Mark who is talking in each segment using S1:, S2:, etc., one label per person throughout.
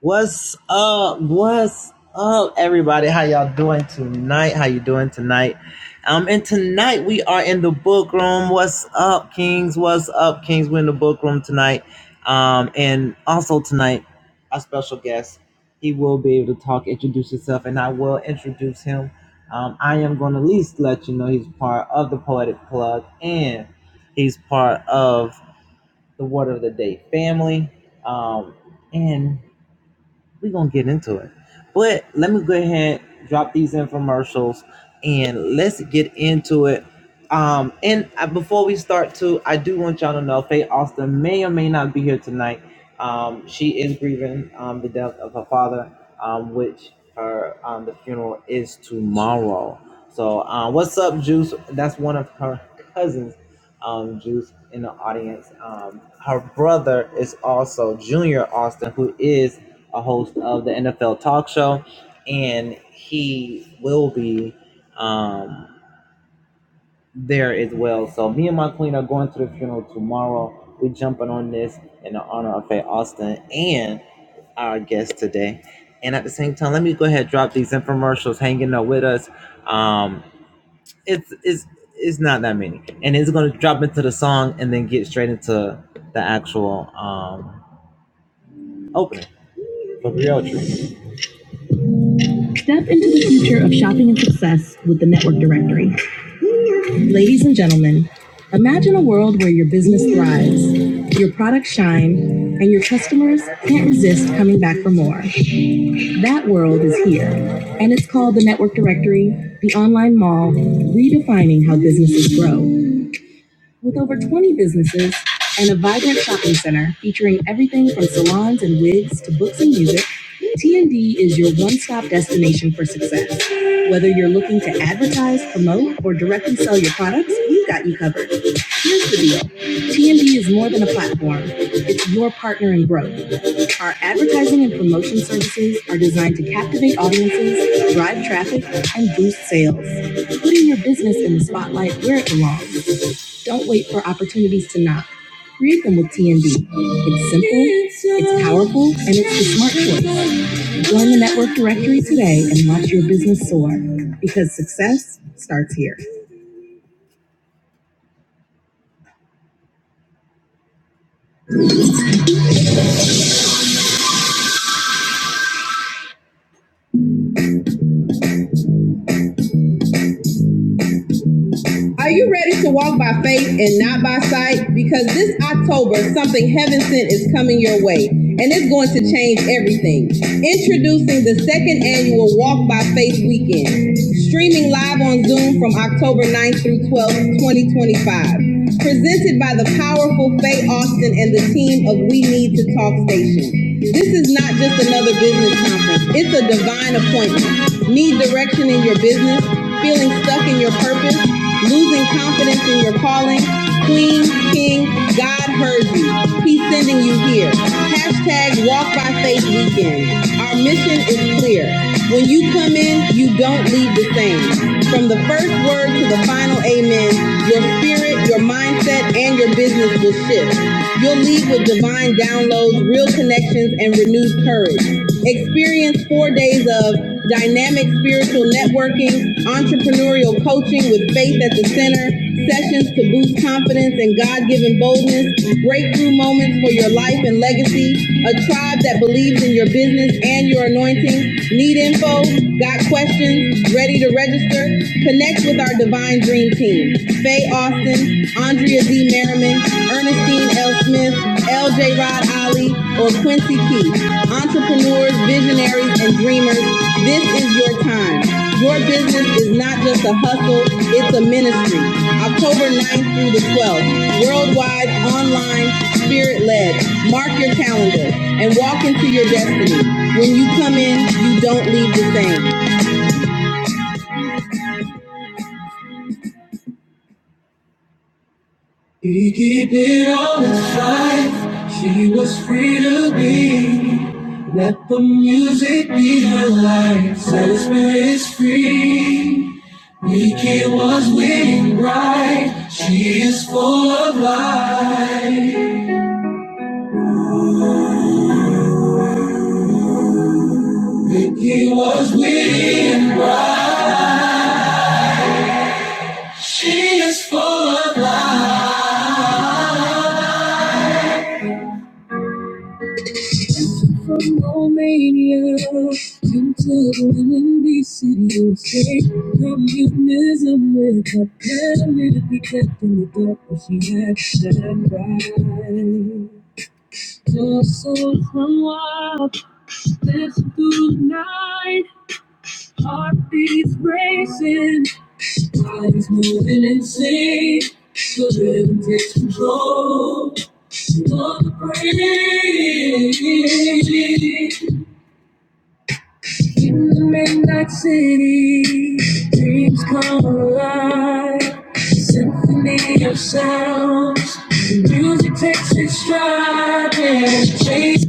S1: What's up? What's up, everybody? How y'all doing tonight? How you doing tonight? Um, and tonight we are in the book room. What's up, Kings? What's up, Kings? We're in the book room tonight. Um, and also tonight, our special guest, he will be able to talk, introduce himself, and I will introduce him. Um, I am going to at least let you know he's part of the Poetic Plug and he's part of the Word of the Day family. Um, and we're gonna get into it. But let me go ahead, drop these infomercials, and let's get into it. Um, and I, before we start too, I do want y'all to know Faye Austin may or may not be here tonight. Um, she is grieving um, the death of her father, um, which her um, the funeral is tomorrow. So um, what's up, Juice? That's one of her cousins, um, Juice, in the audience. Um, her brother is also Junior Austin, who is a host of the NFL talk show, and he will be um, there as well. So me and my queen are going to the funeral tomorrow. We're jumping on this in the honor of Faye Austin and our guest today. And at the same time, let me go ahead and drop these infomercials hanging out with us. Um, it's it's it's not that many, and it's going to drop into the song and then get straight into the actual um, opening. Step into the future of shopping and success with the Network Directory. Ladies and gentlemen, imagine a world where your business thrives, your products shine, and your customers can't resist coming back for more. That world is here, and it's called the Network Directory, the online mall, redefining how businesses grow. With over 20 businesses and a vibrant shopping center featuring everything from salons and wigs to books and music, TND is your one-stop destination for success. Whether you're looking to advertise, promote, or directly sell your products, we've got you covered. Here's the deal TND is more than a platform, it's your partner in growth. Our advertising and promotion services are designed to captivate audiences, drive traffic, and boost sales. Putting your business in the spotlight where it belongs. Don't wait for opportunities to knock. Create them with TND. It's simple, it's powerful, and it's the smart choice. Join the network directory today and watch your business soar because success starts here. Are you ready to walk by faith and not by sight? Because this October, something heaven sent is coming your way, and it's going to change everything. Introducing the second annual Walk by Faith Weekend, streaming live on Zoom from October 9th through 12th, 2025 presented by the powerful Faye Austin and the team of We Need to Talk Station. This is not just another business conference, it's a divine appointment. Need direction in your business? Feeling stuck in your purpose? Losing confidence in your calling? Queen, King, God heard you. He's sending you here. Hashtag Walk by Faith Weekend. Our mission is clear. When you come in, you don't leave the same. From the first word to the final amen, your spirit, your mindset, and your business will shift. You'll leave with divine downloads, real connections, and renewed courage. Experience four days of dynamic spiritual networking, entrepreneurial coaching with faith at the center, sessions to boost confidence and God given boldness, breakthrough moments for your life and legacy, a tribe that believes in your business and your anointing. Need info? Got questions? Ready to register? Connect with our Divine Dream Team. Faye Austin, Andrea Andrea D. Merriman, Ernestine L. Smith, LJ Rod Ali, or Quincy keith Entrepreneurs, visionaries, and dreamers, this is your time. Your business is not just a hustle, it's a ministry. October 9th through the 12th, worldwide, online, spirit led. Mark your calendar and walk into your destiny. When you come in, you don't leave the same. He keep it on his side. She was free to be. Let the music be her life. Set his spirit is free of life. He was witty. She is full of life. Romania, gentle women, be city state. Communism with a pyramid, be kept in the dark, but she had that right. To sing from what lives through night, heartbeats racing, time's moving insane. The rhythm takes control of the brain. Midnight city, dreams come alive. Symphony of sounds, the music takes its stride and changes.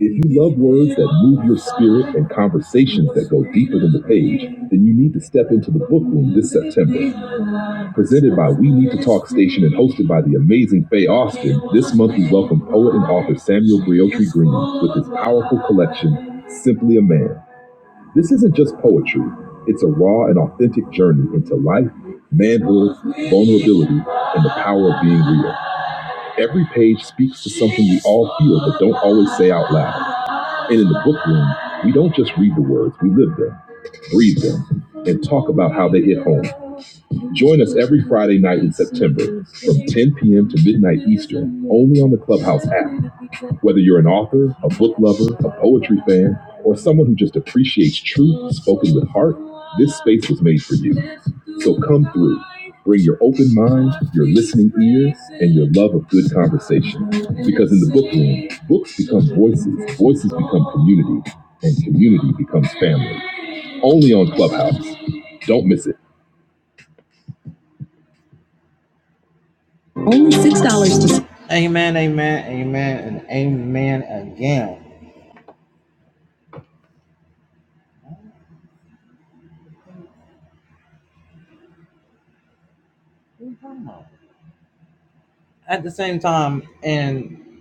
S1: If you love words that move your spirit and conversations that go deeper than the page, then you need to step into the book room this September. Presented by We Need to Talk Station and hosted by the amazing Faye Austin, this month we welcome poet and author Samuel Briotry Green with his powerful collection, Simply a Man. This isn't just poetry, it's a raw and authentic journey into life, manhood, vulnerability, and the power of being real. Every page speaks to something we all feel but don't always say out loud. And in the book room, we don't just read the words, we live them, breathe them, and talk about how they hit home. Join us every Friday night in September from 10 p.m. to midnight Eastern only on the Clubhouse app. Whether you're an author, a book lover, a poetry fan, or someone who just appreciates truth spoken with heart, this space was made for you. So come through. Bring your open mind, your listening ears, and your love of good conversation. Because in the book room, books become voices, voices become community, and community becomes family. Only on Clubhouse. Don't miss it. Amen, amen, amen, and amen again. At the same time, and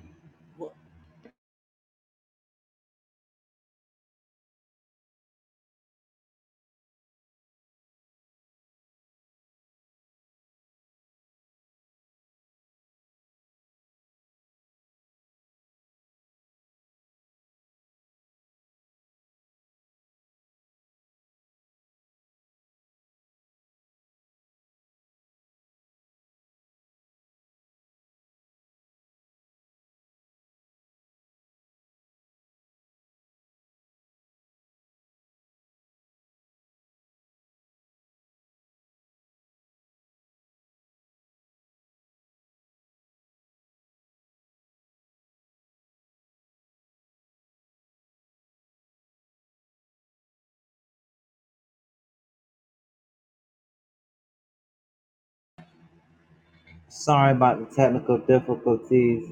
S1: sorry about the technical difficulties,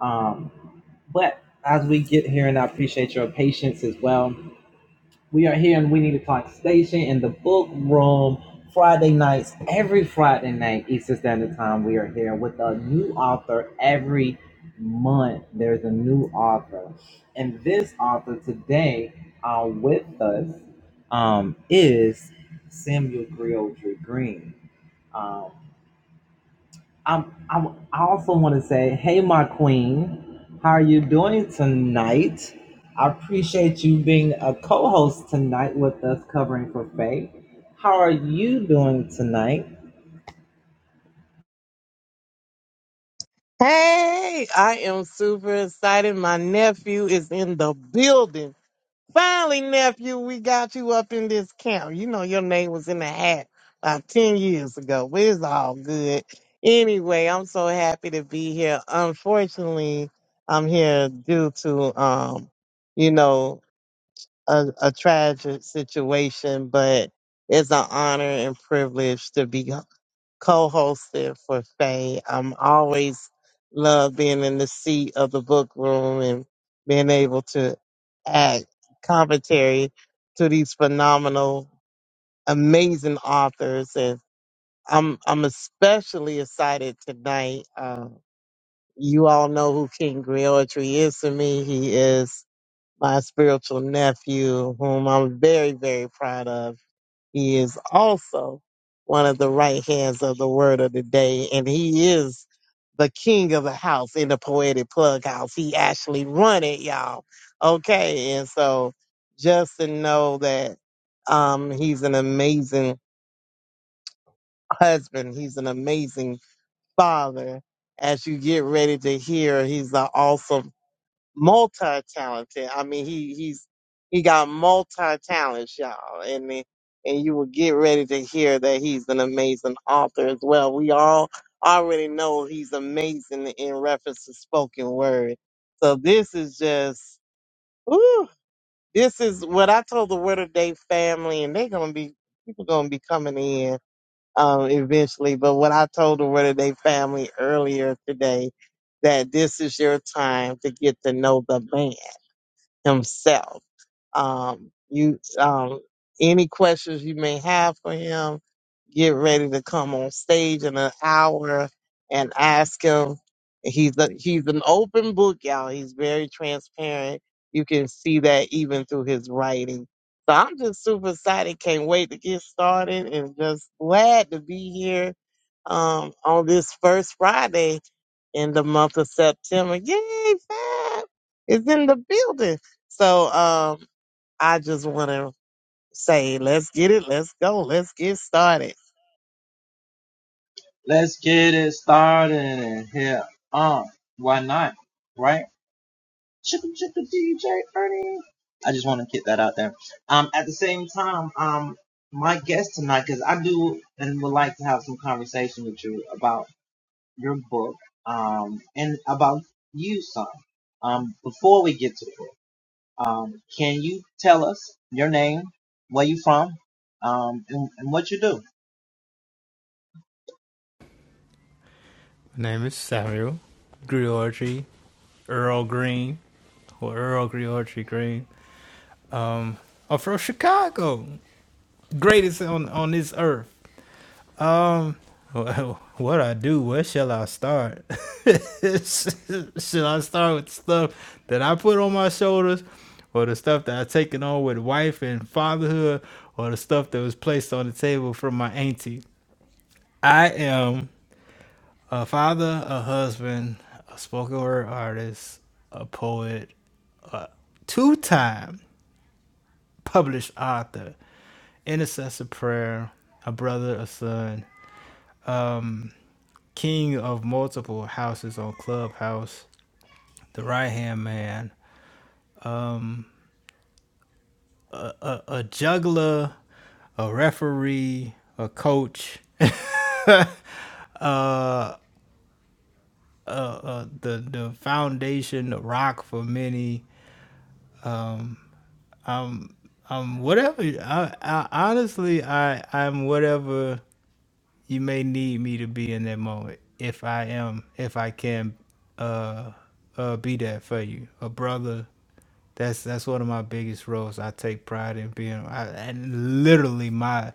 S1: um, but as we get here, and I appreciate your patience as well. We are here and We Need to Talk Station in the book room. Friday nights, every Friday night, Eastern Standard Time, we are here with a new author. Every month, there's a new author. And this author today uh, with us um, is Samuel Griotry Green. um. I'm, I'm, I also want to say, hey, my queen, how are you doing tonight? I appreciate you being a co host tonight with us covering for Faith. How are you doing tonight?
S2: Hey, I am super excited. My nephew is in the building. Finally, nephew, we got you up in this camp. You know, your name was in the hat about 10 years ago, but it's all good. Anyway, I'm so happy to be here. Unfortunately, I'm here due to, um, you know, a, a tragic situation, but it's an honor and privilege to be co-hosted for Faye. I'm always love being in the seat of the book room and being able to add commentary to these phenomenal, amazing authors. And I'm I'm especially excited tonight. Uh, you all know who King Griotry is to me. He is my spiritual nephew, whom I'm very, very proud of. He is also one of the right hands of the word of the day, and he is the king of the house in the poetic plug house. He actually run it, y'all. Okay, and so just to know that um, he's an amazing husband, he's an amazing father. As you get ready to hear, he's an awesome multi-talented. I mean, he he's he got multi-talents, y'all, and the- and you will get ready to hear that he's an amazing author as well. We all already know he's amazing in reference to spoken word. So this is just, woo, this is what I told the Word of Day family, and they're gonna be people gonna be coming in um eventually. But what I told the Word of Day family earlier today that this is your time to get to know the man himself. Um, you, um, any questions you may have for him, get ready to come on stage in an hour and ask him. He's a, he's an open book, y'all. He's very transparent. You can see that even through his writing. So I'm just super excited. Can't wait to get started and just glad to be here um, on this first Friday in the month of September. Yay, Fab is in the building. So um, I just want to say, let's get it. Let's go. Let's get started.
S1: Right? Chicka chicka DJ Ernie. I just want to get that out there. Um, at the same time, um, my guest tonight, because I do and would like to have some conversation with you about your book um, and about you, son. Um, before we get to it, Um, can you tell us your name, where you from, um, and, and what you do?
S3: My name is Samuel Griorgi Earl Green, or Earl Griorgi Green. I'm from Chicago, greatest on, on this earth. Well, what I do? Where shall I start? shall I start with stuff that I put on my shoulders, or the stuff that I taken on with wife and fatherhood, or the stuff that was placed on the table from my auntie? I am a father, a husband, a spoken word artist, a poet, two time published author, intercessor prayer, a brother, a son, um, king of multiple houses on Clubhouse, the right hand man, um, a, a juggler, a referee, a coach, uh, uh, uh, the the foundation, the rock for many. Um, um, whatever. I, I honestly, I I'm whatever you may need me to be in that moment if I am if I can uh uh be that for you. A brother that's that's one of my biggest roles. I take pride in being I and literally my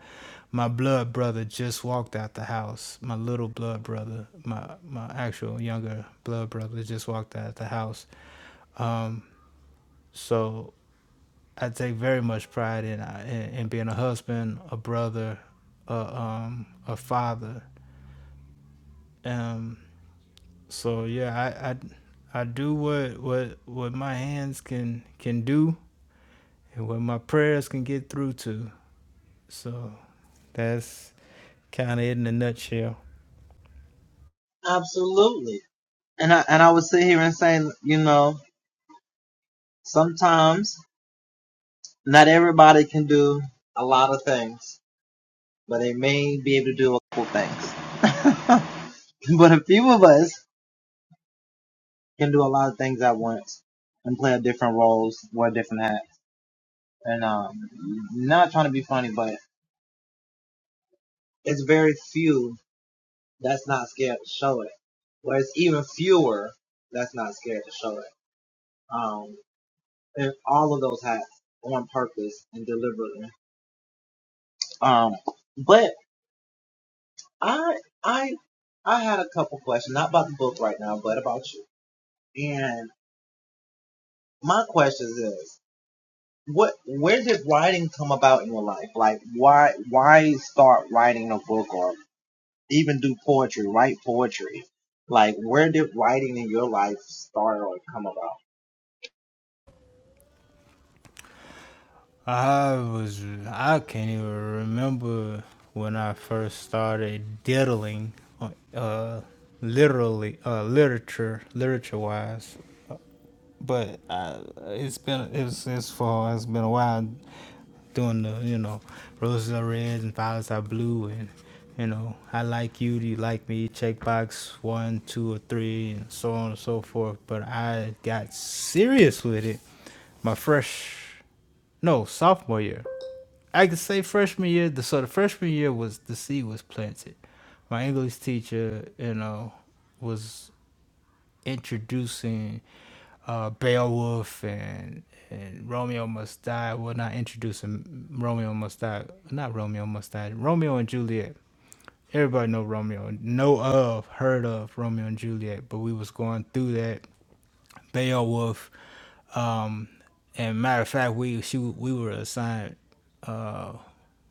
S3: my blood brother just walked out the house. My little blood brother, my my actual younger blood brother just walked out the house. Um so I take very much pride in in, in being a husband, a brother, a um a father. Um So yeah, I I, I do what what what my hands can can do and what my prayers can get through to. So that's kind of it in a nutshell.
S1: Absolutely. And I and I would sit here and say, you know, sometimes not everybody can do a lot of things, but they may be able to do a couple things. but a few of us
S3: I was I can't even remember when I first started diddling, uh, literally uh, literature literature wise. but uh, it's been it's it's for it's been a while doing the you know roses are red and violets are blue and you know I like you, do you like me? Checkbox one, two, or three, and so on and so forth. But I got serious with it my fresh no sophomore year. I could say freshman year. The, so the freshman year was the seed was planted. My English teacher, you know, was introducing uh, Beowulf and and Romeo Must Die. Well, not introduce him. Romeo Must Die. Not Romeo Must Die. Romeo and Juliet. Everybody know Romeo. Know of, heard of Romeo and Juliet. But we was going through that Beowulf. Um, and matter of fact, we she we were assigned uh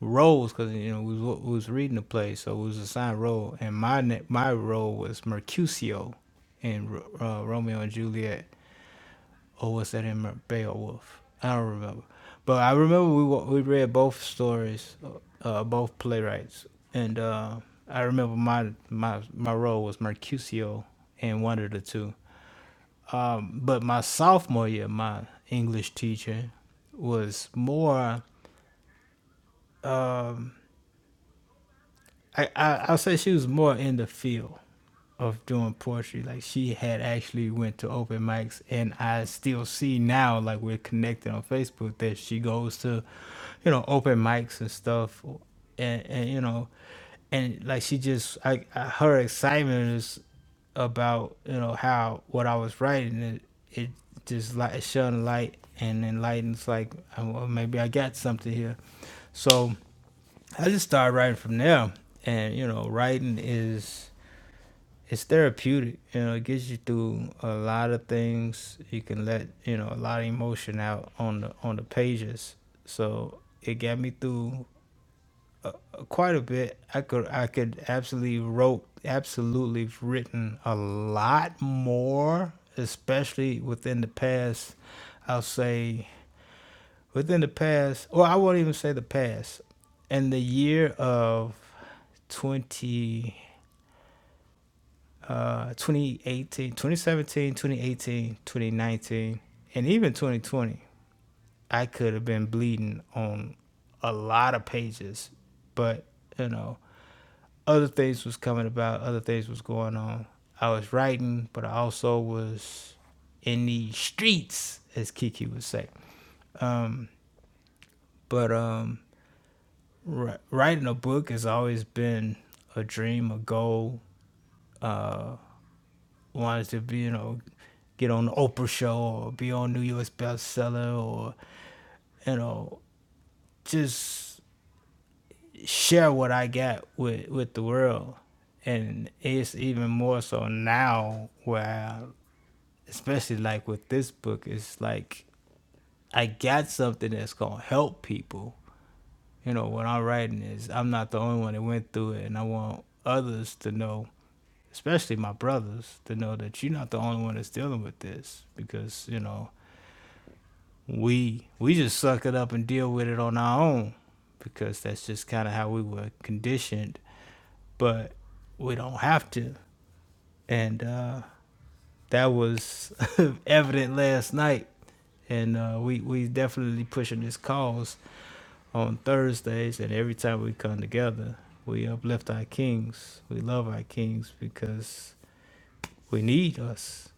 S3: roles because you know we was, we was reading the play, so we was assigned role, and my na- my role was Mercutio in Ro- uh, Romeo and Juliet or was that in Beowulf? I don't remember. But I remember we we read both stories, uh, uh, both playwrights, and uh, I remember my my my role was Mercutio in one of the two. Um, but my sophomore year, my English teacher was more. I, I I'll say she was more in the field of doing poetry. Like she had actually went to open mics, and I still see now, like we're connected on Facebook, that she goes to, you know, open mics and stuff, and and you know, and like she just, I, I her excitement is about you know how what I was writing it it just like it shone a light and enlightens like oh, well, maybe I got something here, so. I just started writing from there, and you know, writing is it's therapeutic. You know, it gets you through a lot of things. You can let you know a lot of emotion out on the on the pages. So it got me through uh, quite a bit. I could I could absolutely wrote absolutely written a lot more, especially within the past. I'll say within the past, or I won't even say the past, in the year of 20, uh, 2018, and even 2020, I could have been bleeding on a lot of pages, but you know, other things was coming about, other things was going on. I was writing, but I also was in the streets, as Kiki would say. But um, Ri- writing a book has always been a dream, a goal. Uh, wanted to be, you know, get on the Oprah show or be on New York's bestseller or, you know, just share what I got with, with the world. And it's even more so now where, especially like with this book, it's like I got something that's going to help people you know, what I'm writing is I'm not the only one that went through it, and I want others to know, especially my brothers, to know that you're not the only one that's dealing with this because you know we we just suck it up and deal with it on our own because that's just kind of how we were conditioned, but we don't have to, and uh, that was evident last night, and uh, we we definitely pushing this cause on Thursdays, and every time we come together, we uplift our kings. We love our kings because we need us.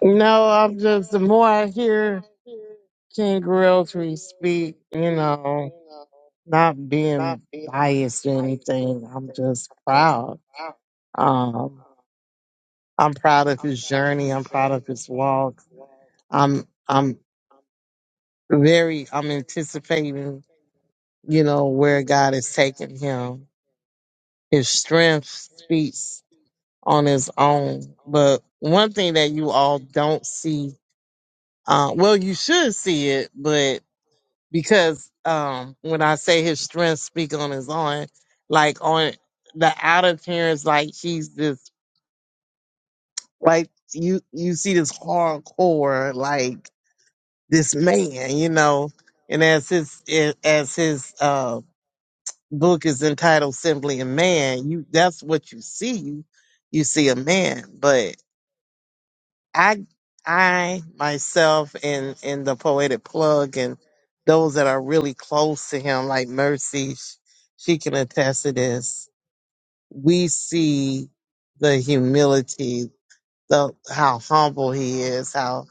S2: No, I'm just, the more I hear King Realtree speak, you know, not being biased or anything, I'm just proud. Um, I'm proud of his journey. I'm proud of his walk. I'm, I'm very I'm anticipating, you know, where God is taking him. His strength speaks on his own. But one thing that you all don't see, uh, well, you should see it, but because um, when I say his strength speak on his own, like on the outer appearance, like he's this, like you you see this hardcore, like this man, you know, and as his as his uh, book is entitled simply a man you that's what you see you you see a man but i i myself and and the poetic plug and those that are really close to him like mercy sh- she can attest to this we see the humility the how humble he is how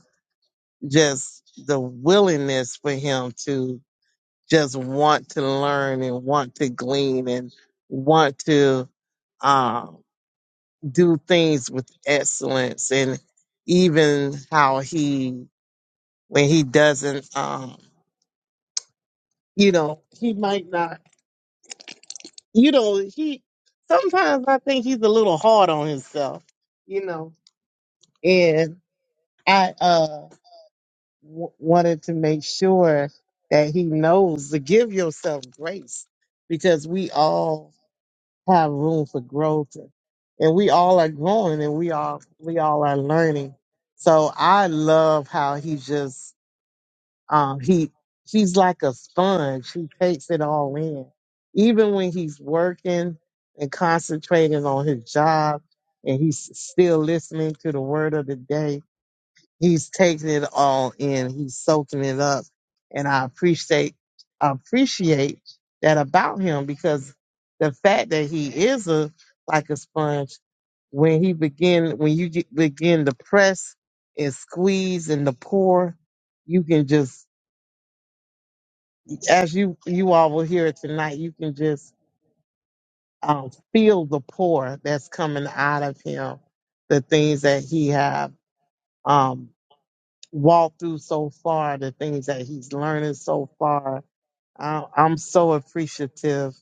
S2: just the willingness for him to just want to learn and want to glean and want to uh, do things with excellence and even how he when he doesn't um you know he might not you know he sometimes i think he's a little hard on himself you know and i uh w- wanted to make sure that he knows to give yourself grace because we all have room for growth and we all are growing and we all we all are learning so i love how he just um he he's like a sponge he takes it all in even when he's working and concentrating on his job and he's still listening to the word of the day He's taking it all in. He's soaking it up. And I appreciate appreciate that about him because the fact that he is a like a sponge, when he begin when you get, begin to press and squeeze and to pour, you can just as you you all will hear it tonight, you can just um, feel the pour that's coming out of him, the things that he have. Um, walked through so far, the things that he's learning so far. I- I'm so appreciative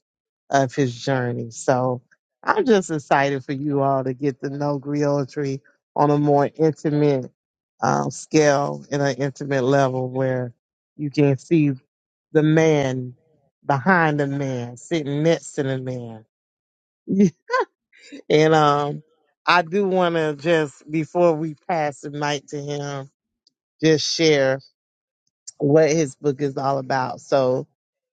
S2: of his journey. So I'm just excited for you all to get to know Griotry on a more intimate um, scale, in an intimate level where you can see the man behind the man, sitting next to the man. and um, I do want to just, before we pass the mic to him, just share what his book is all about. So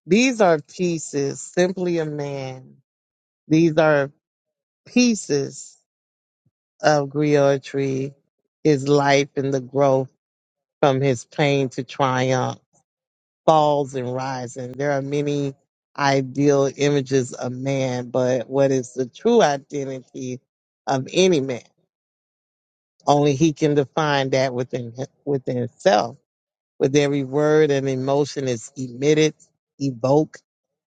S2: these are pieces, simply a man. These are pieces of Griotry, his life and the growth from his pain to triumph, falls and rising. There are many ideal images of man, but what is the true identity of any man? Only he can define that within within himself. With every word and emotion is emitted, evoked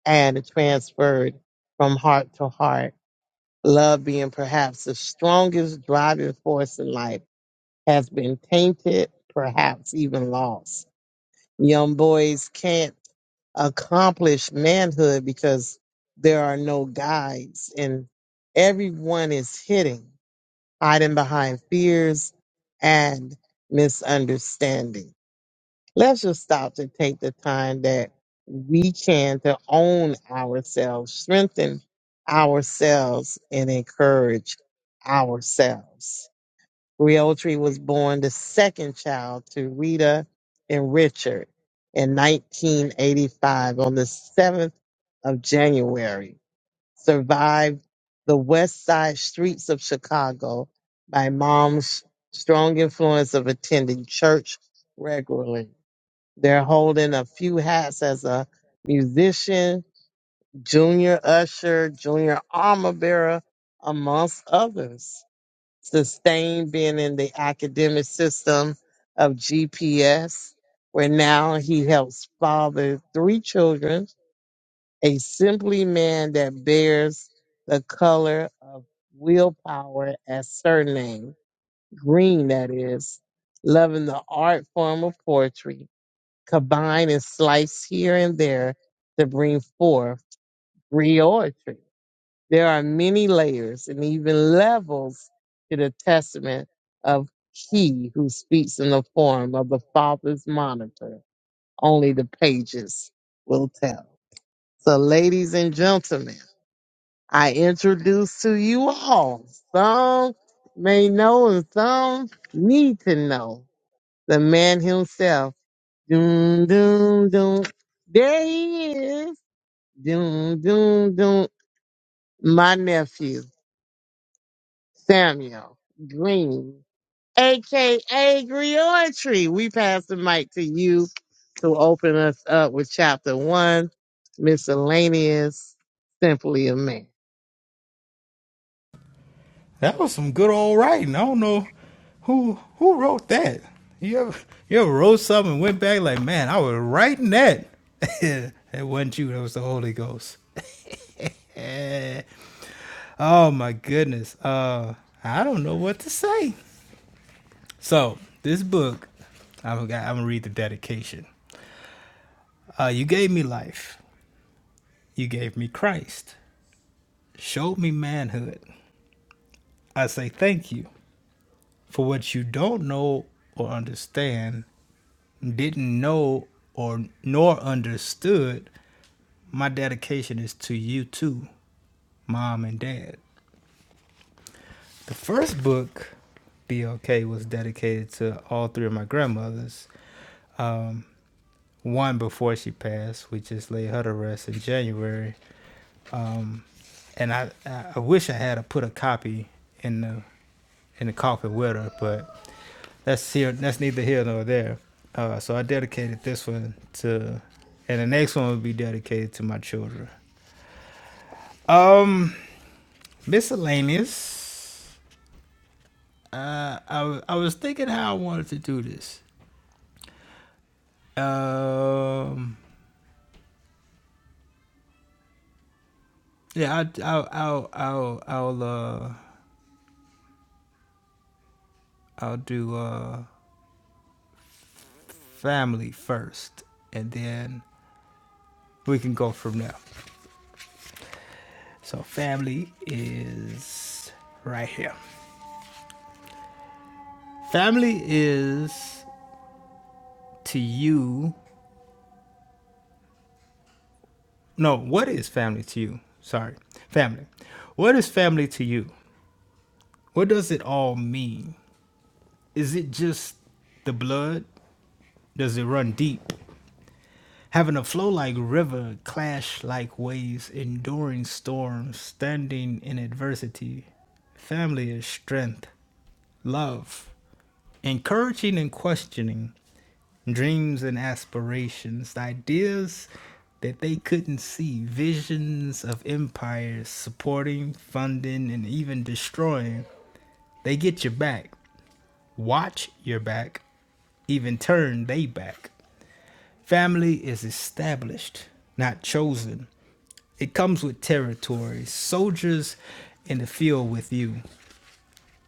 S2: and transferred from heart to heart. Love being perhaps the strongest driving force in life has been tainted, perhaps even lost. Young boys can't accomplish manhood because there are no guides and everyone is hitting, hiding behind fears and misunderstanding. Let's just stop to take the time that we can to own ourselves, strengthen ourselves, and encourage ourselves. Realtree was born the second child to Rita and Richard in 1985 on the 7th of January. Survived the west side streets of Chicago by mom's strong influence of attending church regularly they're holding a few hats as a musician, junior usher, junior armor bearer, amongst others. Sustained being in the academic system of GPS, where now he helps father three children, a simply man that bears the color of willpower as surname, green that is, loving the art form of poetry combine and slice here and there to bring forth reoratory. There are many layers and even levels to the testament of he who speaks in the form of the Father's monitor. Only the pages will tell. So, ladies and gentlemen, I introduce to you all, some may know and some need to know, the man himself. Doom, doom, doom. There he is. Doom, doom, doom. My nephew, Samuel Green, aka Griotry. We pass the mic to you to open us up with chapter one, miscellaneous, simply a man.
S3: That was some good old writing. I don't know who who wrote that. You ever you ever wrote something and went back like, man, I was writing that. it wasn't you. That was the Holy Ghost. Oh my goodness. Uh, I don't know what to say. So this book, I'm gonna, I'm gonna read the dedication. Uh, you gave me life. You gave me Christ. Showed me manhood. I say thank you for what you don't know or understand, didn't know or nor understood. My dedication is to you too, mom and dad. The first book, BLK, was dedicated to all three of my grandmothers. Um, one before she passed, we just laid her to rest in January um, and I I wish I had a, put a copy in the in the coffin with her, but that's here that's neither here nor there. Uh, so I dedicated this one to, and the next one will be dedicated to my children. Um, miscellaneous. Uh, I w- I was thinking how I wanted to do this. Um, yeah, I I'll I'll I'll I'll, uh, I'll do uh family first, and then we can go from there. So family is right here. Family is to you. No, what is family to you? Sorry. Family. What is family to you? What does it all mean? Is it just the blood? Does it run deep? having a flow like river, clash like waves, enduring storms, standing in adversity. Family is strength, love, encouraging and questioning, dreams and aspirations, ideas that they couldn't see, visions of empires supporting, funding, and even destroying. They get your back, watch your back, even turn they back. Family is established, not chosen. It comes with territory, soldiers in the field with you,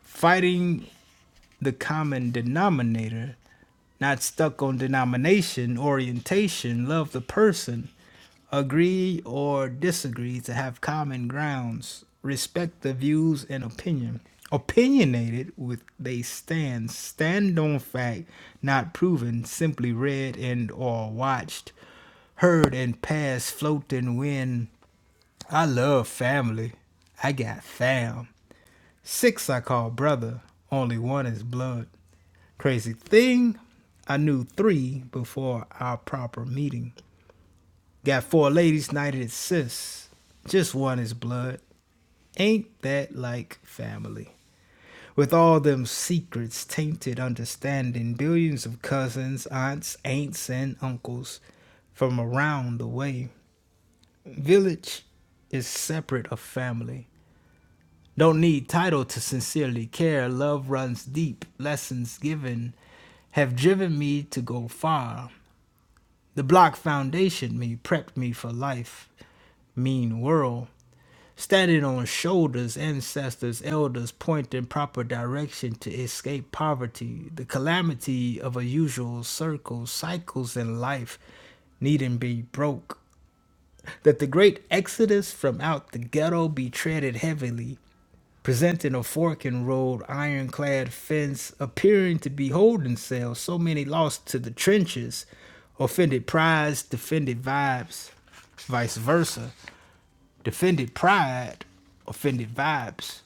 S3: fighting the common denominator, not stuck on denomination, orientation, love the person, agree or disagree to have common grounds, respect the views and opinion. Opinionated with they stand, stand on fact, not proven, simply read and or watched, heard and passed, float and win. I love family. I got fam. Six I call brother, only one is blood. Crazy thing, I knew three before our proper meeting. Got four ladies knighted as sis, just one is blood. Ain't that like family? With all them secrets, tainted understanding, billions of cousins, aunts, aunts, and uncles from around the way. Village is separate of family. Don't need title to sincerely care. Love runs deep. Lessons given have driven me to go far. The block foundation me, prepped me for life. Mean world. Standing on shoulders, ancestors, elders pointing proper direction to escape poverty. The calamity of a usual circle, cycles in life needn't be broke. That the great exodus from out the ghetto be treaded heavily presenting a fork in road, ironclad fence, appearing to be holding cells, so many lost to the trenches, offended prides, defended vibes, vice versa, defended pride, offended vibes.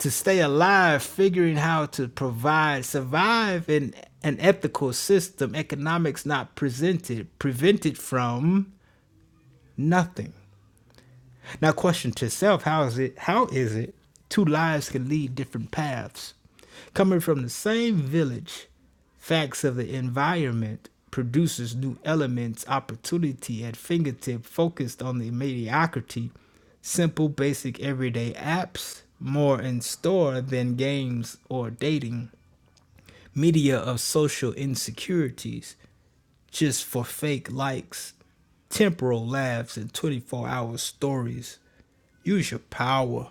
S3: To stay alive, figuring how to provide, survive in an ethical system, economics not presented, prevented from nothing. Now, question to self: How is it? How is it two lives can lead different paths, coming from the same village? Facts of the environment produces new elements, opportunity at fingertip, focused on the mediocrity, simple, basic, everyday apps, more in store than games or dating, media of social insecurities, just for fake likes, temporal laughs, and 24 hour stories. Use your power.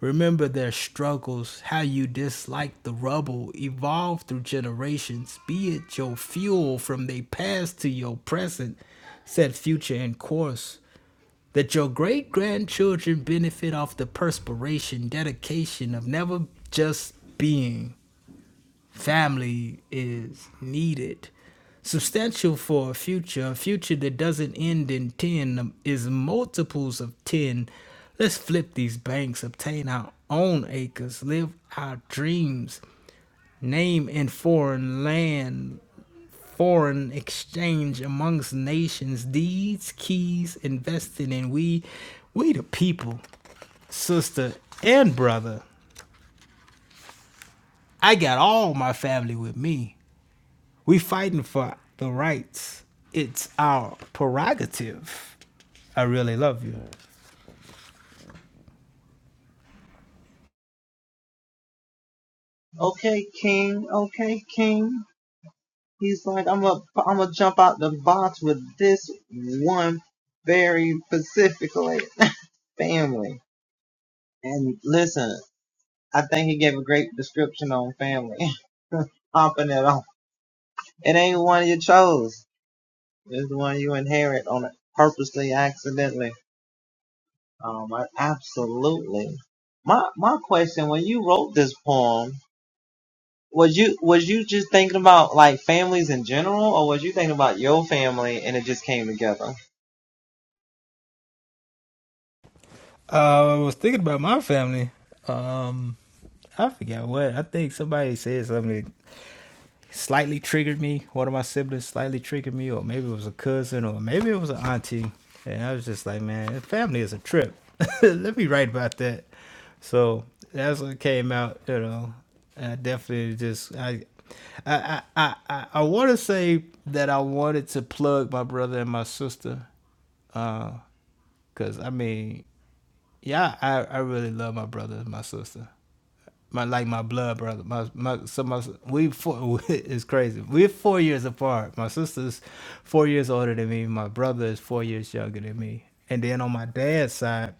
S3: Remember their struggles, how you dislike the rubble, evolve through generations, be it your fuel from their past to your present, set future in course, that your great grandchildren benefit off the perspiration, dedication of never just being family is needed. Substantial for a future, a future that doesn't end in 10 is multiples of 10. Let's flip these banks, obtain our own acres, live our dreams, name in foreign land, foreign exchange amongst nations, deeds, keys, invested in we, we the people, sister and brother. I got all my family with me. We fighting for the rights. It's our prerogative. I really love you. Uh, I was thinking about my family. Um, I forget what. I think somebody said something slightly triggered me. One of my siblings slightly triggered me, or maybe it was a cousin, or maybe it was an auntie. And I was just like, man, family is a trip. Let me write about that. So that's what came out, you know. I definitely just I I I I, I want to say that I wanted to plug my brother and my sister, because I mean, yeah, I I really love my brother and my sister my like my blood brother. My my so my we four it's crazy. We're four years apart. My sister's four years older than me. My brother is four years younger than me. And then on my dad's side,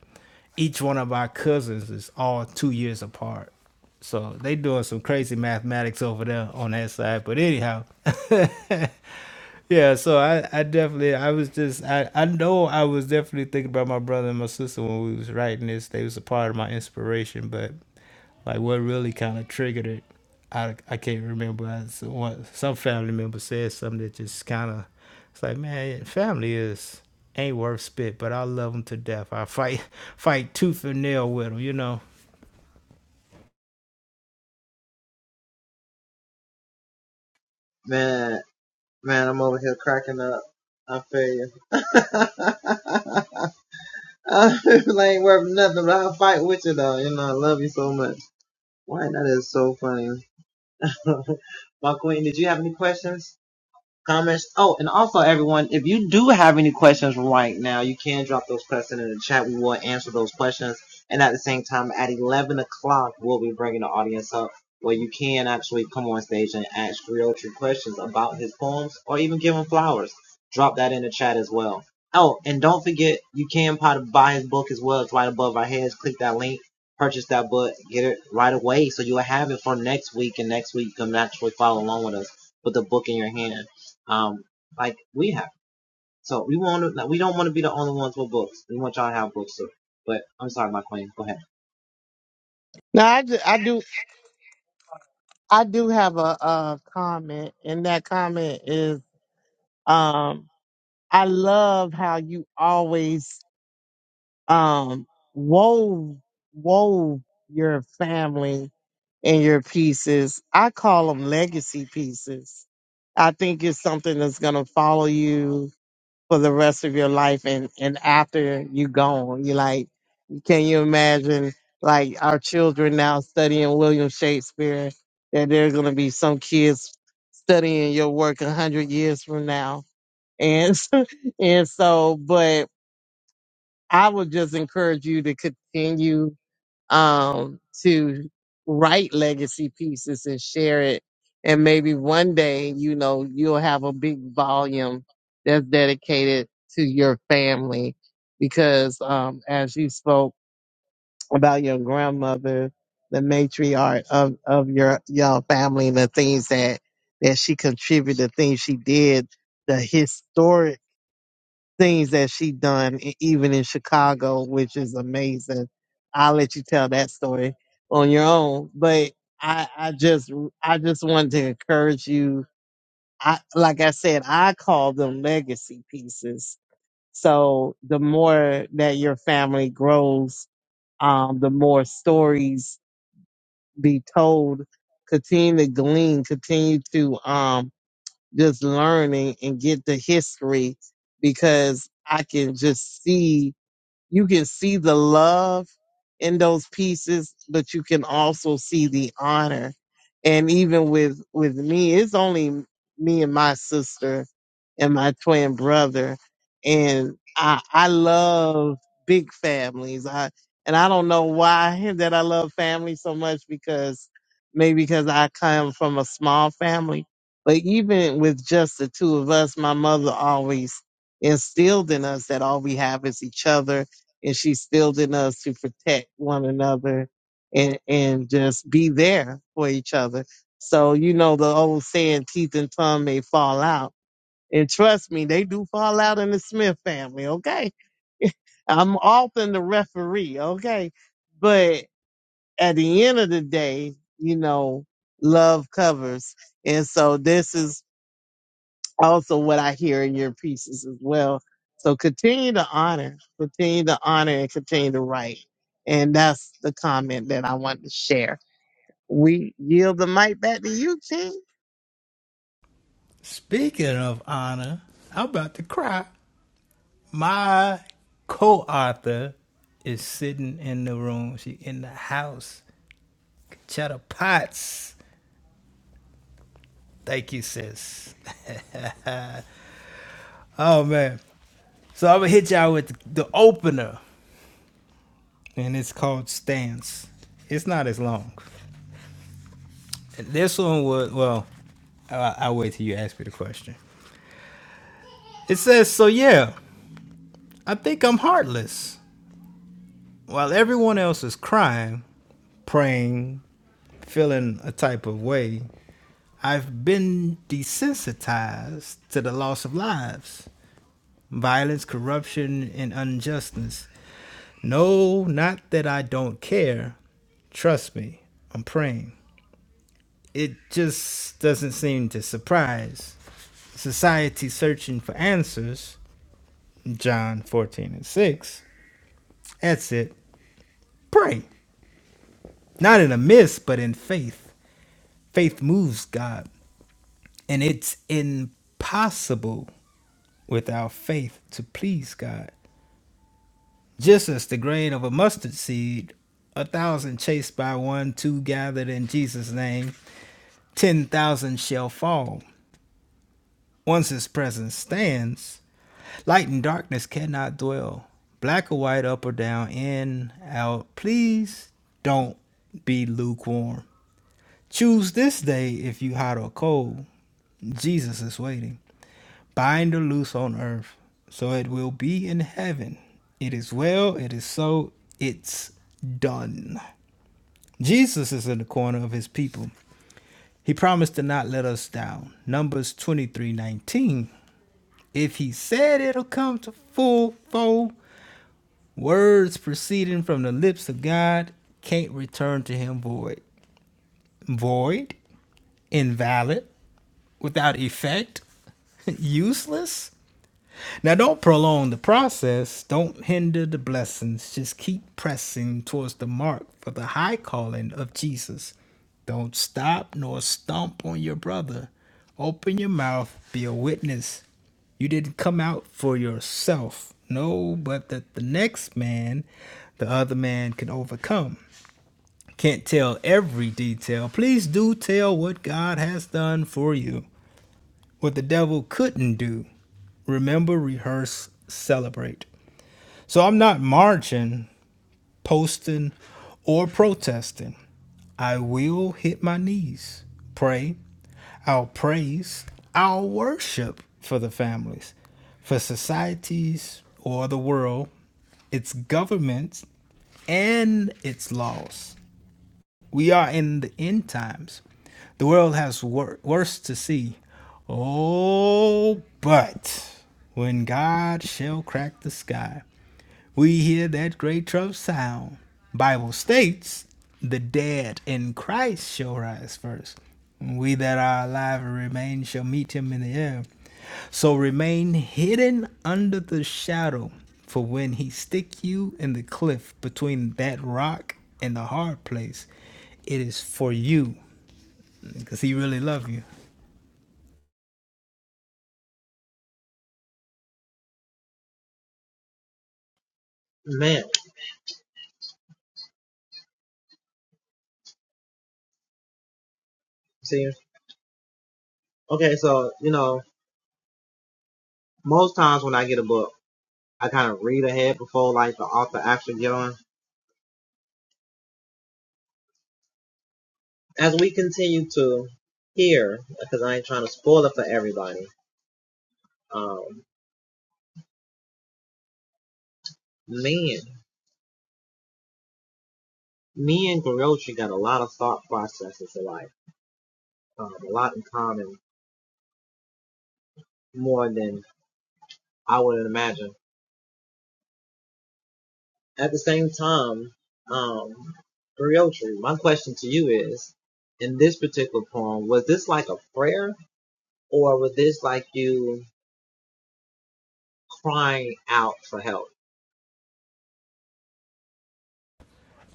S3: each one of our cousins is all two years apart. So they doing some crazy mathematics over there on that side. But anyhow, yeah. So I, I definitely, I was just, I, I know I was definitely thinking about my brother and my sister when we was writing this. They was a part of my inspiration, but like what really kind of triggered it, I, I can't remember. I, so some family member said something that just kind of, it's like man, family is ain't worth spit, but I love them to death. I fight fight tooth and nail with them, you know.
S2: Now I do, I do, I do have a, uh comment, and that comment is, um, I love how you always um wove wove your family and your pieces. I call them legacy pieces. I think it's something that's gonna follow you for the rest of your life and and after you gone. You like, can you imagine like our children now studying William Shakespeare? That there are gonna be some kids studying your work a hundred years from now, and and so, but I would just encourage you to continue um, to write legacy pieces and share it. And maybe one day, you know, you'll have a big volume that's dedicated to your family. Because um, as you spoke about your grandmother, the matriarch of, of your your family and the things that that she contributed, the things she did, the things that she done e- even in Chicago, which is amazing. I'll let you tell that story on your own. But I, I just I just wanted to encourage you. I like I said, I call them legacy pieces. So the more that your family grows, um, the more stories be told. Continue to glean, continue to um just learn and, and get the history because I can just see you can see the love in those pieces, but you can also see the honor. And even with with me, it's only me and my sister and my twin brother. And I I love big families. I and I don't know why that I love family so much because maybe because I come from a small family. But even with just the two of us, my mother always instilled in us that all we have is each other and she instilled in us to protect one another and and just be there for each other. So you know the old saying, teeth and tongue may fall out. And trust me, they do fall out in the Smith family, okay? I'm often the referee, okay? But at the end of the day, you know, love covers. And so this is also what I hear in your pieces as well. So continue to honor, continue to honor and continue to write. And that's the comment that I want to share. We yield the mic back to you, King.
S3: Speaking of honor, I'm about to cry. My co-author is sitting in the room. She in the house. Cheddar Potts. Thank you, sis. Oh man. So I'm gonna hit y'all with the the opener and it's called Stance. It's not as long. This one would well, I, I'll wait till you ask me the question. It says, "So yeah, I think I'm heartless. While everyone else is crying, praying, feeling a type of way, I've been desensitized to the loss of lives, violence, corruption, and injustice. No, not that I don't care. Trust me, I'm praying." it just doesn't seem to surprise. Society searching for answers, John 14 and 6. That's it. Pray. Not in a mist, but in faith. Faith moves God, and it's impossible without faith to please God. Just as the grain of a mustard seed, a thousand chased by one, two gathered in Jesus' name, ten thousand shall fall. Once his presence stands, Light and darkness cannot dwell. Black or white, up or down, in, out. Please don't be lukewarm. Choose this day if you hot or cold. Jesus is waiting. Bind or loose on earth, so it will be in heaven. It is well, it is so, it's done. Jesus is in the corner of his people. He promised to not let us down. Numbers 23 19. If he said it'll come to full fold, Words proceeding from the lips of God can't return to him void. Void, invalid, without effect, useless, now, don't prolong the process. Don't hinder the blessings. Just keep pressing towards the mark for the high calling of Jesus. Don't stop nor stomp on your brother. Open your mouth, be a witness. You didn't come out for yourself. No, but that the next man, the other man, can overcome. Can't tell every detail. Please do tell what God has done for you. What the devil couldn't do, remember, rehearse, celebrate. So I'm not marching, posting, or protesting. I will hit my knees, pray, I'll praise, I'll worship for the families, for societies or the world, its governments, and its laws. We are in the end times. The world has wor- worse to see. Oh, but when God shall crack the sky, we hear that great trump sound. Bible states, the dead in Christ shall rise first. We that are alive and remain shall meet him in the air. So remain hidden under the shadow, for when he stick you in the cliff between that rock and the hard place, it is for you, because he really love you.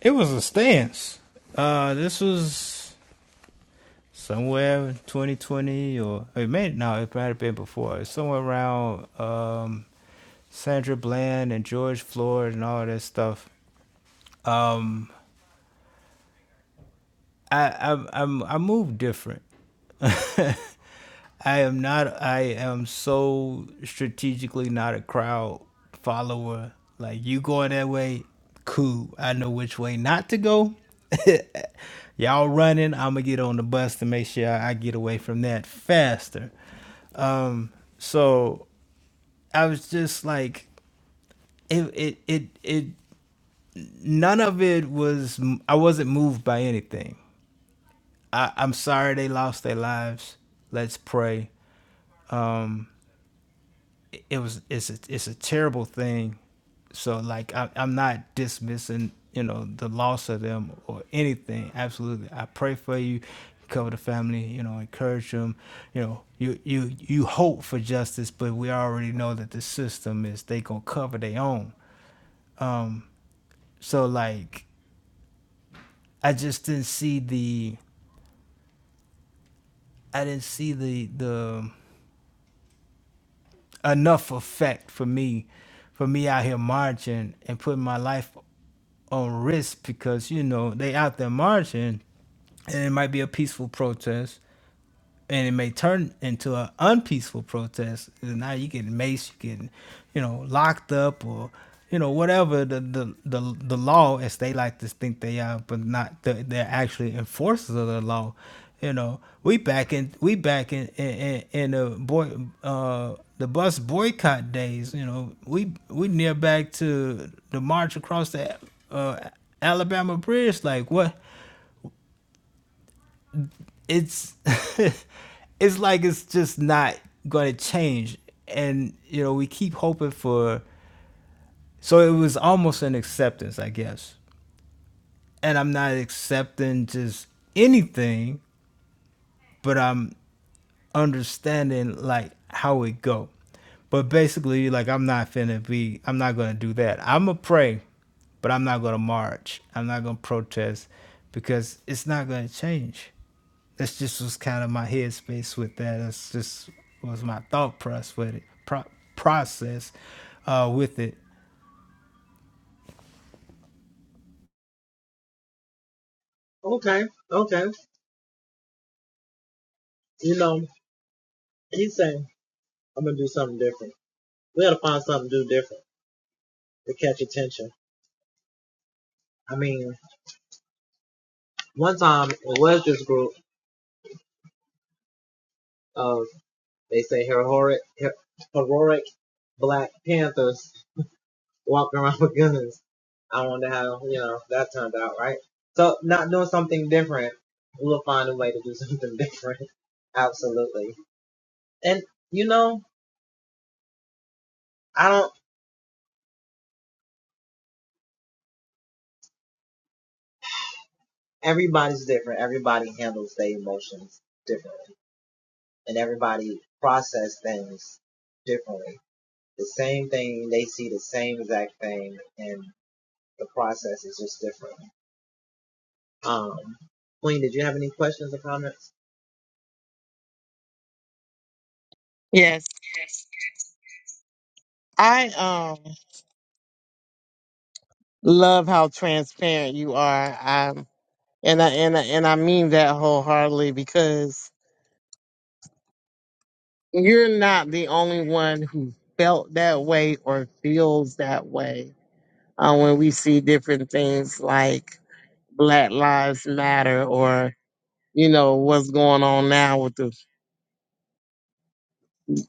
S3: It was a stance. Uh, this was somewhere in 2020 or it may no, it might have been before. It's somewhere around um, Sandra Bland and George Floyd and all that stuff. Um, I I I'm, I move different. I am not. I am so strategically not a crowd follower. Like you going that way, cool. I know which way not to go. Y'all running, I'm gonna get on the bus to make sure I get away from that faster. Um, so I was just like, it, it, it, it, none of it was, I wasn't moved by anything. I, I'm sorry they lost their lives. Let's pray. Um, it, it was, it's a, it's a terrible thing. So like, I, I'm not dismissing, you know, the loss of them or anything. Absolutely. I pray for you cover the family, you know, encourage them. You know, you you you hope for justice, but we already know that the system is they gonna cover their own. So like I just didn't see the I didn't see the the enough effect for me for me out here marching and putting my life on risk because you know they out there marching and it might be a peaceful protest and it may turn into an unpeaceful protest. And now you getting maced, you getting, you know, locked up or, you know, whatever the the the, the law as they like to think they are, but not the, they're actually enforcers of the law. You know, we back in we back in in, in the boy uh, the bus boycott days. You know, we we near back to the march across the uh, Alabama bridge. Like what? it's it's like it's just not going to change and you know we keep hoping for so it was almost an acceptance i guess and i'm not accepting just anything but i'm understanding like how it go. But basically, like I'm not finna be, I'm not gonna do that. I'ma pray, but I'm not gonna march. I'm not gonna protest because it's not gonna change. That's just was kind of my headspace with that. That's just was my thought process with it, pro- process uh, with it.
S2: Yes. I um love how transparent you are. Um and I and I, and I mean that wholeheartedly because you're not the only one who felt that way or feels that way. Uh, when we see different things like Black Lives Matter or you know what's going on now with the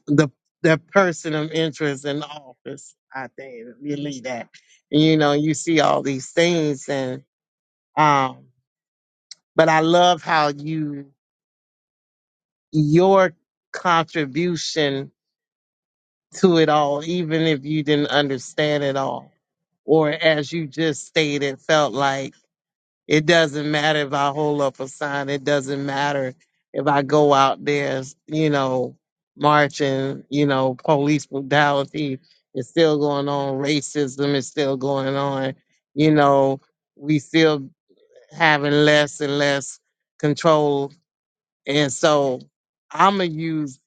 S2: the the person of interest in office. I think really that you know you see all these things and um, but I love how you your contribution to it all, even if you didn't understand it all, or as you just stated, felt like. It doesn't matter if I hold up a sign. It doesn't matter if I go out there, you know, marching, you know, police brutality is still going on. Racism is still going on. You know, we still having less and less control. And so I'm going to use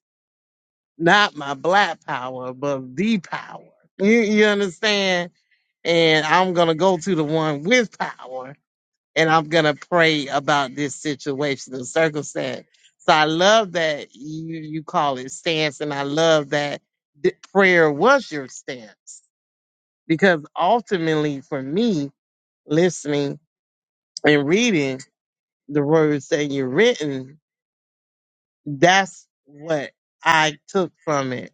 S2: not my black power, but the power. You, you understand? And I'm going to go to the one with power and I'm gonna pray about this situational circumstance. So I love that you you call it stance, and I love that th- prayer was your stance because ultimately, for me, listening and reading the words that you're written, that's what I took from it.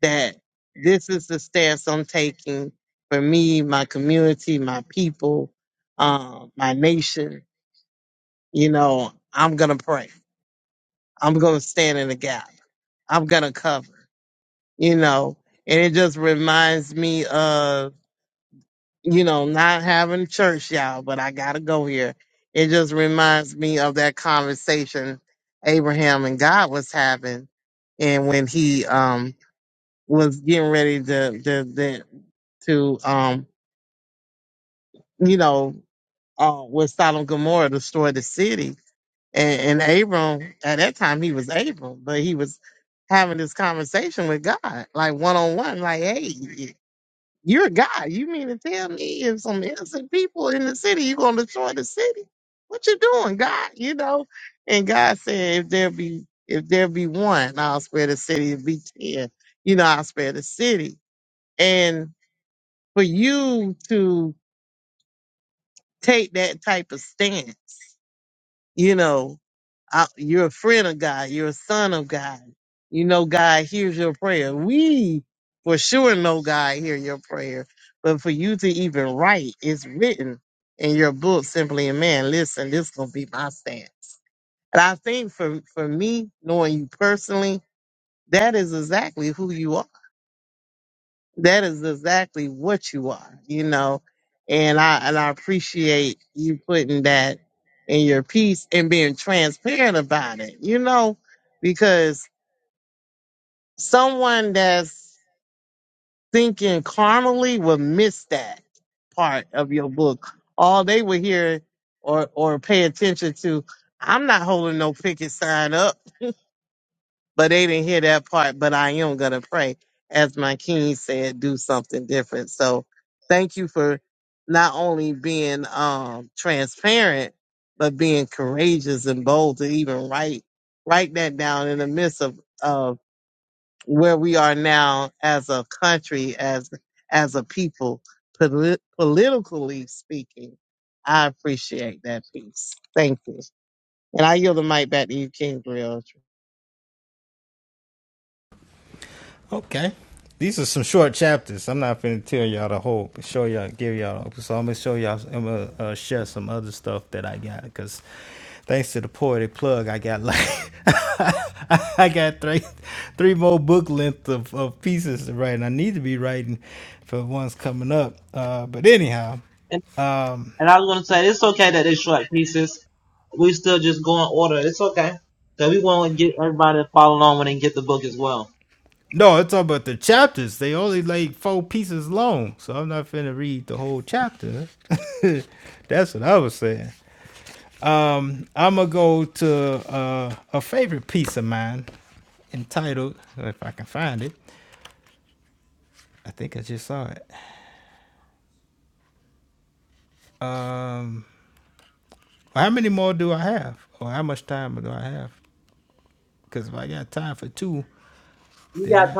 S2: That this is the stance I'm taking for me, my community, my people, uh, my nation. You know, I'm gonna pray I'm gonna stand in the gap. I'm gonna cover, you know. And it just reminds me of, you know, not having church, y'all, but I gotta go here. It just reminds me of that conversation Abraham and God was having and when he um was getting ready to to to, to um you know uh with Sodom and Gomorrah destroy the city And, and Abram, at that time, he was Abram, but he was having this conversation with God, like one on one, like, hey, you're a God. You mean to tell me if some innocent people in the city, you're going to destroy the city? What you doing, God? You know? And God said, if there be if there be one, I'll spare the city. If be ten, you know, I'll spare the city. And for you to take that type of stance, you know, I, you're a friend of God. You're a son of God. You know God hears your prayer. We for sure know God hear your prayer. But for you to even write, it's written in your book simply. And man, listen, this gonna be my stance. And I think for for me, knowing you personally, that is exactly who you are. That is exactly what you are, you know. And I and I appreciate you putting that in your piece and being transparent about it, you know, because someone that's thinking carnally will miss that part of your book. All they would hear or or pay attention to, I'm not holding no picket sign up but they didn't hear that part. But I am gonna pray, as my king said, do something different. So thank you for not only being um transparent, but being courageous and bold to even write write that down in the midst of of where we are now as a country, as as a people, polit- politically speaking. I appreciate that piece. Thank you. And I yield the mic back to you, King Grill.
S3: Okay. These are some short chapters. I'm not finna tell y'all the whole, show y'all, give y'all. So I'm gonna show y'all, I'm gonna uh, share some other stuff that I got because thanks to the poetic plug, I got like, I got three, three more book length of, of pieces to write, and I need to be writing for ones coming up. Uh, but anyhow, um, no, it's all about the chapters. They only like four pieces long, so I'm not finna read the whole chapter. That's what I was saying. Um, I'm gonna go to uh, a favorite piece of mine, entitled if I can find it. I think I just saw it. Um, well, how many more do I have, or how much time do I have? Because if I got time for two, then I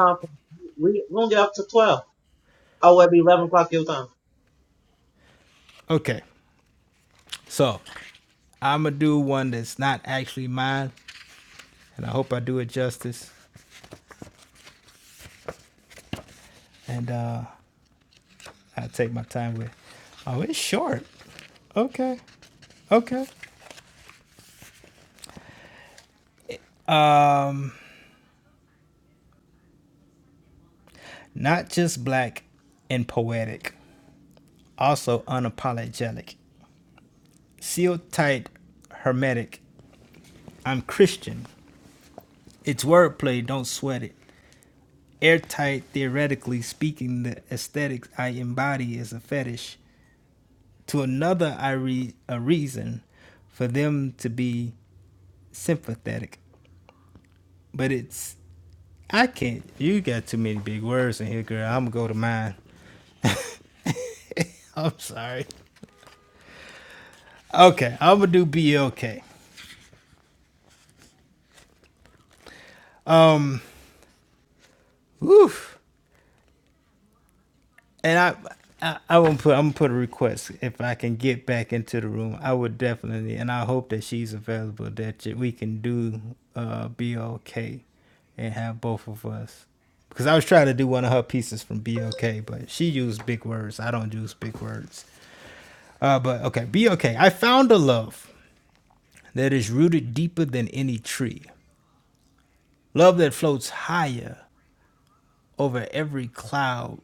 S3: okay. So I'm gonna do one that's not actually mine, and I hope I do it justice. And uh, I take my time with. Oh, it's short. Okay, okay. Um, not just black and poetic. also unapologetic. Seal tight, hermetic. I'm Christian. It's wordplay, don't sweat it. Airtight, theoretically speaking, the aesthetics I embody is a fetish. To another, I read a reason for them to be sympathetic. But it's, I can't, you got too many big words in here, girl. I'm gonna go to mine. I'm sorry. Okay, I'm gonna do BLK. Um, woof. and I, I, I will put. I'm gonna put a request if I can get back into the room. I would definitely, and I hope that she's available. That we can do uh, BOK and have both of us. Because I was trying to do one of her pieces from BOK, but she used big words. I don't use big words. Uh, but okay, BOK. I found a love that is rooted deeper than any tree, love that floats higher over every cloud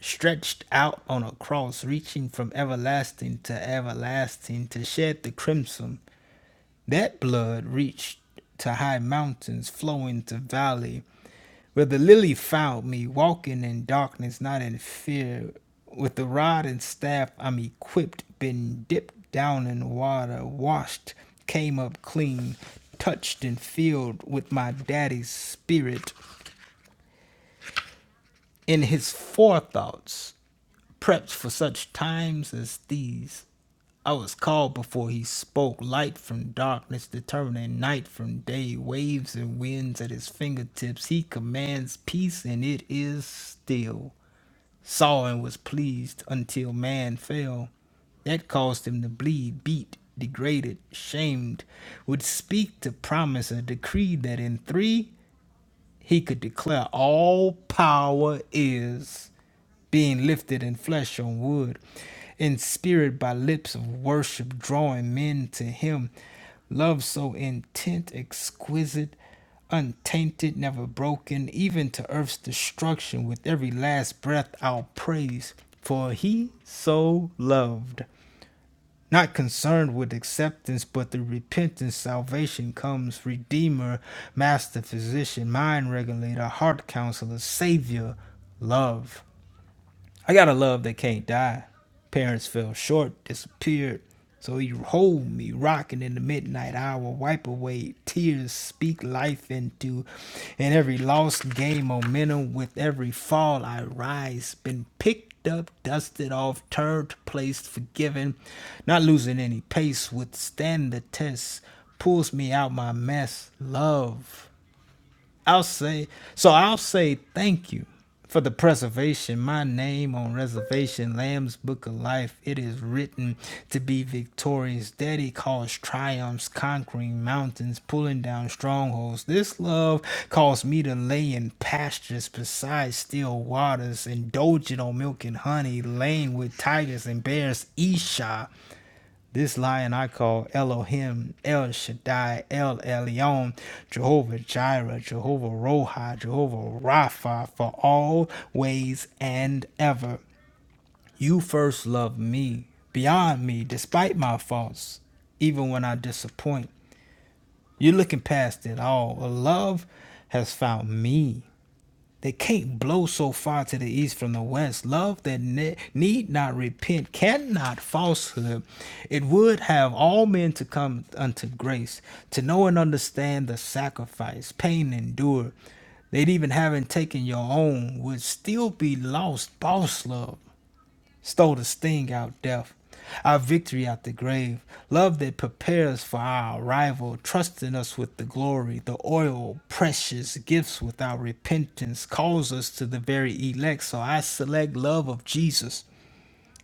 S3: stretched out on a cross, reaching from everlasting to everlasting to shed the crimson. That blood reached to high mountains, flowing to valley, where the lily found me, walking in darkness, not in fear. With the rod and staff I'm equipped, been dipped down in water, washed, came up clean, touched and filled with my daddy's spirit. In his forethoughts, Prepped for such times as these, I was called before he spoke. Light from darkness, determining night from day. Waves and winds at his fingertips. He commands peace, and it is still. Saw and was pleased until man fell. That caused him to bleed, beat, degraded, shamed. Would speak to promise a decree that in three he could declare all power is being lifted in flesh on wood, in spirit by lips of worship, drawing men to him. Love so intent, exquisite, untainted, never broken, even to earth's destruction, with every last breath I'll praise, for he so loved not concerned with acceptance, but the repentance, salvation comes, Redeemer, Master Physician, Mind Regulator, Heart Counselor, Savior, Love. I got a love that can't die. Parents fell short, disappeared. So you hold me rocking in the midnight hour, wipe away tears, speak life into. And every lost game, momentum with every fall, I rise. Been picked up, dusted off, turned, placed, forgiven. Not losing any pace, withstand the test. Pulls me out my mess. Love. I'll say so. I'll say thank you for the preservation. My name on reservation, Lamb's Book of Life. It is written to be victorious. Daddy calls triumphs, conquering mountains, pulling down strongholds. This love caused me to lay in pastures beside still waters, indulging on milk and honey, laying with tigers and bears. Esha. This lion I call Elohim, El Shaddai, El Elyon, Jehovah Jireh, Jehovah Rohi, Jehovah Rapha, for always and ever. You first love me, beyond me, despite my faults, even when I disappoint. You're looking past it all. Love has found me. They can't blow so far to the east from the west. Love that ne- need not repent, cannot falsehood. It would have all men to come unto grace, to know and understand the sacrifice, pain endured. They'd even having taken your own would still be lost. Boss love stole the sting out death, our victory out the grave, love that prepares for our arrival, trusting us with the glory, the oil, precious gifts without repentance, calls us to the very elect. So I select love of Jesus.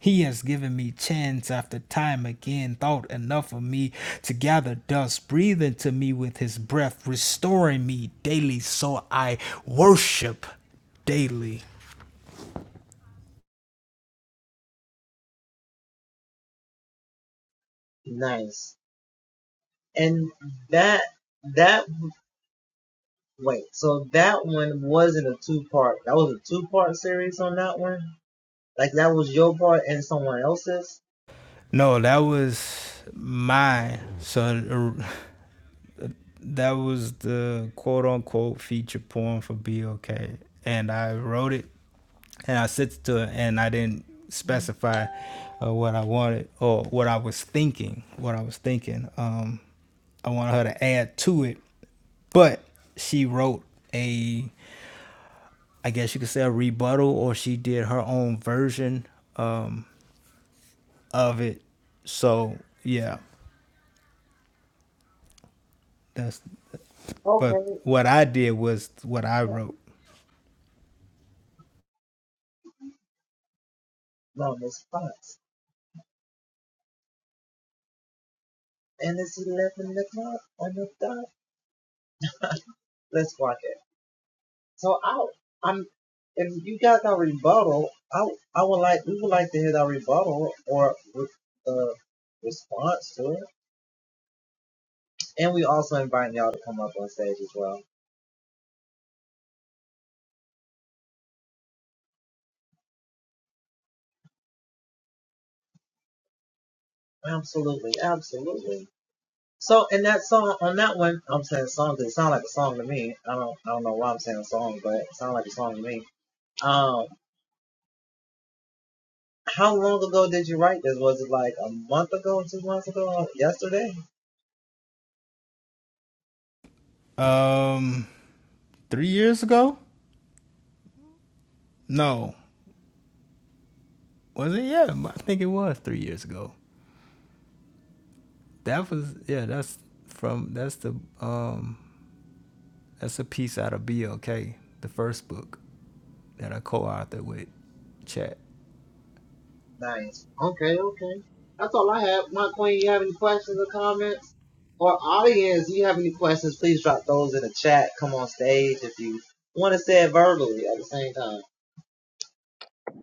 S3: He has given me chance after time again, thought enough of me to gather dust, breathing to me with his breath, restoring me daily, so I worship daily. No, that was mine. So uh, that was the quote unquote feature poem for BOK. And I wrote it and I sent it to her and I didn't specify uh, what I wanted or what I was thinking. What I was thinking. Um, I wanted her to add to it, but she wrote a, I guess you could say a rebuttal or she did her own version um, of it. So yeah, that's But what I did was what I wrote. Um, three years ago? No, was it? Yeah, I think it was three years ago. That was yeah. That's from that's the um that's a piece out of BLK, the first book that I co-authored with Chat.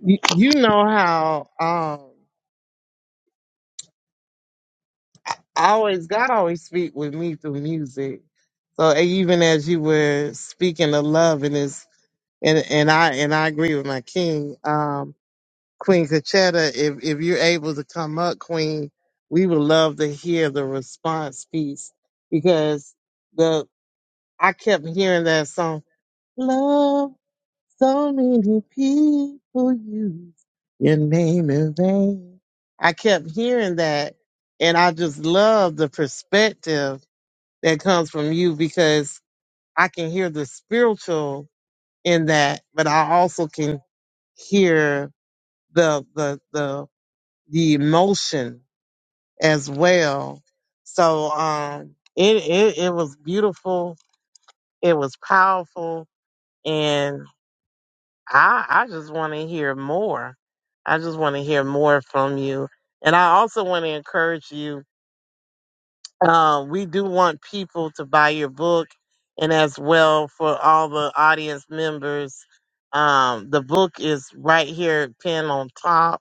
S2: You, you know how um I always God always speak with me through music. So even as you were speaking of love and is and and I and I agree with my king, um, Queen Cachetta, if if you're able to come up, Queen, we would love to hear the response piece because the I kept hearing that song, Love. So many people use your name in vain. I kept hearing that, and I just love the perspective that comes from you because I can hear the spiritual in that, but I also can hear the the the the emotion as well. So um, it it, it was beautiful. It was powerful, I I just want to hear more. I just want to hear more from you, and I also want to encourage you. Uh, we do want people to buy your book, and as well for all the audience members, um, the book is right here, pinned on top.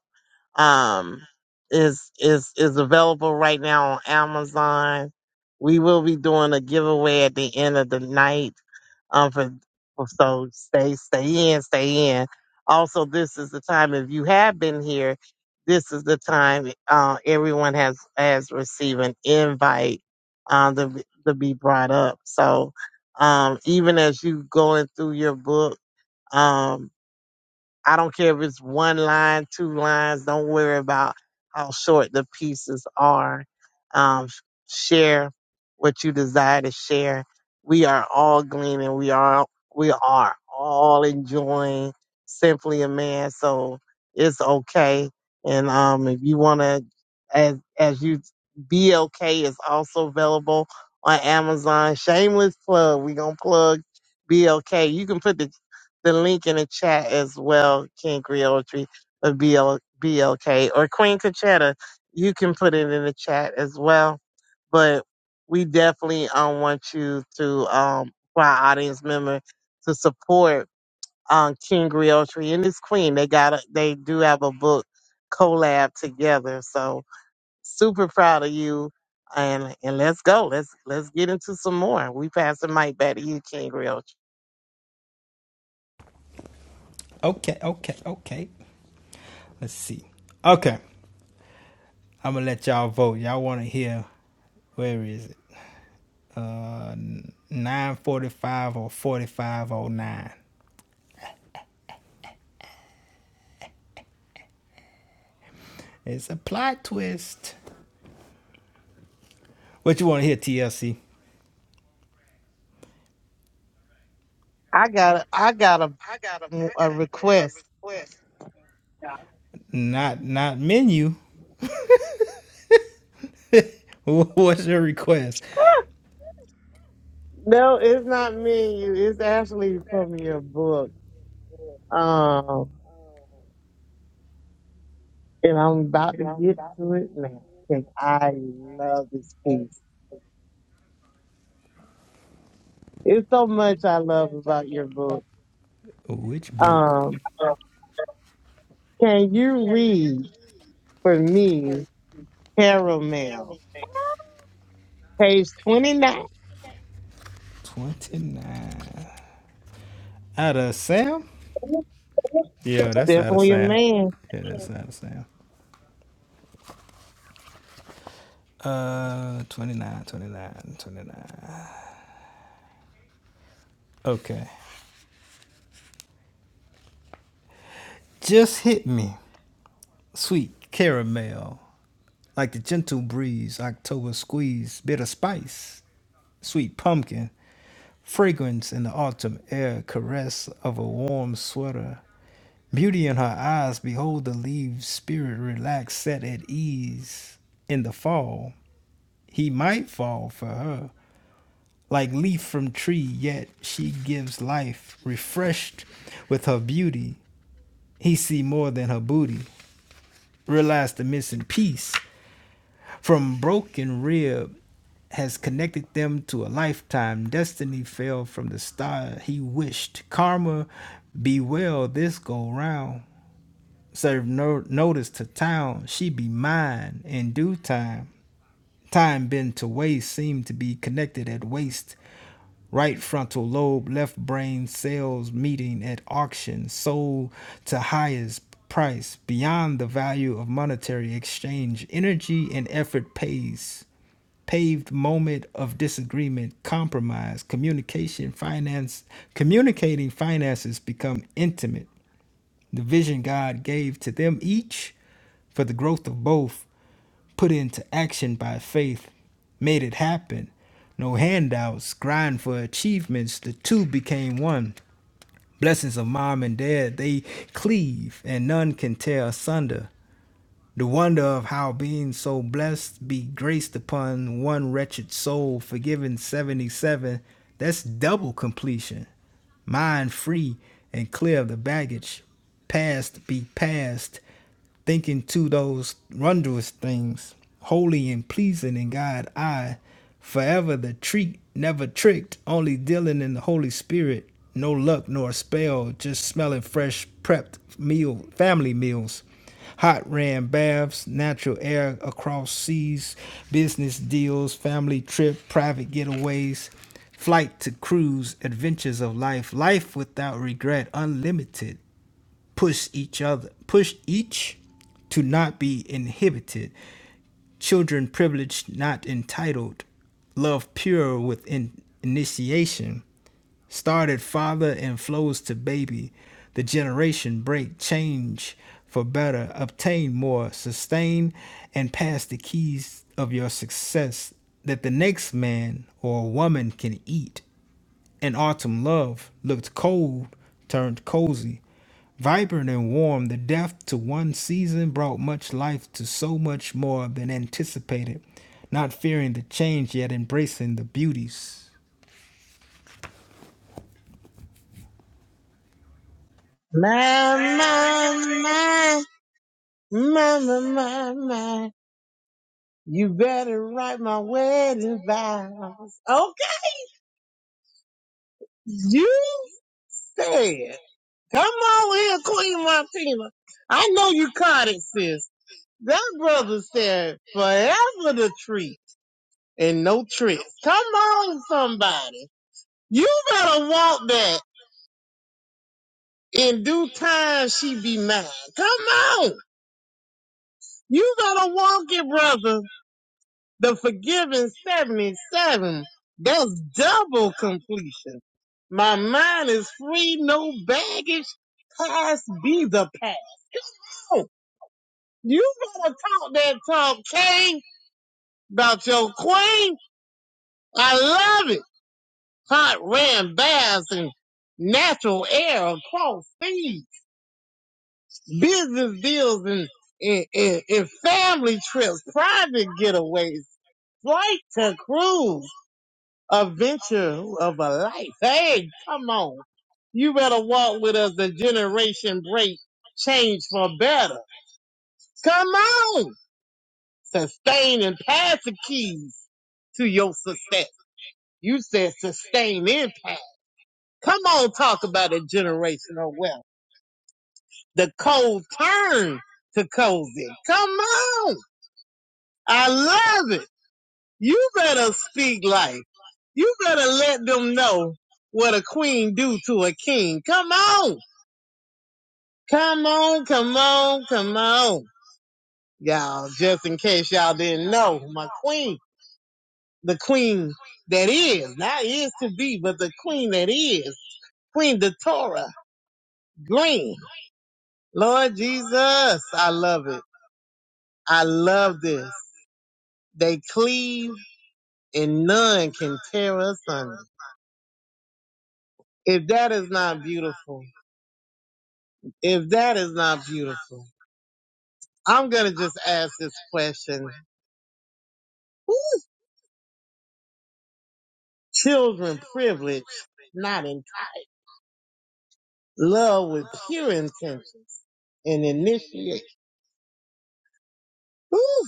S2: Um, is is is available right now on Amazon. We will be doing a giveaway at the end of the night um, for, for so stay, stay in, stay in. Also, this is the time if you have been here. This is the time uh, everyone has has received an invite um, to be- to be brought up. So um, even as you going through your book. Um, I don't care if it's one line, two lines. Don't worry about how short the pieces are. Um, share what you desire to share. We are all gleaning. We are we are all enjoying simply a man. So it's okay. And um, if you want to, as as you be okay is also available on Amazon. Shameless plug. We gonna plug. Be okay. You can put the the link in the chat as well, King Griotry of BL, BLK or Queen Conchetta. You can put it in the chat as well. But we definitely um, want you to, um, for our audience member, to support um, King Griotry and this queen. They got a, they do have a book collab together. So super proud of you. And and let's go. Let's let's get into some more. We pass the mic back to you, King Griotry.
S3: Okay, okay, okay. Let's see. Okay, I'm gonna let y'all vote. Y'all want to hear? Where is it? 945 or 4509. It's a plot twist. What you want to hear, TLC?
S2: I got I got a a request.
S3: Not not menu. What's your request?
S2: No, it's not me and you. It's actually from your book. Um, and I'm about to get to it now because I love this piece. It's so much I love about your book.
S3: Which book?
S2: Um, can you read for me, Caramel, page 29?
S3: Twenty nine. Out of Sam? Yeah, that's
S2: Step
S3: out of
S2: on your
S3: Sam.
S2: man.
S3: Yeah, that's out of Sam. Uh, 29, 29, 29. Okay. Just hit me. Sweet caramel. Like the gentle breeze, October squeeze, bitter spice, sweet pumpkin, fragrance in the autumn air, caress of a warm sweater. Beauty in her eyes, behold the leaves, spirit relaxed, set at ease. In the fall, he might fall for her, like leaf from tree, yet she gives life, refreshed with her beauty. He see more than her booty, realize the missing piece. From broken rib has connected them to a lifetime. Destiny fell from the star he wished. Karma be well this go round. Serve no notice to town. She be mine in due time. Time bent to waste seemed to be connected at waist. Right frontal lobe, left brain cells meeting at auction. Sold to highest price beyond the value of monetary exchange. Energy and effort pays paved moment of disagreement, compromise, communication, finance, communicating finances become intimate. The vision God gave to them each for the growth of both, put into action by faith, made it happen. No handouts, grind for achievements, the two became one. Blessings of mom and dad, they cleave, and none can tear asunder. The wonder of how being so blessed be graced upon one wretched soul forgiven 77, that's double completion. Mind free and clear of the baggage. Past be past thinking to those wondrous things, holy and pleasing in God I, forever the treat, never tricked, only dealing in the Holy Spirit, no luck nor spell, just smelling fresh prepped meal, family meals. Hot ran baths, natural air across seas, business deals, family trip, private getaways, flight to cruise, adventures of life, life without regret, unlimited push each other, push each to not be inhibited, children privileged, not entitled, love pure with in- initiation, started father and flows to baby, the generation break, change for better, obtain more, sustain, and pass the keys of your success that the next man or woman can eat and autumn love looked cold, turned cozy. Vibrant and warm, the death to one season brought much life to so much more than anticipated. Not fearing the change, yet embracing the beauties.
S4: My, my, my, my, my, my, my. You better write my wedding vows. Okay. You said, come on here, Queen Martina. I know you caught it, sis. That brother said forever the treat and no tricks. Come on, somebody. You better walk that. In due time, she be mine. Come on. You better walk it, brother. The forgiven 77. That's double completion. My mind is free, no baggage. Past be the past. Oh, you better talk that talk, King, about your queen. I love it. Hot ram baths and natural air across seas, business deals and, and, and, and family trips, private getaways, flight to cruise. adventure of a life. Hey, come on. You better walk with us the generation break change for better. Come on. Sustain and pass the keys to your success. You said sustain and pass. Come on, talk about a generational wealth. The cold turn to cozy. Come on. I love it. You better speak life. You better let them know what a queen do to a king. Come on. Come on, come on, come on. Y'all, just in case y'all didn't know, my queen, the queen that is, not is to be, but the queen that is, Queen Datora Green. Lord Jesus, I love it. I love this. They cleave and none can tear us under. If that is not beautiful, If that is not beautiful, I'm going to just ask this question. Children privilege, not in love with pure intentions and initiate. Ooh,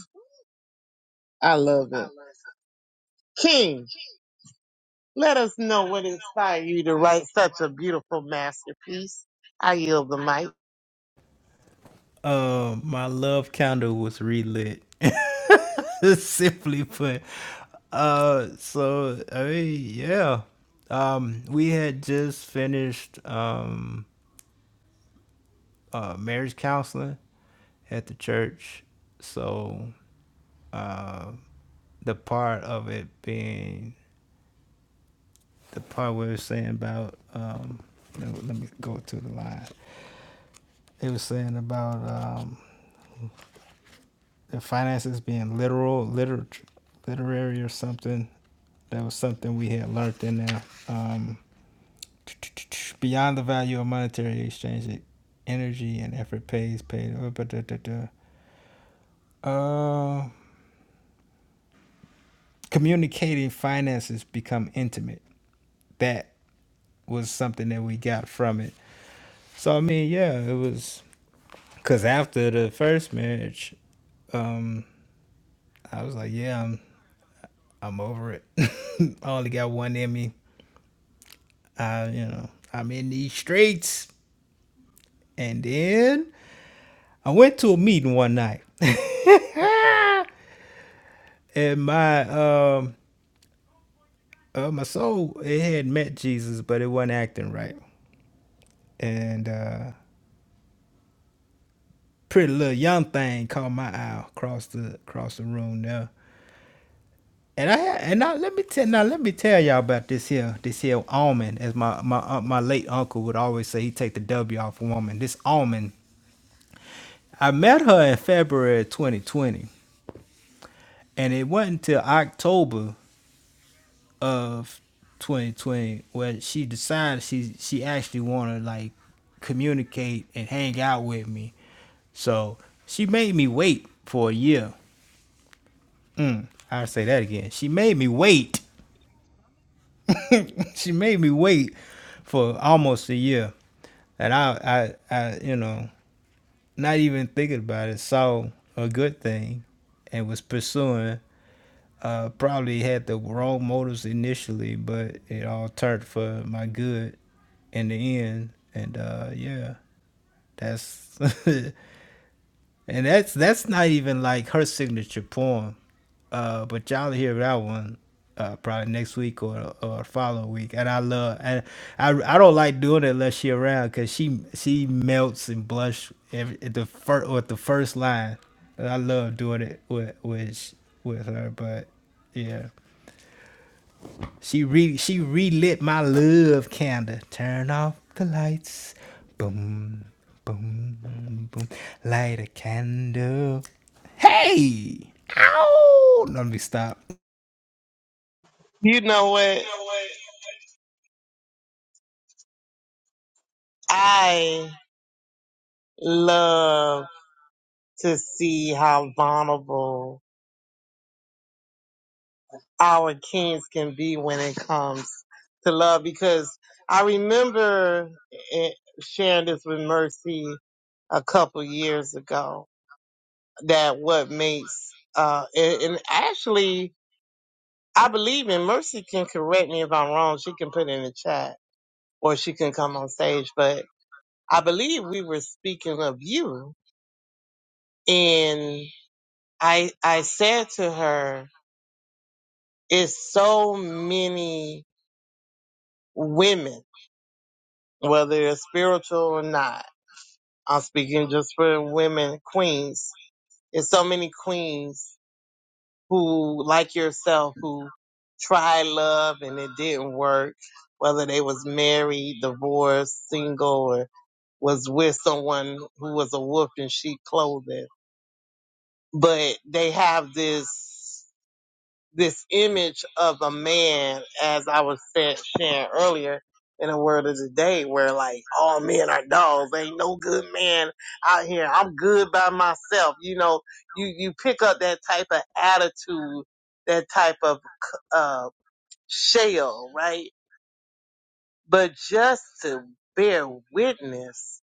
S4: I love it. King, let us know what inspired you to write such a beautiful masterpiece. I yield the mic.
S3: Uh, my love candle was relit. Simply put. Uh, so I mean, yeah. Um, we had just finished um uh marriage counseling at the church, so uh, the part of it being the part we were saying about um let me- go to the line. It was saying about um the finances being literal, liter literary or something. That was something we had learned in there. Um beyond the value of monetary exchange, it energy and effort pays paid uh, Uh, communicating finances become intimate that was something that we got from it so i mean yeah it was Cause after the first marriage, um, I was like, yeah, I'm I'm over it. I only got one in me. I, you know, I'm in these streets. And then I went to a meeting one night, and my um uh, my soul it had met Jesus, but it wasn't acting right. And uh, pretty little young thing caught my eye across the across the room there, And I had, and now let me tell now let me tell y'all about this here this here almond as my my uh, my late uncle would always say he take the W off a woman. This almond, I met her in February 2020, and it wasn't until October of 2020 where she decided she she actually wanted to like communicate and hang out with me. So she made me wait for a year. Mm, I say that again. She made me wait she made me wait for almost a year, and I, I, I, you know, not even thinking about it, saw a good thing, and was pursuing. Uh, probably had the wrong motives initially, but it all turned for my good in the end. And uh, yeah, that's and that's that's not even like her signature poem. Uh, but y'all hear that one uh, probably next week or or following week. And I love and I I don't like doing it unless she around because she she melts and blush every, at the first or at the first line. And I love doing it with with sh- with her, but yeah, she re she relit my love candle. Turn off the lights, boom boom boom. Light a candle. Hey, ow! Let me stop.
S4: You know what? I love to see how vulnerable our kings can be when it comes to love. Because I remember eh, sharing this with Mercy a couple years ago that what makes, uh, and, and actually, I believe in Mercy can correct me if I'm wrong. She can put it in the chat or she can come on stage. But I believe we were speaking of you. And I, I said to her, it's so many women whether it's spiritual or not. I'm speaking just for women, queens. There's so many queens who, like yourself, who tried love and it didn't work, whether they was married, divorced, single, or was with someone who was a wolf in sheep clothing. But they have this. this image of a man, as I was saying sharing earlier in the word of the day, where like all men are dogs. Ain't no good man out here. I'm good by myself. You know, you you pick up that type of attitude, that type of uh, shell, right? But just to bear witness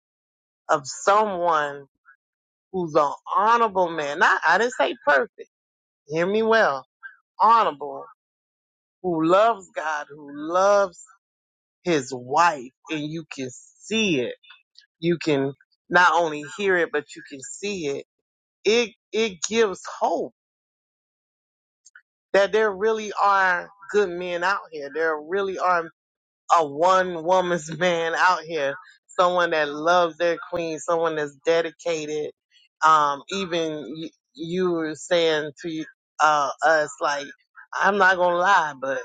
S4: of someone who's an honorable man. Not I didn't say perfect. Hear me well. Honorable who loves God, who loves his wife and you can see it. You can not only hear it, but you can see it. It, it gives hope that there really are good men out here. There really are a one woman's man out here. Someone that loves their queen, someone that's dedicated. Um, even you, you were saying to uh, us, like, I'm not gonna lie, but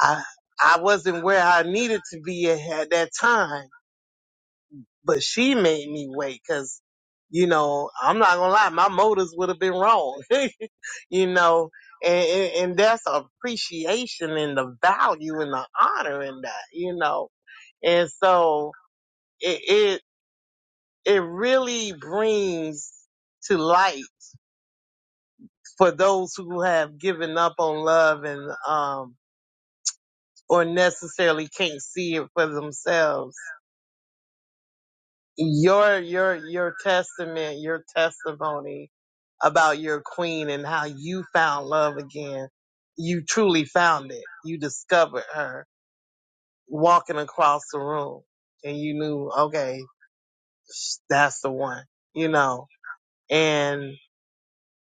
S4: I, I wasn't where I needed to be at at that time but she made me wait because, you know, I'm not gonna lie, my motives would have been wrong, you know, and, and and that's appreciation and the value and the honor in that, you know, and so it it, it really brings to light for those who have given up on love and um or necessarily can't see it for themselves your your your testament, your testimony about your queen and how you found love again. You truly found it. You discovered her walking across the room and you knew, okay, that's the one, you know. and.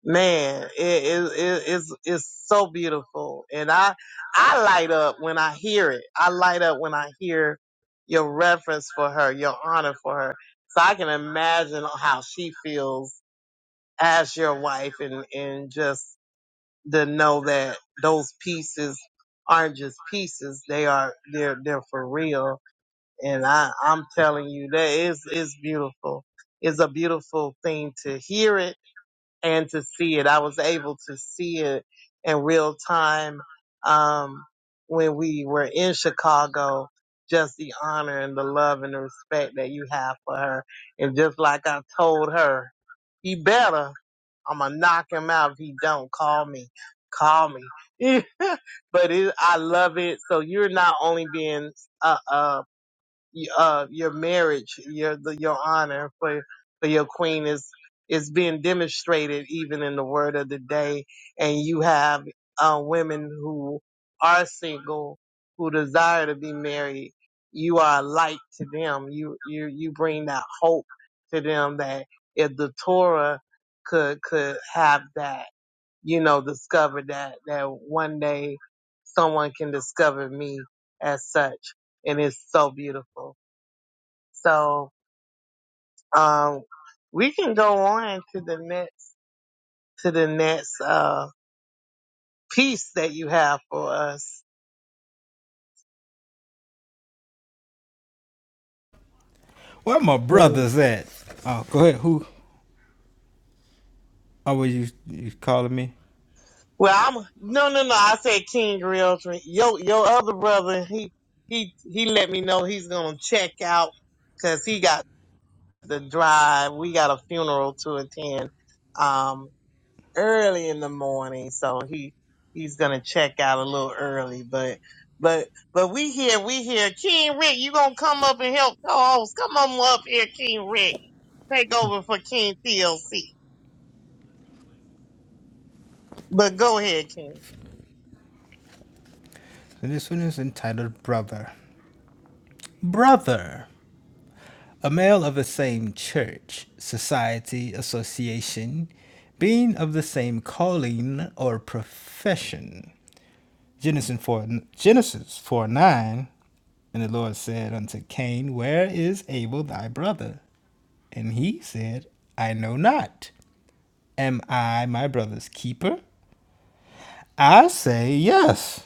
S4: Man, it, it, it, it's, it's so beautiful. And I, I light up when I hear it. I light up when I hear your reference for her, your honor for her. So I can imagine how she feels as your wife and, and just to know that those pieces aren't just pieces. They are, they're, they're for real. And I, I'm telling you that is, is beautiful. It's a beautiful thing to hear it and to see it. I was able to see it in real time um, when we were in Chicago. Just the honor and the love and the respect that you have for her. And just like I told her, he better. I'm gonna knock him out if he don't call me. Call me. but it, I love it. So you're not only being a, a uh, your marriage, your the, your honor for for your queen is is being demonstrated even in the word of the day, and you have uh, women who are single who desire to be married. You are a light to them. You you you bring that hope to them that if the Torah could could have that, you know, discover that that one day someone can discover me as such, and it's so beautiful. So um, we can go on to the next to the next uh, piece that you have for us.
S3: Where my
S4: King.
S3: brothers at? Oh, go ahead. Who? Oh, were you, you calling me?
S4: Well, I'm no, no, no. I said King Realtor. Your your other brother, he he he let me know he's gonna check out because he got the drive. We got a funeral to attend. Um, early in the morning, so he he's gonna check out a little early. But but but we here, we here. King Rick, you gonna come up and help co-host? Come on up here, King Rick. Take over for King TLC. But go ahead, King.
S3: So this one is entitled Brother. Brother, a male of the same church, society, association, being of the same calling or profession. Genesis 4, Genesis 4 9, and the Lord said unto Cain, Where is Abel thy brother? And he said, I know not. Am I my brother's keeper? I say, Yes.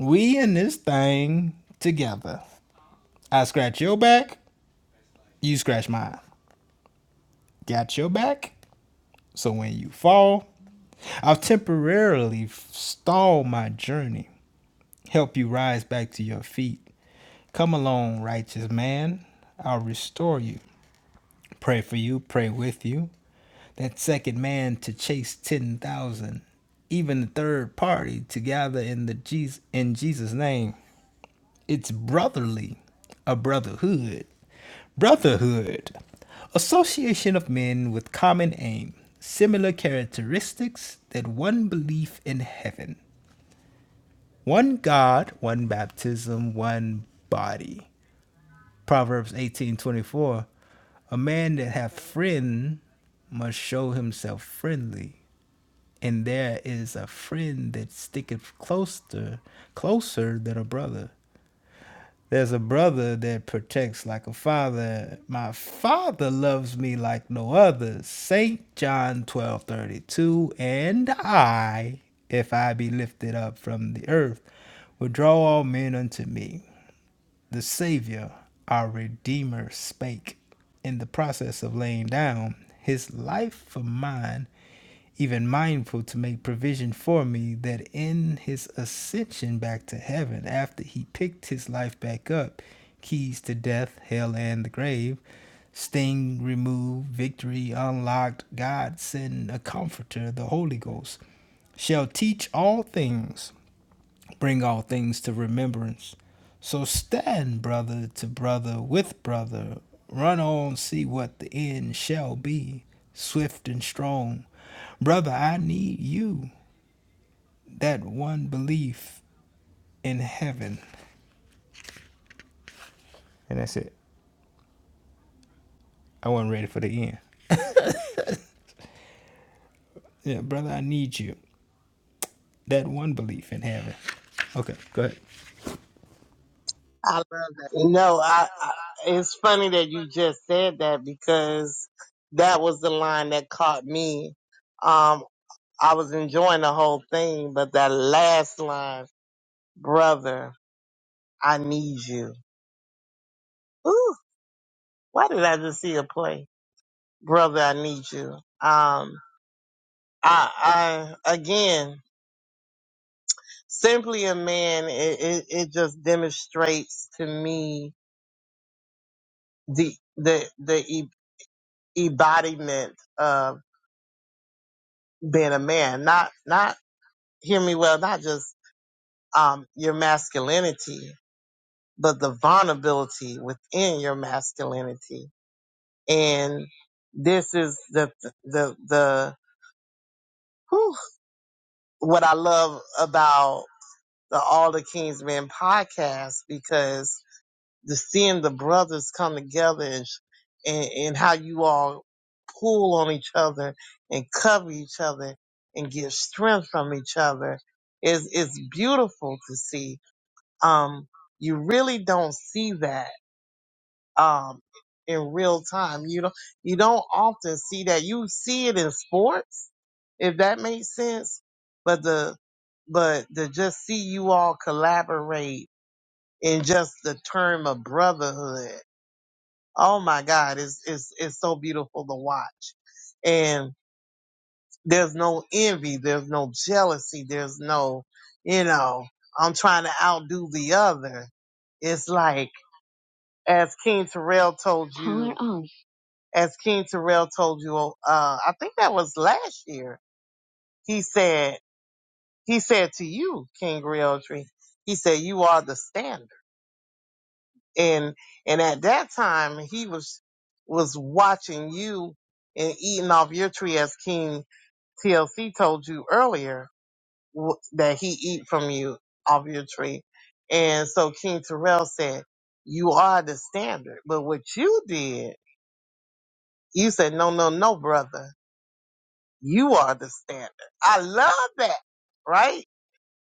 S3: We in this thing together. I scratch your back, you scratch mine. Got your back, so when you fall, I'll temporarily stall my journey, help you rise back to your feet. Come along, righteous man, I'll restore you. Pray for you, pray with you. That second man to chase 10,000, even the third party to gather in the Jesus in Jesus name. It's brotherly, a brotherhood. Brotherhood, association of men with common aim, similar characteristics, that one belief in heaven, one God, one baptism, one body. Proverbs 18:24. A man that hath friend must show himself friendly, and there is a friend that sticketh closer, closer than a brother. There's a brother that protects like a father. My father loves me like no other. Saint John 12:32 and I, if I be lifted up from the earth, will draw all men unto me. The savior, our redeemer spake in the process of laying down his life for mine even mindful to make provision for me that in his ascension back to heaven, after he picked his life back up, keys to death, hell, and the grave, sting removed, victory unlocked, God send a comforter, the Holy Ghost, shall teach all things bring all things to remembrance. So stand brother to brother with brother, run on, see what the end shall be, swift and strong. Brother, I need you, that one belief in heaven. And that's it. I wasn't ready for the end. Yeah, brother, I need you, that one belief in heaven. Okay, go ahead.
S4: I love that. No, I, I it's funny that you just said that because that was the line that caught me. Um, I was enjoying the whole thing, but that last line, brother, I need you. Ooh. Why did I just see a play? Brother, I need you. Um, I, I, again, simply a man, it, it, it just demonstrates to me the, the, the e- embodiment of being a man. Not, not, hear me well, not just, um, your masculinity, but the vulnerability within your masculinity. And this is the, the, the, whew, what I love about. the All the Kings Men podcast because the seeing the brothers come together and, and and how you all pull on each other and cover each other and get strength from each other is is beautiful to see. Um, you really don't see that um in real time. You don't you don't often see that. You see it in sports, if that makes sense. But the but to just see you all collaborate in just the term of brotherhood. Oh my God, it's it's it's so beautiful to watch. And there's no envy, there's no jealousy, there's no, you know, I'm trying to outdo the other. It's like as King Terrell told you Power on. as King Terrell told you uh I think that was last year. He said he said to you, King Realtree, he said, You are the standard. and and at that time he was was watching you and eating off your tree as king tlc told you earlier w- that he eat from you off your tree and so king terrell said you are the standard but what you did you said no no no brother you are the standard i love that right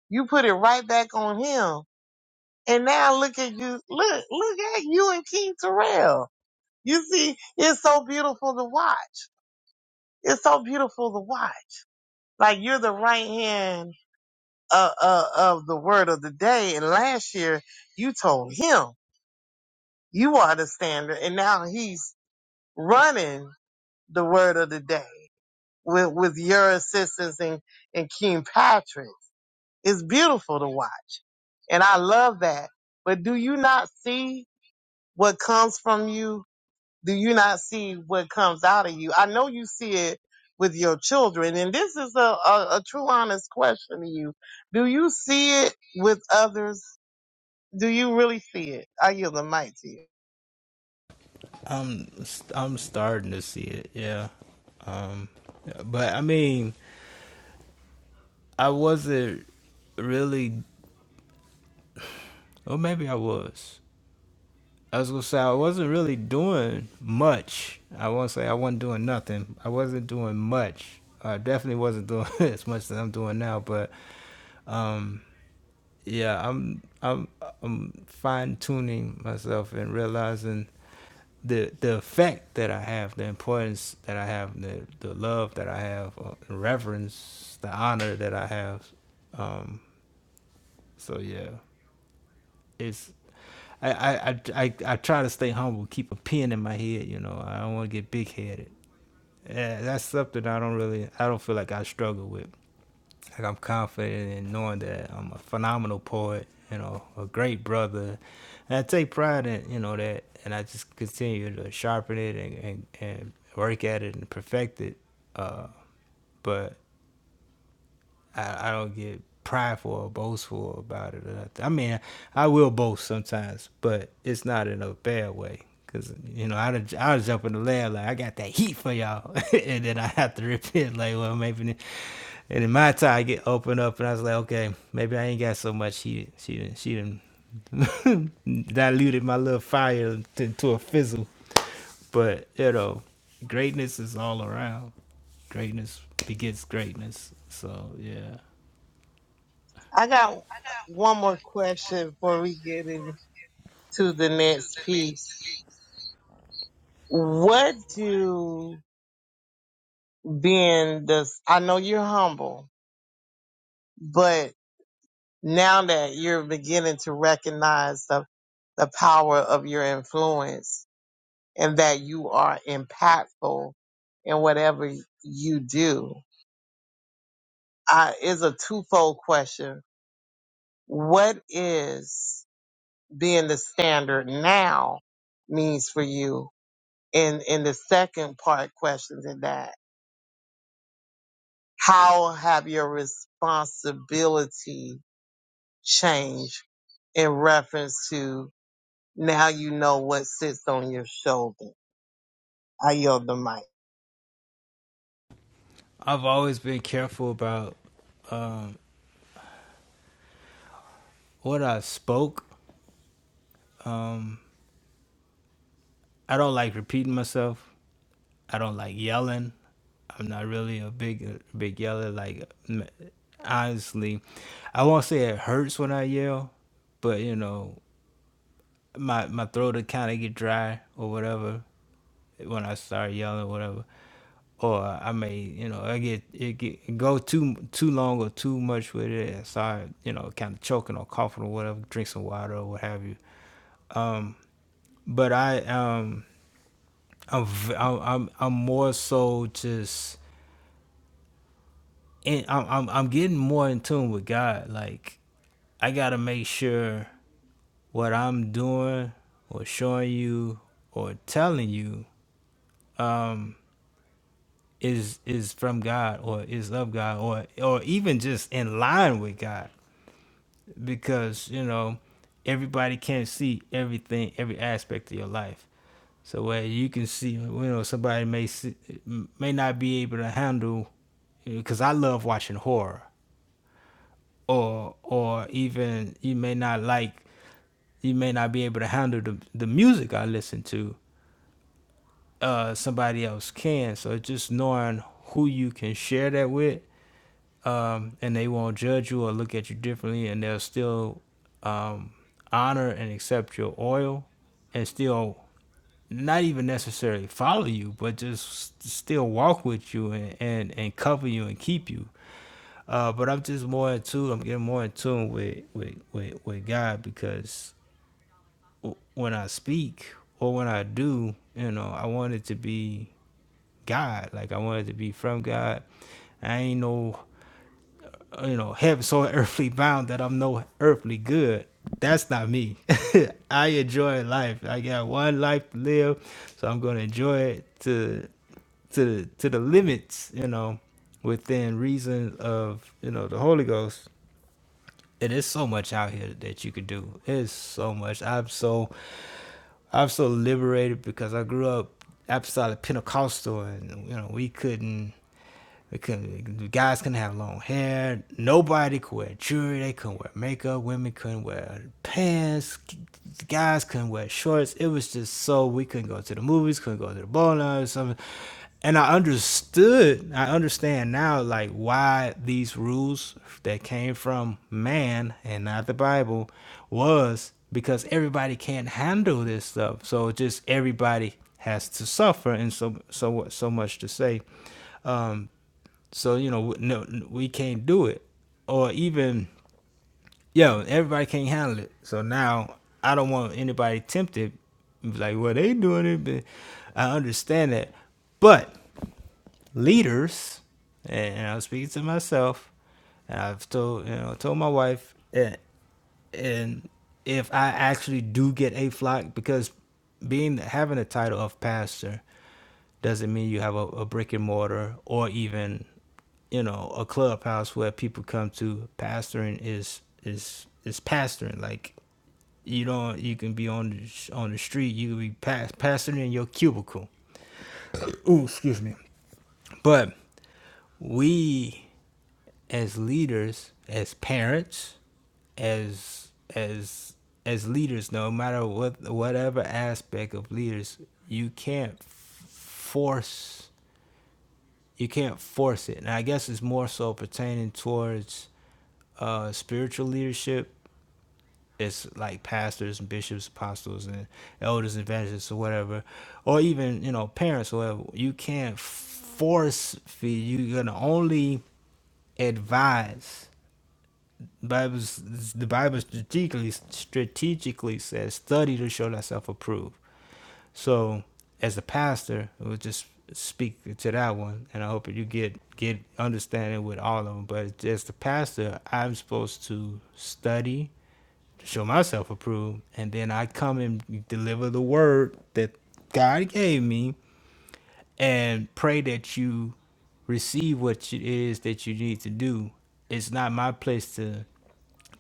S4: you put it right back on him and now look at you look look at you and king terrell You see, it's so beautiful to watch. It's so beautiful to watch. Like you're the right hand uh, uh, of the word of the day. And last year you told him you are the standard. And now he's running the word of the day with, with your assistance and, and King Patrick. It's beautiful to watch. And I love that. But do you not see what comes from you do you not see what comes out of you? I know you see it with your children, and this is a, a, a true, honest question to you. Do you see it with others? Do you really see it? I yield the mic to you.
S3: I'm I'm starting to see it. Yeah, um, but I mean, I wasn't really Or maybe I was. I was gonna say I wasn't really doing much. I won't say I wasn't doing nothing. I wasn't doing much. I definitely wasn't doing as much as I'm doing now. But um, yeah, I'm I'm I'm fine tuning myself and realizing the the effect that I have, the importance that I have, the the love that I have, uh, the reverence, the honor that I have. Um, so yeah, it's I, I, I, I, try to stay humble, keep a pen in my head, you know. I don't want to get big headed. Yeah, that's something I don't really, I don't feel like I struggle with. Like I'm confident in knowing that I'm a phenomenal poet, you know, a great brother. And I take pride in, you know, that, and I just continue to sharpen it and, and, and work at it and perfect it. Uh, but I, I don't get prideful or boastful about it or nothing. I mean, I will boast sometimes, but it's not in a bad way. Cause you know, I done- I was up in the lab like I got that heat for y'all, and then I have to repent like, well, maybe. And in my time, I get opened up, and I was like, okay, maybe I ain't got so much heat. She didn't. She didn't diluted my little fire to, to a fizzle. But you know, greatness is all around. Greatness begets greatness. So yeah,
S4: I got one more question before we get into the next piece. What do being this, I know you're humble, but now that you're beginning to recognize the, the power of your influence, and that you are impactful in whatever you do. Uh, is a twofold question. What is being the standard now means for you? And, and the second part question to that, how have your responsibility changed in reference to now you know what sits on your shoulder? I yield the mic.
S3: I've always been careful about um, what I spoke. Um, I don't like repeating myself. I don't like yelling. I'm not really a big big yeller. Like honestly, I won't say it hurts when I yell, but you know my my throat will kind of get dry or whatever. when I start yelling, whatever. Or I may, you know, I get it get go too too long or too much with it, and start, you know, kind of choking or coughing or whatever. Drink some water or what have you. Um, but I um, I'm v- I'm I'm I'm more so just, in, I'm I'm I'm getting more in tune with God. Like I gotta make sure what I'm doing or showing you or telling you. um, is is from God or is of God or or even just in line with God because you know everybody can't see everything every aspect of your life so where you can see you know somebody may see, may not be able to handle because I love watching horror or or even you may not like you may not be able to handle the, the music I listen to. Uh, somebody else can. So just knowing who you can share that with um, and they won't judge you or look at you differently, and they'll still um, honor and accept your oil, and still not even necessarily follow you, but just still walk with you and and, and cover you and keep you. Uh, but I'm just more in tune. I'm getting more in tune with with with, with God because when I speak or when I do, you know, I want it to be God. Like I want it to be from God. I ain't no uh, you know, heaven so earthly bound that I'm no earthly good. That's not me. I enjoy life. I got one life to live, so I'm gonna enjoy it to to to the limits, you know, within reason of you know the Holy Ghost. And there's so much out here that you could do. It's so much. I'm so I'm so liberated because I grew up apostolic Pentecostal, and you know we couldn't because guys couldn't have long hair. Nobody could wear jewelry. They couldn't wear makeup. Women couldn't wear pants. Guys couldn't wear shorts. It was just so we couldn't go to the movies. Couldn't go to the bowling or something. And I understood. I understand now, like why these rules that came from man and not the Bible was because everybody can't handle this stuff. So just everybody has to suffer, and so so so much to say. Um, so you know, no, we can't do it, or even, yo, everybody can't handle it. So now I don't want anybody tempted, like, well, they doing it, but I understand that, but leaders, and, i was speaking to myself, and I've told you know told my wife, and, and if I actually do get a flock, because being having a title of pastor doesn't mean you have a, a brick and mortar or even you know a clubhouse where people come to pastoring is is is pastoring like you don't you can be on the, on the street you can be pas- pastoring in your cubicle ooh excuse me but we as leaders, as parents, as as as leaders, no matter what whatever aspect of leaders, you can't force you can't force it. And I guess it's more so pertaining towards uh, spiritual leadership it's like pastors and bishops, apostles, and elders and evangelists or whatever, or even you know parents or whatever. You can't force feed. You can only advise. Bible's, the Bible strategically strategically says study to show thyself approved. So as a pastor, I would just speak to that one, and I hope that you get get understanding with all of them. But as the pastor, I'm supposed to study to show myself approved, and then I come and deliver the word that God gave me, and pray that you receive what it is that you need to do. It's not my place to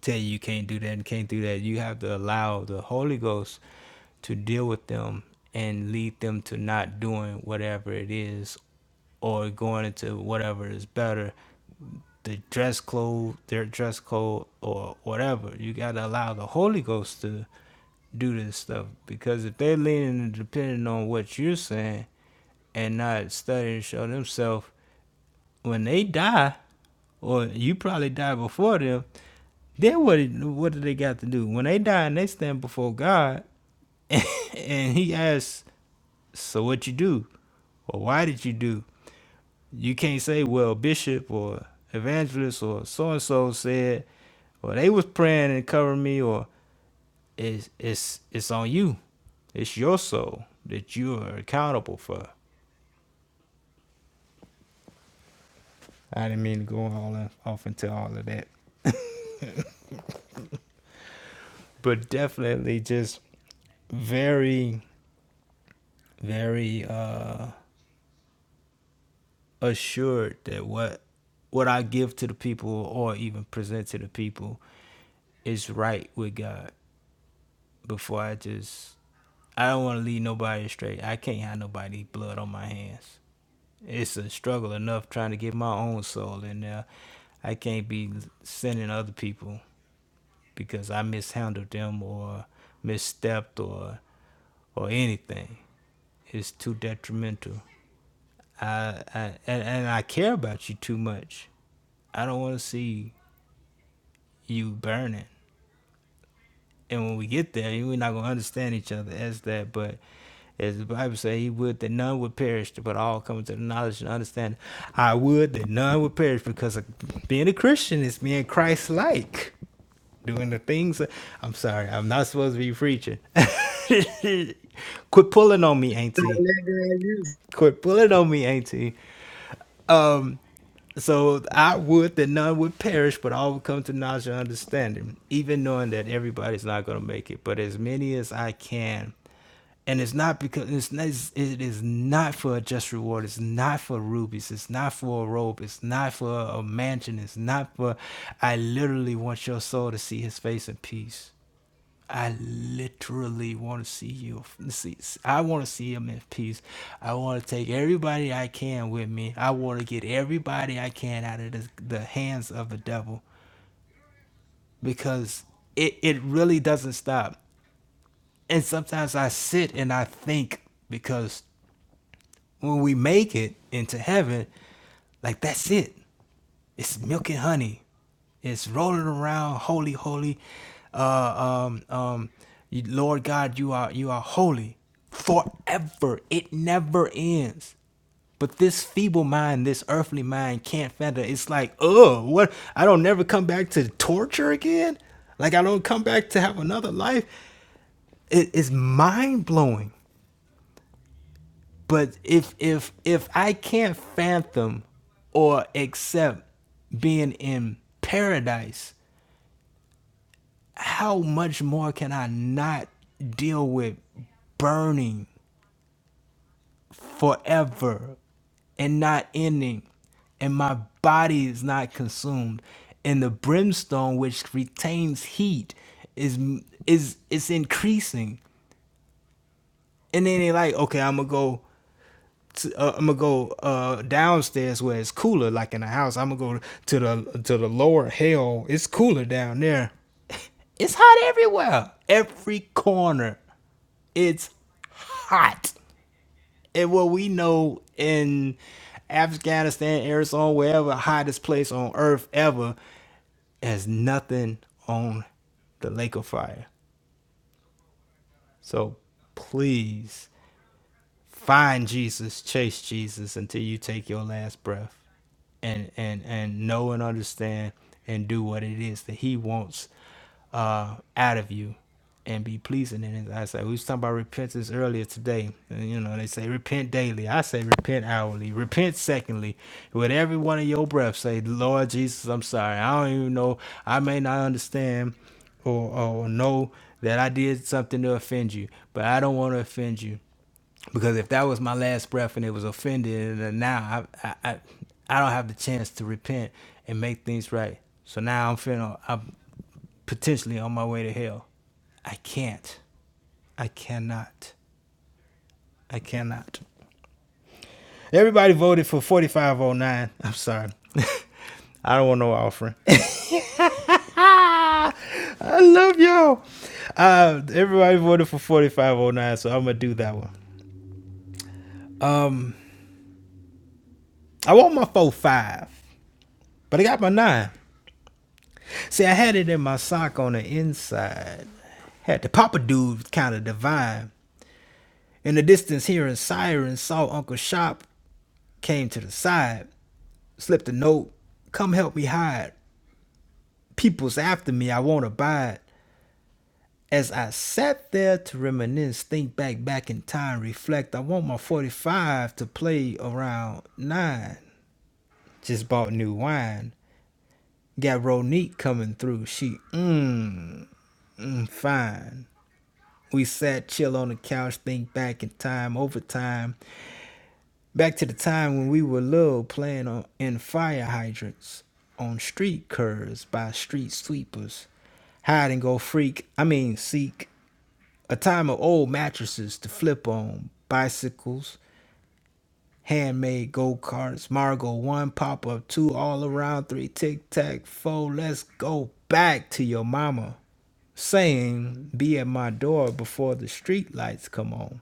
S3: tell you you can't do that and can't do that. You have to allow the Holy Ghost to deal with them and lead them to not doing whatever it is or going into whatever is better the dress code, their dress code, or whatever. You gotta allow the Holy Ghost to do this stuff because if they're leaning and depending on what you're saying and not studying and show themselves, when they die, or you probably die before them, then what? What do they got to do when they die and they stand before God, and and He asks, "So what you do, or why did you do?" You can't say, well, bishop or evangelist or so and so said, or they was praying and covering me, or it's it's it's on you. It's your soul that you are accountable for. I didn't mean to go all off into all of that, but definitely just very very uh assured that what what I give to the people or even present to the people is right with God before I just I don't want to leave nobody astray. I can't have nobody blood on my hands. It's a struggle enough trying to get my own soul in there. I can't be sending other people because I mishandled them or misstepped or or anything. It's too detrimental. I, I and, and I care about you too much. I don't want to see you burning. And when we get there, we're not gonna understand each other as that. But as the Bible says, He would that none would perish, but all come to the knowledge and understanding. I would that none would perish because being a Christian is being Christ-like, doing the things. I'm sorry, I'm not supposed to be preaching. Quit pulling on me, Auntie. Quit pulling on me, Auntie. Um, so I would that none would perish, but all would come to knowledge and understanding, even knowing that everybody's not going to make it. But as many as I can, and it's not because it's not, it's- not for a just reward. It's not for rubies. It's not for a robe. It's not for a mansion. It's not for. I literally want your soul to see His face in peace. I literally want to see you. See, I want to see him in peace. I want to take everybody I can with me. I want to get everybody I can out of the, the hands of the devil because it, it really doesn't stop. And sometimes I sit and I think because when we make it into heaven, like that's it. It's milk and honey. It's rolling around, holy, holy. Uh, um, um, you, Lord God, you are you are holy forever. It never ends. But this feeble mind, this earthly mind, can't fathom. It's like, oh, what? I don't never come back to torture again. Like I don't come back to have another life. It is mind blowing. But if if if I can't fathom or accept being in paradise, how much more can I not deal with burning forever and not ending and my body is not consumed and the brimstone which retains heat is is is increasing and then they like okay i'm gonna go to, uh, I'm gonna go uh, downstairs where it's cooler, like in the house. I'm gonna go to the to the lower hell. It's cooler down there. It's hot everywhere, every corner. It's hot, and what we know in Afghanistan, Arizona, wherever hottest place on earth ever, has nothing on the lake of fire. So please find Jesus, chase Jesus until you take your last breath and and and know and understand and do what it is that he wants uh out of you and be pleasing in his eyesight. We was talking about repentance earlier today. And, you know, they say repent daily. I say repent hourly. Repent secondly. With every one of your breath, say, Lord Jesus, I'm sorry. I don't even know. I may not understand or, or know that I did something to offend you, but I don't want to offend you because if that was my last breath and it was offended and now I, I I I don't have the chance to repent and make things right. So now I'm feeling I'm potentially on my way to hell. I can't. I cannot. I cannot. Everybody voted for 4509. I'm sorry. I don't want no offering. I love y'all. Uh, everybody voted for 4509, so I'm gonna do that one. Um, I want my four five, but I got my nine. See, I had it in my sock on the inside. Had the Papa dude kind of divine. In the distance, hearing sirens, saw Uncle Shop, came to the side, slipped a note, come help me hide. People's after me, I won't abide. As I sat there to reminisce, think back, back in time, reflect, I want my 45 to play around nine. Just bought new wine. Got Ronique coming through. She, mmm, mm, fine. We sat chill on the couch, think back in time, over time, back to the time when we were little playing on, in fire hydrants, on street curves by street sweepers, hide and go freak, I mean seek, a time of old mattresses to flip on, bicycles, handmade go karts, Margo one pop up, two all around, three tic tac, four, let's go back to your mama, saying, be at my door before the street lights come on.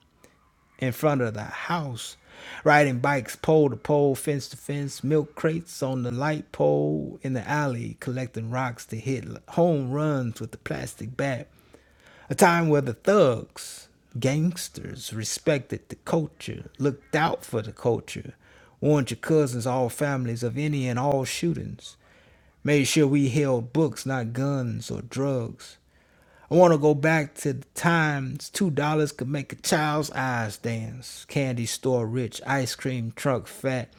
S3: in front of the house, riding bikes pole to pole, fence to fence, milk crates on the light pole in the alley, collecting rocks to hit home runs with the plastic bat. A time where the thugs, gangsters, respected the culture, looked out for the culture, warned your cousins, all families of any and all shootings, made sure we held books, not guns or drugs. I want to go back to the times two dollars could make a child's eyes dance. Candy store rich, ice cream truck fat.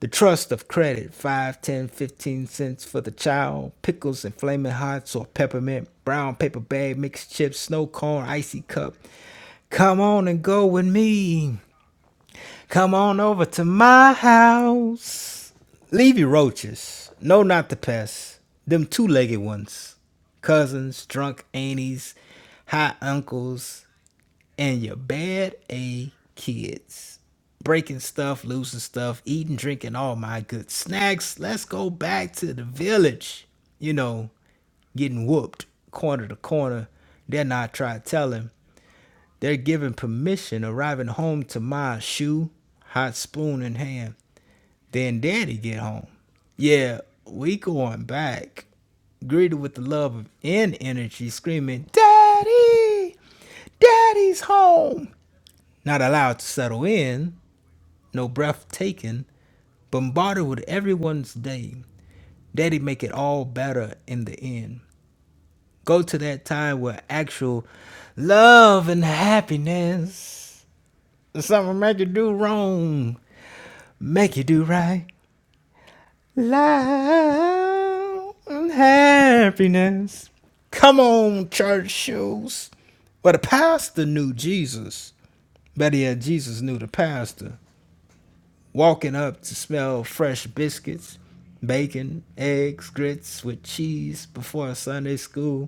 S3: The trust of credit, five, ten, fifteen cents for the child. Pickles and flaming hots or peppermint. Brown paper bag, mixed chips, snow cone, icy cup. Come on and go with me. Come on over to my house. Leave your roaches. No, not the pests. Them two legged ones. Cousins, drunk aunties, high uncles, and your bad A kids. Breaking stuff, losing stuff, eating, drinking all my good snacks. Let's go back to the village. You know, getting whooped corner to corner. Then I tried telling. They're given permission, arriving home to my shoe, hot spoon in hand. Then daddy get home. Yeah, we going back. Greeted with the love and energy, screaming, Daddy! Daddy's home! Not allowed to settle in, no breath taken, bombarded with everyone's day. Daddy make it all better in the end. Go to that time where actual love and happiness Something make you do wrong, make you do right. Love and happiness. Come on, church shoes. Well, the pastor knew Jesus. Better yet, Jesus knew the pastor. Walking up to smell fresh biscuits, bacon, eggs, grits with cheese before Sunday school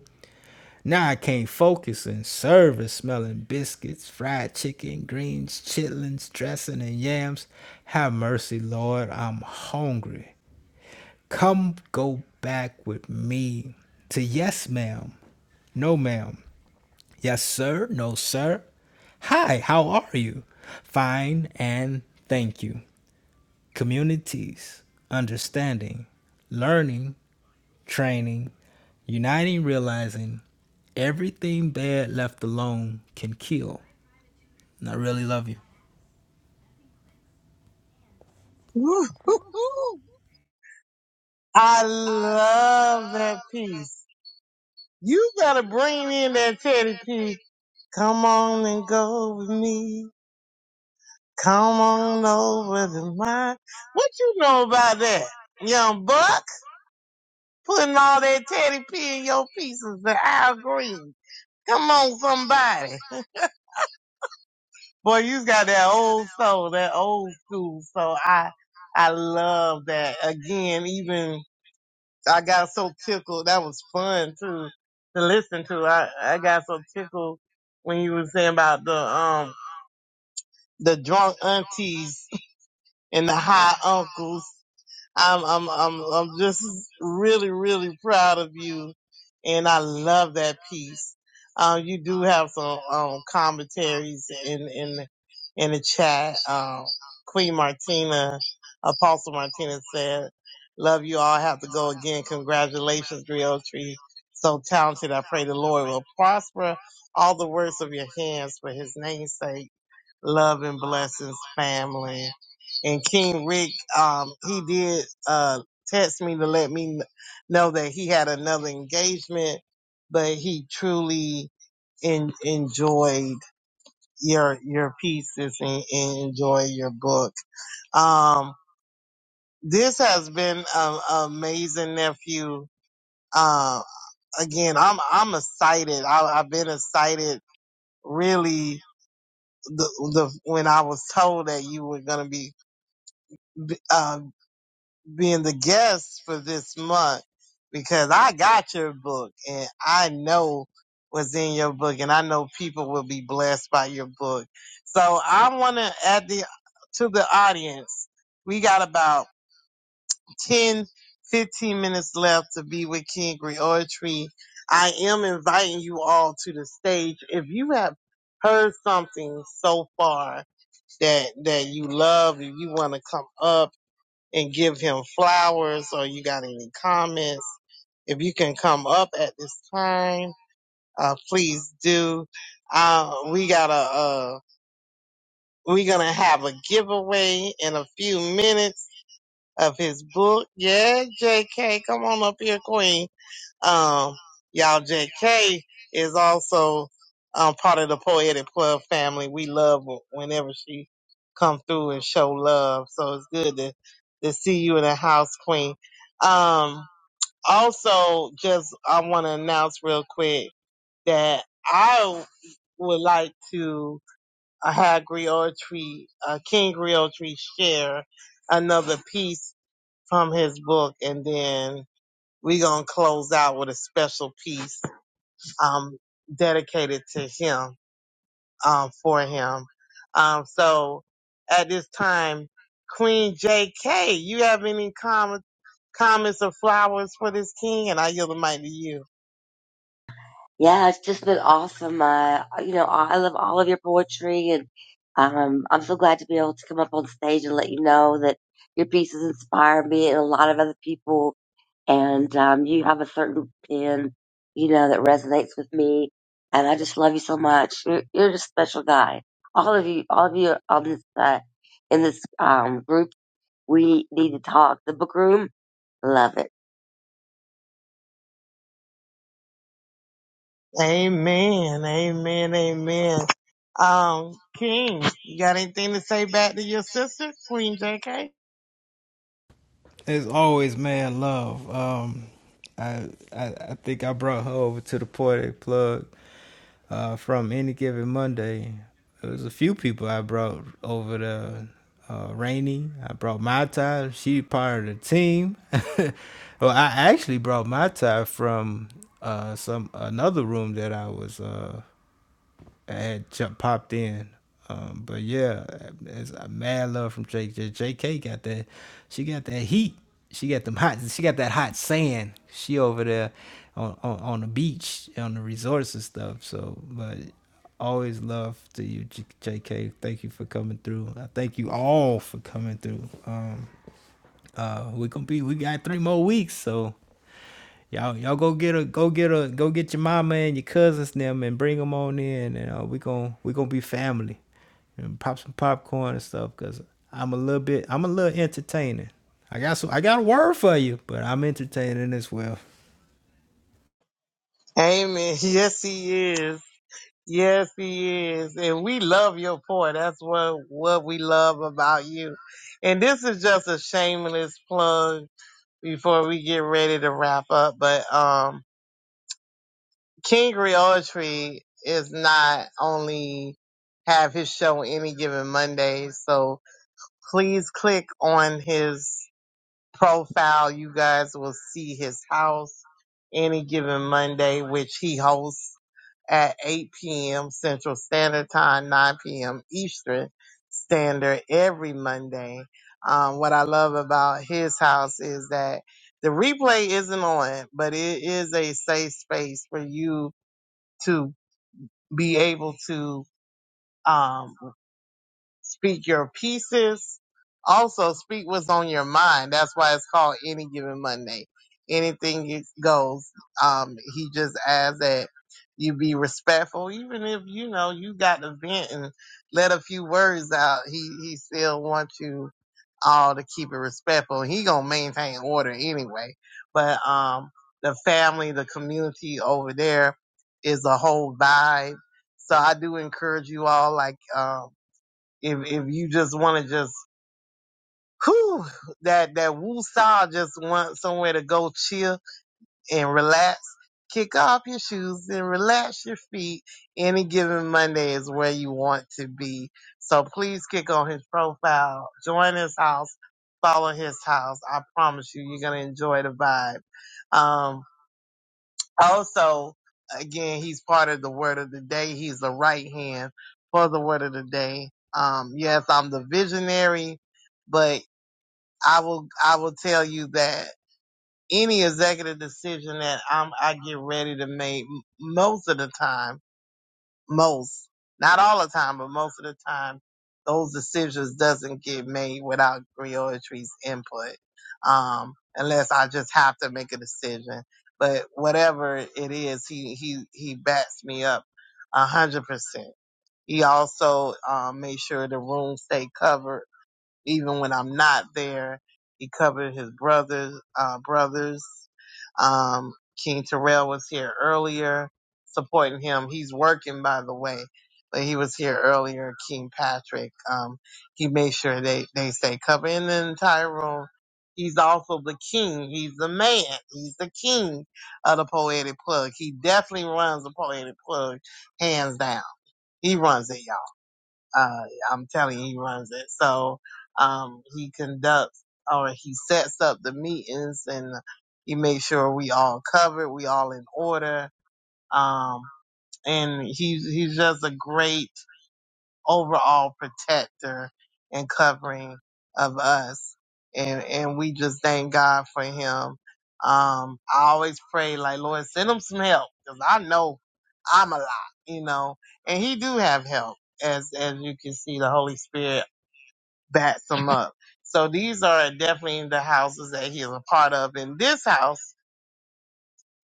S3: Now I can't focus in service, smelling biscuits, fried chicken, greens, chitlins, dressing, and yams. Have mercy, Lord, I'm hungry. Come go back with me to yes, ma'am, no, ma'am, yes, sir, no, sir. Hi, how are you? Fine and thank you. Communities, understanding, learning training, uniting, realizing everything bad left alone can kill. And I really love you.
S4: Woo-hoo-hoo. I love that piece. You gotta bring in that Teddy P. Come on and go with me. Come on over to mine. What you know about that? Young Buck putting all that Teddy P in your pieces and Al Green. Come on somebody. Boy, you got that old soul, that old school. So I, I love that. Again, even I got so tickled. That was fun too to listen to. I, I got so tickled when you were saying about the um the drunk aunties and the high uncles. I'm I'm I'm I'm just really really proud of you, and I love that piece. Um, you do have some um commentaries in in in the chat. Um, Queen Martina, Apostle Martina said, "Love you all. I have to go again. Congratulations, Tree. So talented. I pray the Lord will prosper all the works of your hands for His name's sake." Love and blessings, family. And King Rick, um, he did uh, text me to let me kn- know that he had another engagement, but he truly en- enjoyed your your pieces and, and enjoyed your book. Um, this has been an amazing nephew. Uh, again, I'm I'm excited. I, I've been excited really the, the when I was told that you were gonna be uh. being the guest for this month because I got your book and I know what's in your book and I know people will be blessed by your book. So I want to add the to the audience. We got about 10 15 minutes left to be with King Griotry. I am inviting you all to the stage. If you have heard something so far that that you love, if you want to come up and give him flowers or you got any comments. If you can come up at this time, uh, please do. Uh, we gotta, uh, we're gonna have a giveaway in a few minutes of his book. Yeah, JK, come on up here, Queen. Um, y'all, J.K. is also um, part of the Poetic Club family. We love her whenever she come through and show love. So it's good to, to see you in the house, Queen. Um, also, just I want to announce real quick that I would like to uh, have Griotry, uh, King Griotry share another piece from his book, and then we're going to close out with a special piece um, dedicated to him, um, for him. Um, so at this time, Queen JK, you have any com- comments or flowers for this king? And I yield the mic to you.
S5: Yeah, it's just been awesome. Uh, you know, I love all of your poetry, and um, I'm so glad to be able to come up on stage and let you know that your pieces inspire me and a lot of other people. And um, you have a certain pen, you know, that resonates with me. And I just love you so much. You're, you're just a special guy. All of you, all of you on this uh, in this um, group, we need to talk. The book room, love it.
S4: Amen. Amen. Amen. Um, King, you got anything to say back to your sister, Queen JK?
S3: As always, man, love. Um, I, I I think I brought her over to the Poetic Plug uh, from Any Given Monday. It was a few people I brought over the uh, Rainy. I brought my tie. She part of the team. well, I actually brought my tie from uh, some another room that I was uh, I had jump popped in. Um, but yeah, it's a mad love from Jake. JK got that. She got that heat. She got them hot. She got that hot sand. She over there on on, on the beach on the resorts and stuff. So, but always love to you, J- JK. Thank you for coming through. I thank you all for coming through. Um, uh, we gonna be we got three more weeks, so y'all y'all go get a go get a go get your mama and your cousins and them and bring them on in and uh, we gon' we gonna be family and pop some popcorn and stuff because I'm a little bit I'm a little entertaining. I got so I got a word for you, but I'm entertaining as well.
S4: Amen. Yes, he is. Yes, he is. And we love your pour. That's what what we love about you. And this is just a shameless plug before we get ready to wrap up. But um King Tree is not only have his show any given Monday, so please click on his profile. You guys will see his house any given Monday, which he hosts at 8 p.m. Central Standard Time, 9 p.m. Eastern Standard every Monday. Um, what I love about his house is that the replay isn't on, but it is a safe space for you to be able to um, speak your pieces. Also, speak what's on your mind. That's why it's called Any Given Monday. Anything it goes. Um, he just asks that you be respectful, even if you know you got to vent and let a few words out. He he still wants you all to keep it respectful. He gonna maintain order anyway. But um, the family, the community over there is a whole vibe. So I do encourage you all, like. Um, if if you just want to just whew, that that woo style just want somewhere to go chill and relax, kick off your shoes and relax your feet. Any given Monday is where you want to be. So please kick on his profile, join his house, follow his house. I promise you, you're gonna enjoy the vibe. Um, also, again, he's part of the word of the day. He's the right hand for the word of the day. Um, yes, I'm the visionary, but I will, I will tell you that any executive decision that I'm, I get ready to make most of the time most, not all the time, but most of the time, those decisions doesn't get made without Griotry's input, um, unless I just have to make a decision. But whatever it is, he he he backs me up a hundred percent. He also um, made sure the room stayed covered even when I'm not there. He covered his brothers, uh, brothers. Um, King Terrell was here earlier supporting him. He's working, by the way, but he was here earlier. King Patrick, um, he made sure they, they stay covered in the entire room. He's also the king. He's the man. He's the king of the poetic plug. He definitely runs the poetic plug, hands down. He runs it, y'all. Uh, I'm telling you, he runs it. So, um, he conducts or he sets up the meetings and he makes sure we all covered, we all in order. Um, and he's, he's just a great overall protector and covering of us. And, and we just thank God for him. Um, I always pray like, Lord, send him some help because I know I'm a lot, you know, and he do have help as, as you can see, the Holy Spirit backs him up. So these are definitely the houses that he is a part of. In this house,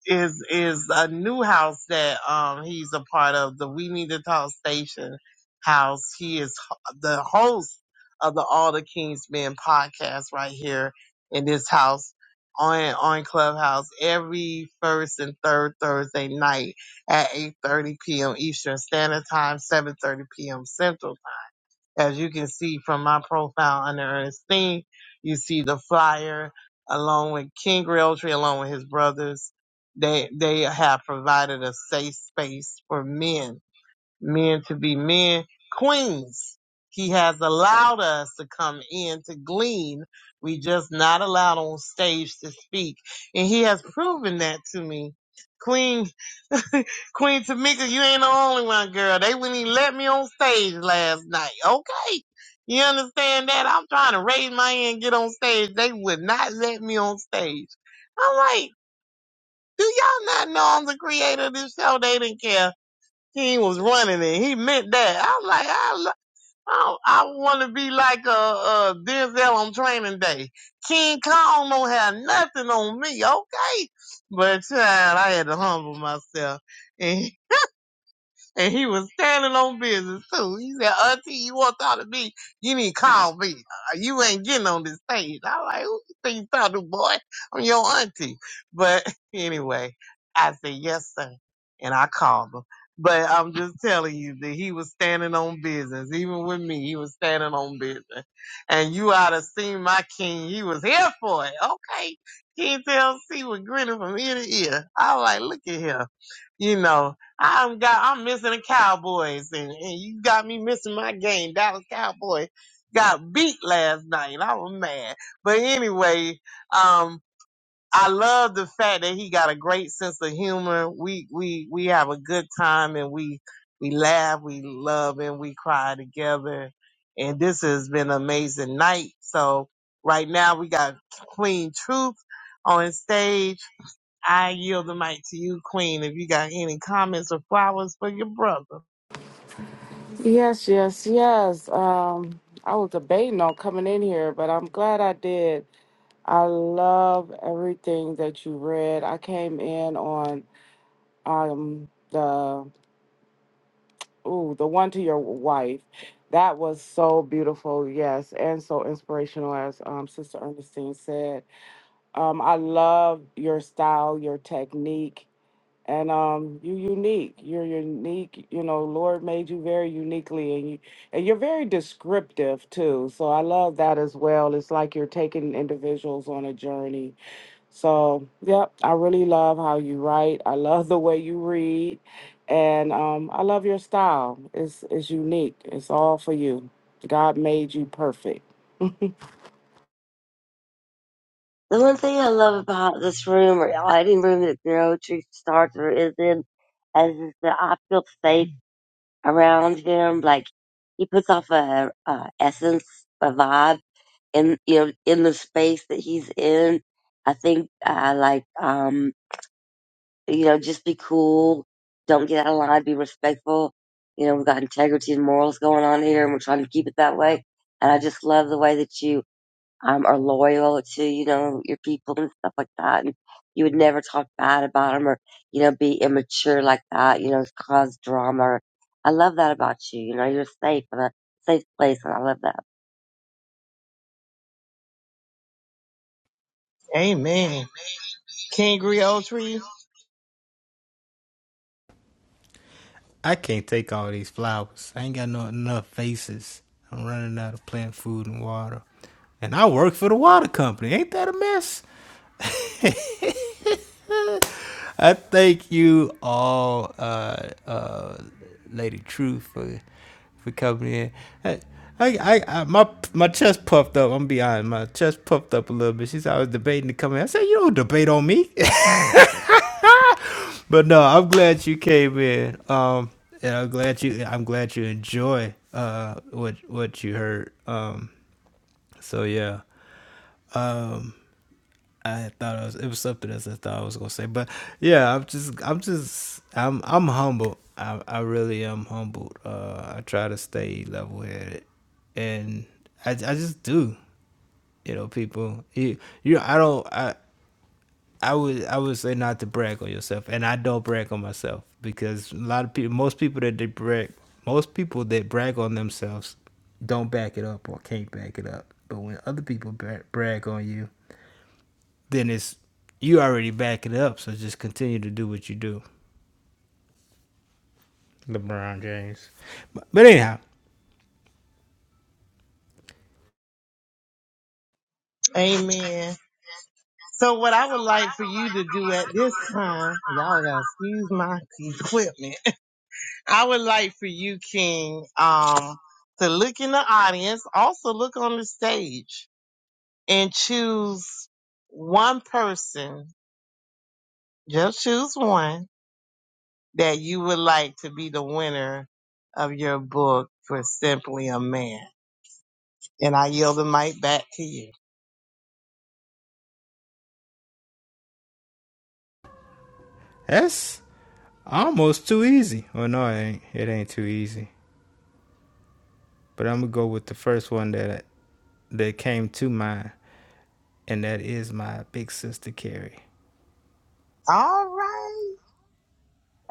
S4: is is a new house that um he's a part of the We Need to Talk Station house. He is ho- the host of the All the Kings Men podcast right here in this house on on Clubhouse every first and third Thursday night at 8:30 p.m. Eastern Standard Time, 7:30 p.m. Central as you can see from my profile under Ernestine, you see the flyer along with King Realtree, along with his brothers. They they have provided a safe space for men, men to be men, queens. He has allowed us to come in to glean. We just not allowed on stage to speak. And he has proven that to me. Queen Queen Tamika, you ain't the only one, girl. They wouldn't even let me on stage last night. Okay. You understand that? I'm trying to raise my hand and get on stage. They would not let me on stage. I'm like, do y'all not know I'm the creator of this show? They didn't care. He was running it. He meant that. I'm like, I, lo- I, don't- I want to be like a, uh uh, Denzel on training day. King Kong don't have nothing on me. Okay. But child, I had to humble myself. And he was standing on business too. He said, Auntie, you want to talk to me? You need to call me. Uh, You ain't getting on this stage. I'm like, who you think you talking to, boy? I'm your auntie. But anyway, I said, yes, sir. And I called him. But I'm just telling you that he was standing on business. Even with me, he was standing on business. And you ought to seen my king. He was here for it. Okay. King TLC was grinning from ear to ear. I was like, look at him you know, I'm got I'm missing the Cowboys, and, and you got me missing my game. Dallas Cowboys got beat last night. I was mad, but anyway, um, I love the fact that he got a great sense of humor. We we we have a good time, and we we laugh, we love, and we cry together. And this has been an amazing night. So right now we got Queen Truth on stage I yield the mic to you, Queen. If you got any comments or flowers for your brother.
S6: Yes, yes, yes. Um, I was debating on coming in here, but I'm glad I did. I love everything that you read. I came in on um the ooh, the one to your wife. That was so beautiful, yes, and so inspirational, as um, Sister Ernestine said. Um, I love your style, your technique. and um you unique you're unique you know lord made you very uniquely and you and you're very descriptive too so i love that as well it's like you're taking individuals on a journey so yep i really love how you write i love the way you read and um i love your style it's it's unique it's all for you god made you perfect
S5: The one thing I love about this room or any room that Zero Tree Starter is in is, is that I feel safe around him. Like he puts off a, a essence, a vibe in you know in the space that he's in. I think uh, like um you know just be cool, don't get out of line, be respectful. You know we've got integrity and morals going on here, and we're trying to keep it that way. And I just love the way that you um, are loyal to, you know, your people and stuff like that. And you would never talk bad about them or, you know, be immature like that, you know, cause drama. I love that about you. You know, you're safe in a safe place. And I love that.
S4: Amen. King Griotry,
S3: I can't take all these flowers. I ain't got no enough faces. I'm running out of plant food and water, and I work for the water company. Ain't that a mess? I thank you all, uh, uh, Lady Truth, for for coming in. I, I, I, my my chest puffed up. I'm gonna be honest, my chest puffed up a little bit. She said I was debating to come in. I said you don't debate on me, but no, I'm glad you came in. Um, and I'm glad you, I'm glad you enjoy uh what what you heard. Um, so yeah. Um. I thought it was, it was something else I thought I was gonna say, but yeah, I'm just I'm just I'm I'm humbled. I I really am humbled. Uh, I try to stay level headed, and I I just do. You know, people. You you I don't I. I would I would say not to brag on yourself, and I don't brag on myself because a lot of people, most people that they brag, most people that brag on themselves, don't back it up or can't back it up. But when other people bra- brag on you, then it's you already back it up. So just continue to do what you do. LeBron James. But, but anyhow,
S4: amen. So what I would like for you to do at this time, y'all gotta excuse my equipment. I would like for you, King, um, to look in the audience, also look on the stage and choose one person. Just choose one that you would like to be the winner of your book for Simply a Man. And I yield the mic back to you.
S3: that's almost too easy. Well, no, it ain't. It ain't too easy. But I'm gonna go with the first one that that came to mind, and that is my big sister Carrie.
S4: All right.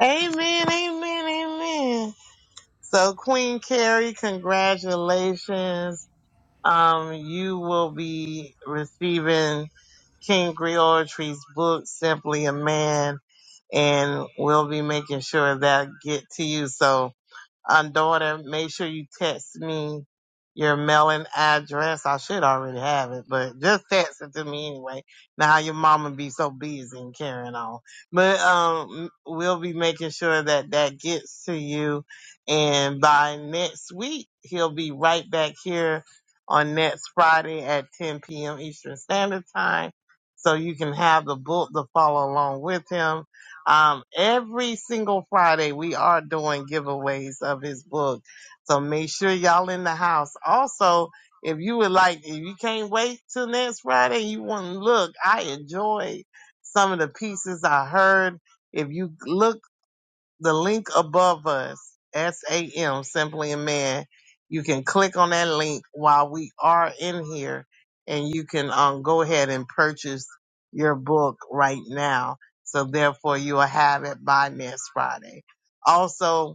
S4: Amen, amen, amen. So Queen Carrie, congratulations. Um, you will be receiving King Griotry's book, Simply a Man, and we'll be making sure that get to you. So Um, daughter, make sure you text me your mailing address. I should already have it, but just text it to me anyway. Now your mama be so busy and carrying on, but um, we'll be making sure that that gets to you. And by next week, he'll be right back here on next Friday at 10 p.m. Eastern Standard Time, so you can have the book to follow along with him um, every single Friday, we are doing giveaways of his book. So make sure y'all in the house. Also, if you would like, if you can't wait till next Friday, you want to look. I enjoy some of the pieces I heard. If you look the link above us, SAM, Simply a Man. You can click on that link while we are in here and you can um, go ahead and purchase your book right now. So therefore you will have it by next Friday. Also,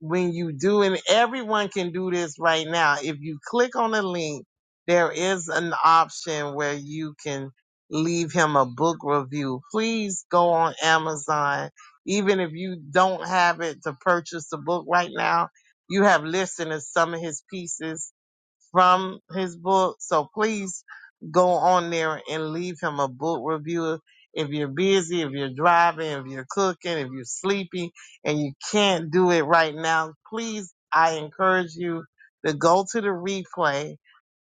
S4: when you do, and everyone can do this right now. If you click on the link, there is an option where you can leave him a book review. Please go on Amazon. Even if you don't have it to purchase the book right now, you have listened to some of his pieces from his book. So please go on there and leave him a book review. If you're busy, if you're driving, if you're cooking, if you're sleepy and you can't do it right now, please, I encourage you to go to the replay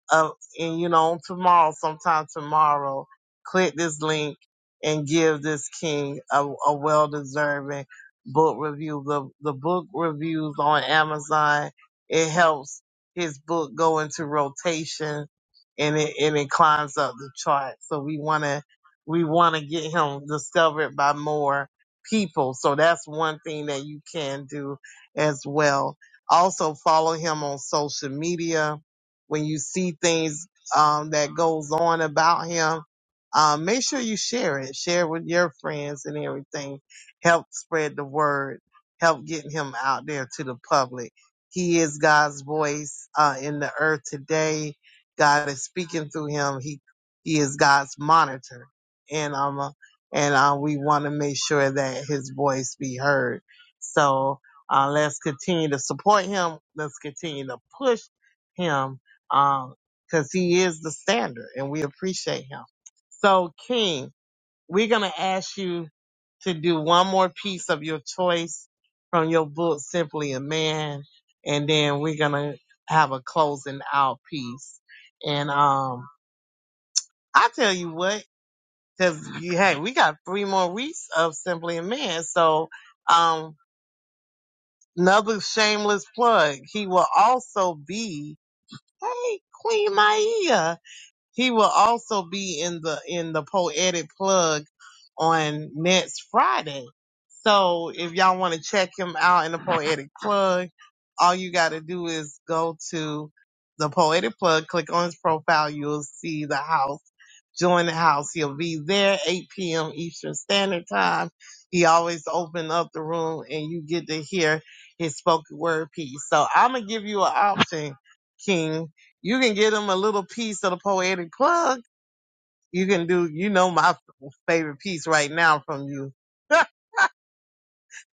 S4: uh, and you know, tomorrow, sometime tomorrow, click this link and give this king a, a well deserving book review. The the book reviews on Amazon it helps his book go into rotation and it and it climbs up the chart. So we wanna we wanna get him discovered by more people. So that's one thing that you can do as well. Also follow him on social media when you see things um, that goes on about him, um, make sure you share it. Share it with your friends and everything. Help spread the word. Help getting him out there to the public. He is God's voice uh, in the earth today. God is speaking through him. He he is God's monitor, and um uh, and uh, we want to make sure that his voice be heard. So uh, let's continue to support him. Let's continue to push him um, cause he is the standard and we appreciate him. So King, we're going to ask you to do one more piece of your choice from your book, Simply a Man. And then we're going to have a closing out piece. And, um, I tell you what, cause hey, we got three more weeks of Simply a Man. So, um, another shameless plug. He will also be, hey, Queen Maia. He will also be in the in the poetic plug on next Friday. So if y'all want to check him out in the poetic plug, all you got to do is go to the poetic plug, click on his profile. You'll see the house join the house. He'll be there 8 p.m. Eastern Standard Time. He always open up the room and you get to hear his spoken word piece. So I'm going to give you an option, King. You can get him a little piece of the poetic plug. You can do, you know, my favorite piece right now from you.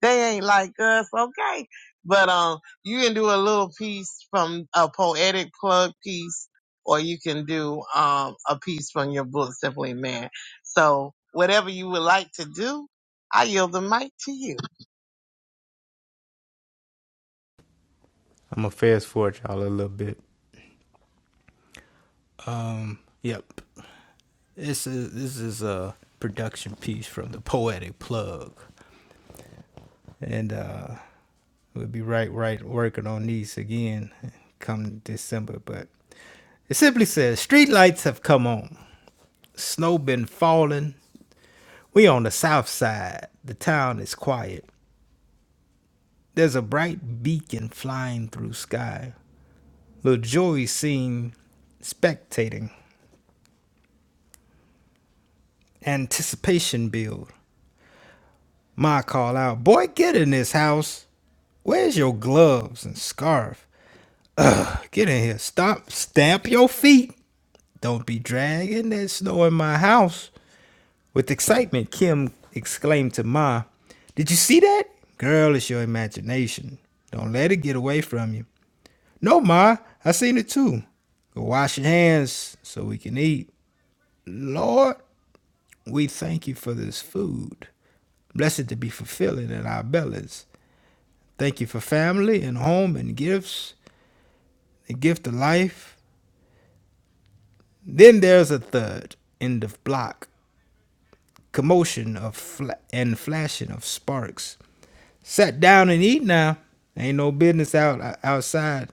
S4: They ain't like us, okay? But um, you can do a little piece from a poetic plug piece, or you can do um a piece from your book, Simply Man. So whatever you would like to do, I yield the mic to you.
S3: I'm gonna fast forward y'all a little bit. Um, yep. This is this is a production piece from the Poetic Plug, and uh, We'll be right, right, working on these again come December. But it simply says street lights have come on. Snow been falling. We on the south side. The town is quiet. There's a bright beacon flying through sky. Little Joey seen spectating. Anticipation build. Ma call out, boy, get in this house. Where's your gloves and scarf? Get in here. Stop. Stamp your feet. Don't be dragging that snow in my house. With excitement, Kim exclaimed to Ma, Did you see that? Girl, it's your imagination. Don't let it get away from you. No, Ma, I seen it too. Go wash your hands so we can eat. Lord, we thank you for this food. Blessed to be fulfilling in our bellies. Thank you for family and home and gifts, the gift of life. Then there's a third end of block, commotion of fla- and flashing of sparks. Sit down and eat now. Ain't no business out outside.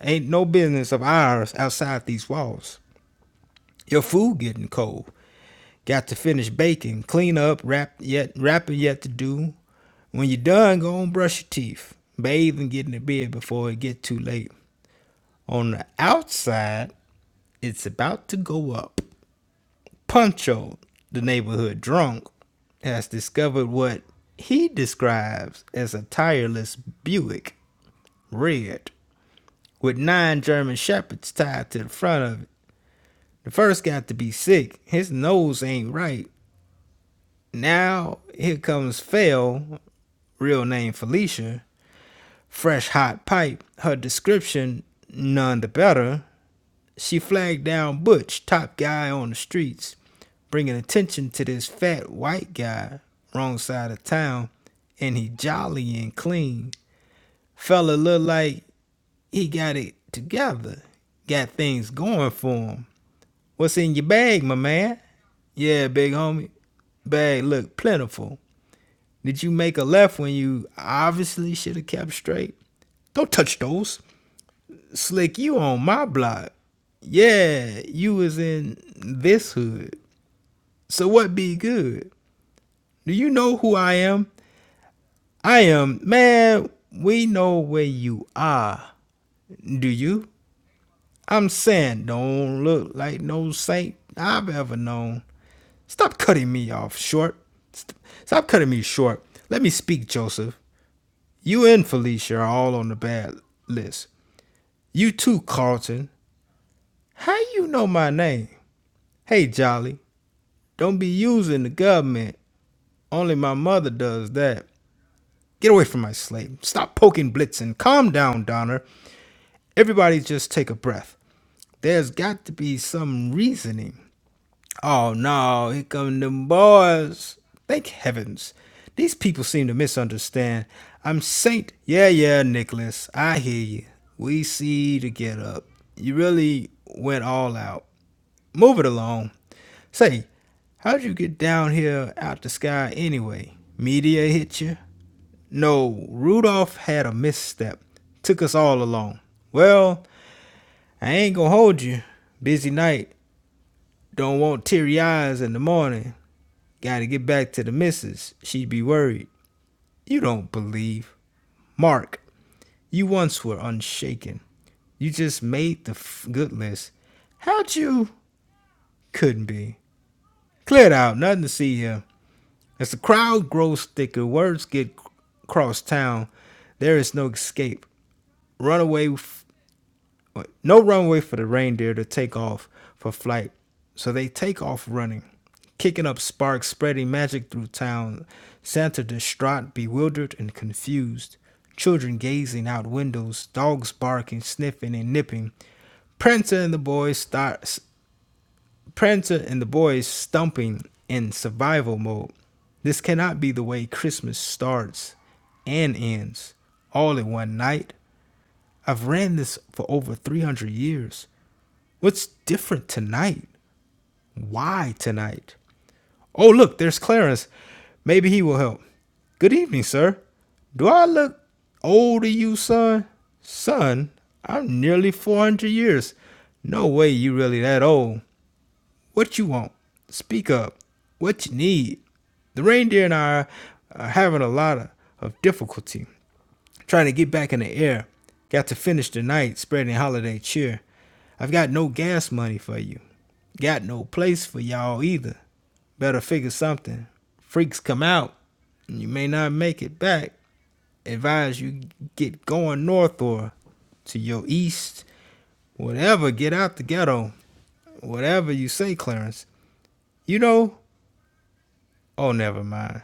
S3: Ain't no business of ours outside these walls. Your food getting cold. Got to finish baking, clean up, wrap yet wrapping yet to do. When you are done, go and brush your teeth, bathe and get in the bed before it get too late. On the outside, it's about to go up. Puncho, the neighborhood drunk, has discovered what he describes as a tireless Buick Red. with nine German shepherds tied to the front of it. The first got to be sick. His nose ain't right. Now here comes Phil, real name Felicia, fresh hot pipe. Her description none the better. She flagged down Butch, top guy on the streets, bringing attention to this fat white guy, wrong side of town, and he jolly and clean. Fella look like he got it together, got things going for him. What's in your bag, my man? Yeah, big homie. Bag look plentiful. Did you make a left when you obviously should have kept straight? Don't touch those. Slick, you on my block. Yeah, you was in this hood. So what be good? Do you know who I am? I am, man, we know where you are. Do you? I'm saying don't look like no saint I've ever known. Stop cutting me off short. St- Stop cutting me short. Let me speak, Joseph. You and Felicia are all on the bad list. You too, Carlton. How you know my name? Hey, Jolly, don't be using the government. Only my mother does that. Get away from my slave. Stop poking Blitzen. Calm down, Donner. Everybody just take a breath. There's got to be some reasoning. Oh no, here come them boys. Thank heavens. These people seem to misunderstand. I'm Saint. Yeah, yeah, Nicholas. I hear you. We see the get up. You really went all out. Move it along. Say, how'd you get down here out the sky anyway? Meteor hit you? No, Rudolph had a misstep. Took us all along. Well, I ain't gonna hold you. Busy night. Don't want teary eyes in the morning. Gotta get back to the missus. She'd be worried. You don't believe. Mark, you once were unshaken. You just made the f- good list. How'd you? Couldn't be. Cleared out, nothing to see here. As the crowd grows thicker, words get cross town. There is no escape. Run away no runway for the reindeer to take off for flight, so they take off running, kicking up sparks, spreading magic through town. Santa distraught, bewildered, and confused. Children gazing out windows, dogs barking, sniffing, and nipping. Prancer and the boys start. Prancer and the boys stumping in survival mode. This cannot be the way Christmas starts and ends all in one night. I've ran this for over 300 years. What's different tonight? Why tonight? Oh, look, there's Clarence. Maybe he will help. Good evening, sir. Do I look old to you, son? Son, I'm nearly 400 years. No way you really that old. What you want? Speak up. What you need? The reindeer and I are having a lot of, of difficulty trying to get back in the air. Got to finish the night spreading holiday cheer. I've got no gas money for you. Got no place for y'all either. Better figure something. Freaks come out, and you may not make it back. Advise you get going north or to your east. Whatever, get out the ghetto. Whatever you say, Clarence. You know, oh, never mind.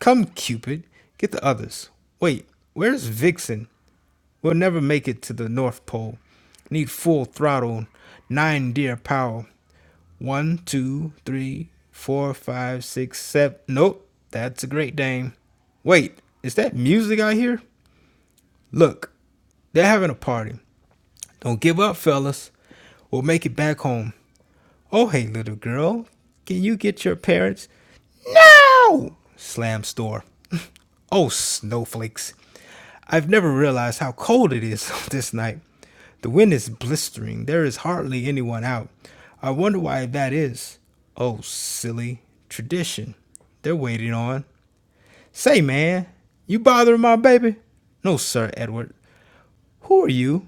S3: Come, Cupid, get the others. Wait, where's Vixen? We'll never make it to the North Pole. Need full throttle, nine deer power. One, two, three, four, five, six, seven. Nope, that's a great dame. Wait, is that music I hear? Look, they're having a party. Don't give up, fellas. We'll make it back home. Oh, hey, little girl, can you get your parents? No! slams door. Oh, snowflakes. I've never realized how cold it is this night. The wind is blistering. There is hardly anyone out. I wonder why that is. Oh, silly. Tradition. They're waiting on. Say, man, you bothering my baby? No, sir, Edward. Who are you?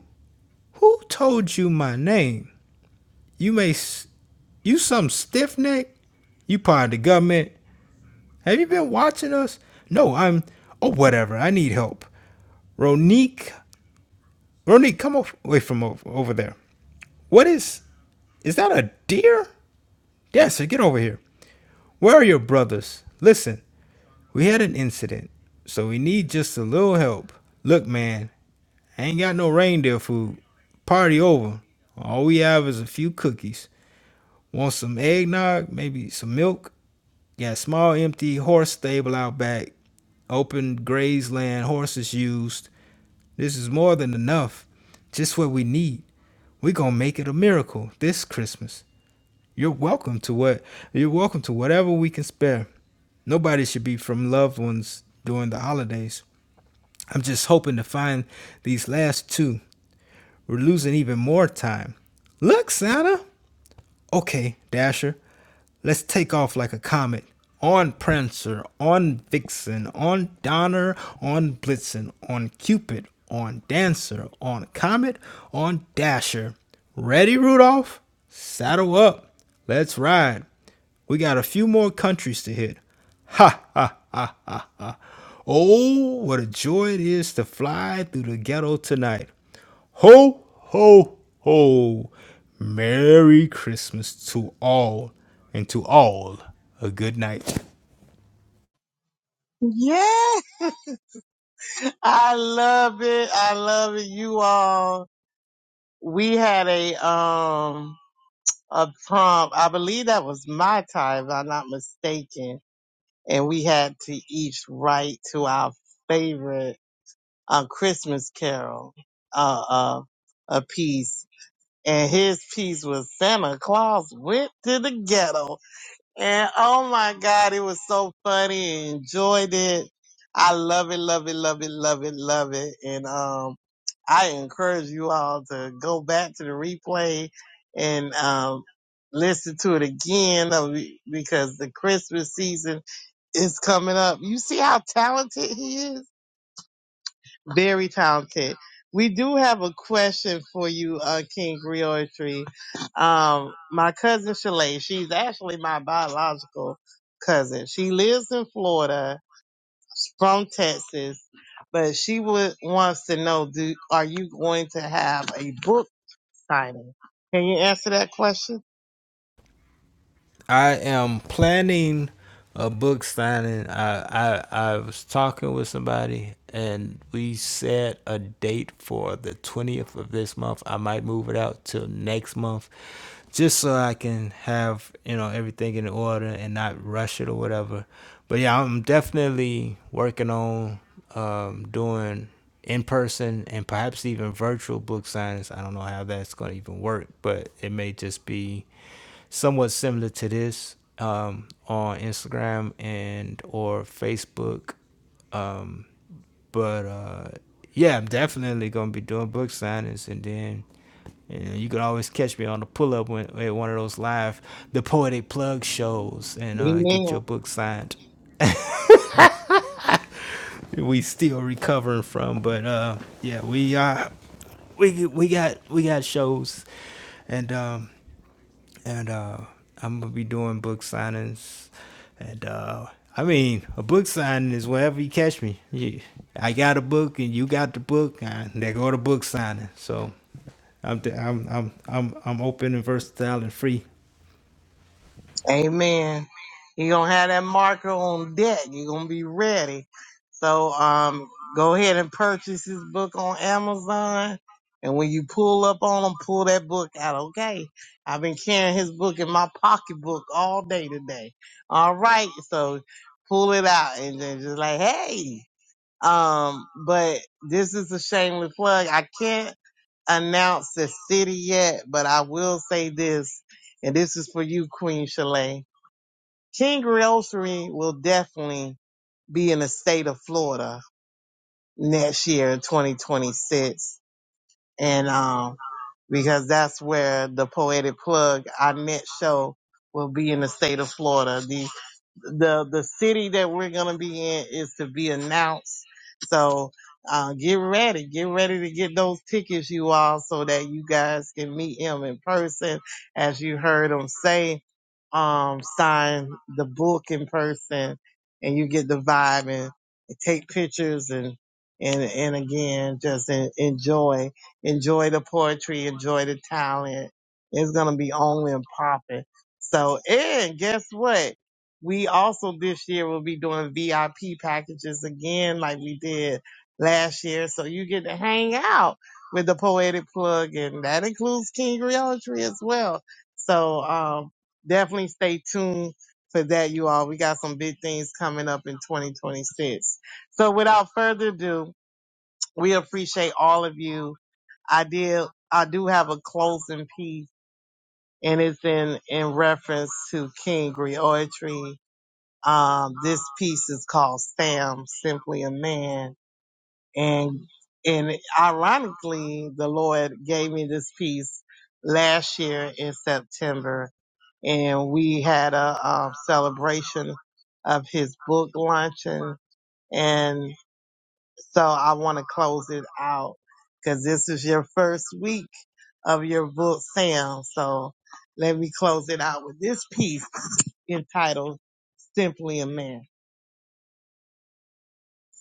S3: Who told you my name? You may, you some stiff neck. You part of the government. Have you been watching us? No, I'm. Oh, whatever. I need help. Ronique, Ronique, come away from over, over there. What is? Is that a deer? Dancer, get over here. Where are your brothers? Listen, we had an incident, so we need just a little help. Look, man, I ain't got no reindeer food. Party over. All we have is a few cookies. Want some eggnog, maybe some milk? Got small empty horse stable out back. Open grazed land, horses used. This is more than enough. Just what we need. We're gonna make it a miracle this Christmas. You're welcome to what you're welcome to whatever we can spare. Nobody should be from loved ones during the holidays. I'm just hoping to find these last two. We're losing even more time. Look, Santa, Okay, Dasher, let's take off like a comet. On Prancer, on Vixen, on Donner, on Blitzen, on Cupid, on Dancer, on Comet, on Dasher. Ready, Rudolph? Saddle up. Let's ride. We got a few more countries to hit. Ha ha ha ha ha. Oh, what a joy it is to fly through the ghetto tonight. Ho ho ho. Merry Christmas to all and to all a good night.
S4: Yeah, I love it. I love it. You all. We had a um a prompt. I believe that was my time, if I'm not mistaken. And we had to each write to our favorite a Christmas Carol, uh, uh, a piece, and his piece was Santa Claus went to the ghetto, and oh my God, it was so funny. and Enjoyed it. I love it, love it, love it, love it, love it, and um, I encourage you all to go back to the replay and um listen to it again uh, because the Christmas season is coming up. You see how talented he is? Very talented. We do have a question for you, uh, King Griotry. Um, my cousin Shalay, she's actually my biological cousin. She lives in Florida from Texas, but she would wants to know, do, are you going to have a book signing? Can you answer that question?
S3: I am planning a book signing. I, I I was talking with somebody and we set a date for the 20th of this month. I might move it out till next month just so I can have, you know, everything in order and not rush it or whatever. But yeah, I'm definitely working on um doing in person and perhaps even virtual book signings. I don't know how that's going to even work, but it may just be somewhat similar to this um, on Instagram and or Facebook. Um, but uh, yeah, I'm definitely gonna be doing book signings, and then you, know, you could always catch me on the pull up when, at one of those live the poetic plug shows and uh, get
S4: Amen.
S3: your book signed. We still recovering from, but uh, yeah, we uh, we we got we got shows, and um, and uh, I'm gonna be doing book signings, and uh, I mean a book signing is wherever you catch me. You, I got a book and you got the book, and they go to book signing. So I'm I'm I'm I'm I'm open and versatile and free.
S4: Amen. You're gonna have that marker on deck. You're gonna be ready. So um go ahead and purchase this book on Amazon. And when you pull up on him, pull that book out, okay? I've been carrying his book in my pocketbook all day today. All right, so pull it out and then just like, hey. Um, but this is a shameless plug. I can't announce the city yet, but I will say this, and this is for you, Queen Shalane King Realtree will definitely be in the state of Florida next year, 2026. And, um, because that's where the poetic plug, our next show will be in the state of Florida. The the the city that we're gonna be in is to be announced. So uh, get ready, get ready to get those tickets, you all, so that you guys can meet him in person. As you heard him say, um, sign the book in person, and you get the vibe and, take pictures and and and again, just en- enjoy, enjoy the poetry, enjoy the talent. It's gonna be only and popping. So, and guess what? We also this year will be doing VIP packages again, like we did last year. So you get to hang out with the poetic plug, and that includes King Realtree as well. So um, definitely stay tuned for that, you all. We got some big things coming up in 2026. So without further ado, we appreciate all of you. I did. I do have a closing piece, and it's in in reference to King Realtree um, this piece is called Sam, Simply a Man. And, and ironically, the Lord gave me this piece last year in September. And we had a um, celebration of his book launching. And so I want to close it out because this is your first week of your book, Sam. So let me close it out with this piece entitled Simply a Man.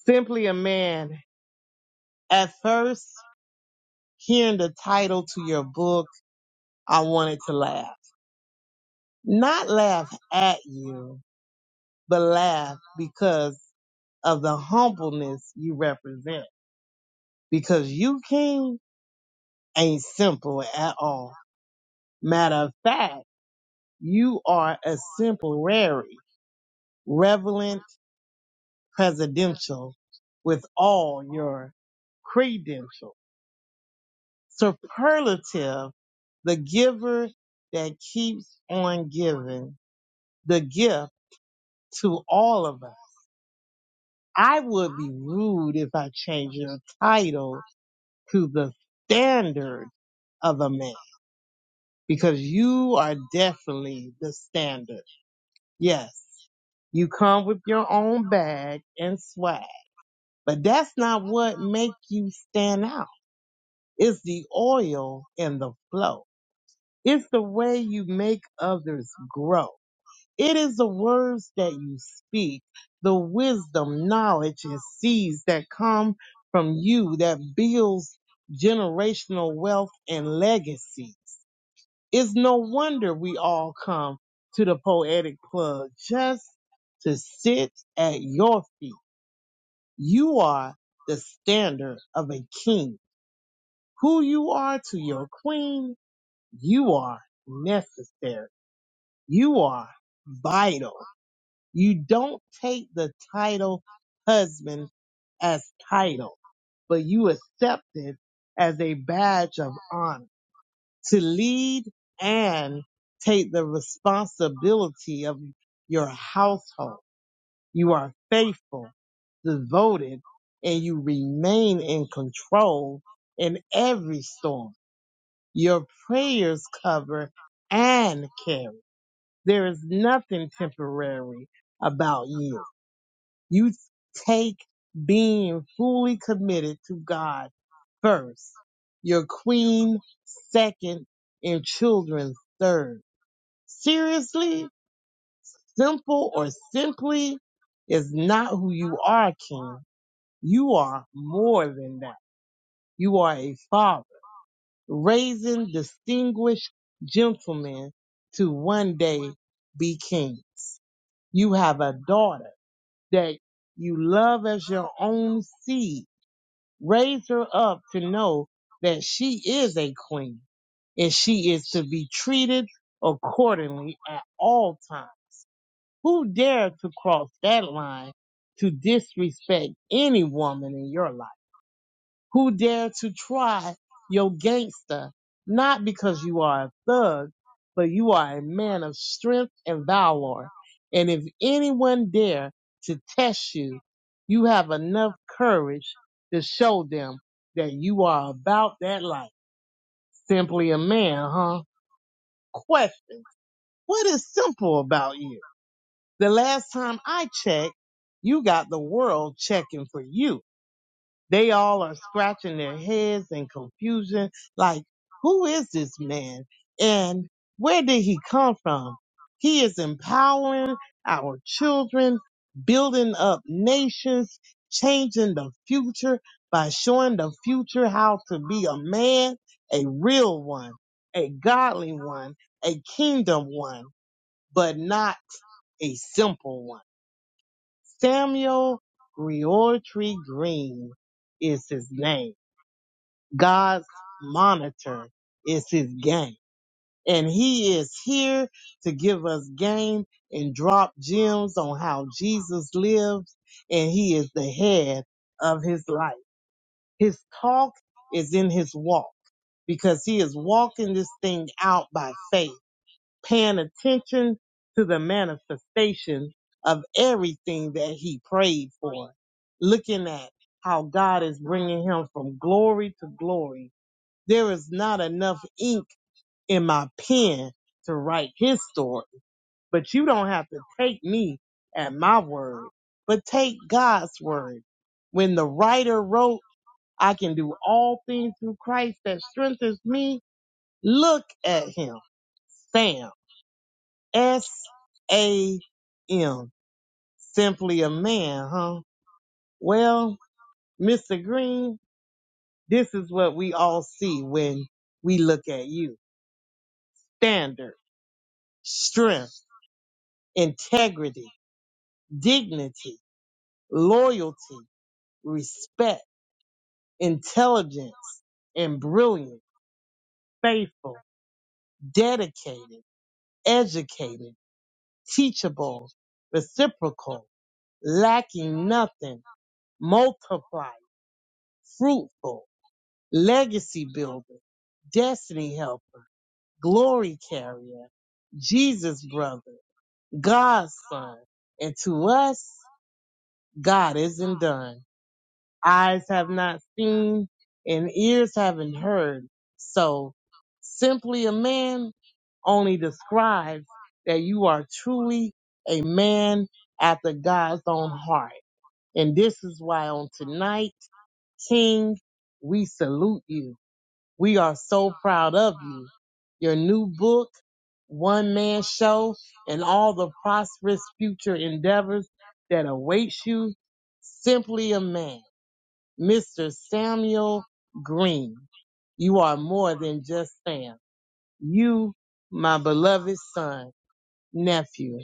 S4: Simply a Man. At first, hearing the title to your book, I wanted to laugh. Not laugh at you, but laugh because of the humbleness you represent. Because you, King, ain't simple at all. Matter of fact, you are a simple rarity, relevant presidential with all your credentials. superlative, the giver that keeps on giving the gift to all of us. I would be rude if I changed your title to the standard of a man because you are definitely the standard. Yes, you come with your own bag and swag, but that's not what make you stand out. It's the oil and the flow. It's the way you make others grow. It is the words that you speak, the wisdom, knowledge, and seeds that come from you that builds generational wealth and legacies. It's no wonder we all come to the poetic plug just to sit at your feet. You are the standard of a king. Who you are to your queen, you are necessary. You are vital You don't take the title husband as title, but you accept it as a badge of honor to lead and take the responsibility of your household. You are faithful, devoted, and you remain in control in every storm. Your prayers cover and carry. There is nothing temporary about you. You take being fully committed to God first, your queen second, and children third. Seriously, simple or simply is not who you are, King. You are more than that. You are a father, raising distinguished gentlemen to one day be kings. You have a daughter that you love as your own seed Raise her up to know that she is a queen and she is to be treated accordingly at all times. Who dare to cross that line to disrespect any woman in your life? who dare to try your gangster, not because you are a thug, but you are a man of strength and valor. And if anyone dare to test you, you have enough courage to show them that you are about that life. Simply a man, huh? Question. What is simple about you? The last time I checked, you got the world checking for you they all are scratching their heads in confusion, like, who is this man? And where did he come from? He is empowering our children, building up nations, changing the future by showing the future how to be a man, a real one, a godly one, a kingdom one, but not a simple one. Samuel Griotry Green is his name. God's monitor is his game. And he is here to give us game and drop gems on how Jesus lives. And he is the head of his life. His talk is in his walk because he is walking this thing out by faith, paying attention to the manifestation of everything that he prayed for, looking at how God is bringing him from glory to glory there is not enough ink in my pen to write his story, but you don't have to take me at my word, but take God's word. When the writer wrote, I can do all things through Christ that strengthens me. Look at him. Sam. S A M. Simply a man, huh? Well, Mr. Green, this is what we all see when we look at you. Standard, strength, integrity, dignity, loyalty, respect, intelligence, and brilliant, faithful, dedicated, educated, teachable, reciprocal, lacking nothing, multiply, fruitful, legacy builder, destiny helper, glory carrier, Jesus brother, God's son, and to us, God isn't done. eyes have not seen and ears haven't heard. So simply a man only describes that you are truly a man after God's own heart. And this is why on tonight, King, we salute you. We are so proud of you. Your new book, one man show, and all the prosperous future endeavors that awaits you. Simply a man. Mr. Samuel Green. You are more than just Sam. You, my beloved son, nephew,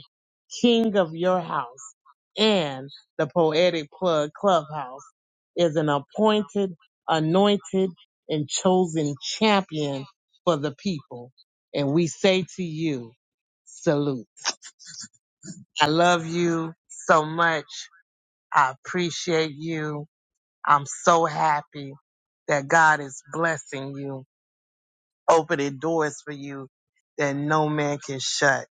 S4: king of your house, and the Poetic Plug Clubhouse is an appointed, anointed, and chosen champion for the people. And we say to you, salute. I love you so much. I appreciate you. I'm so happy that God is blessing you, opening doors for you that no man can shut.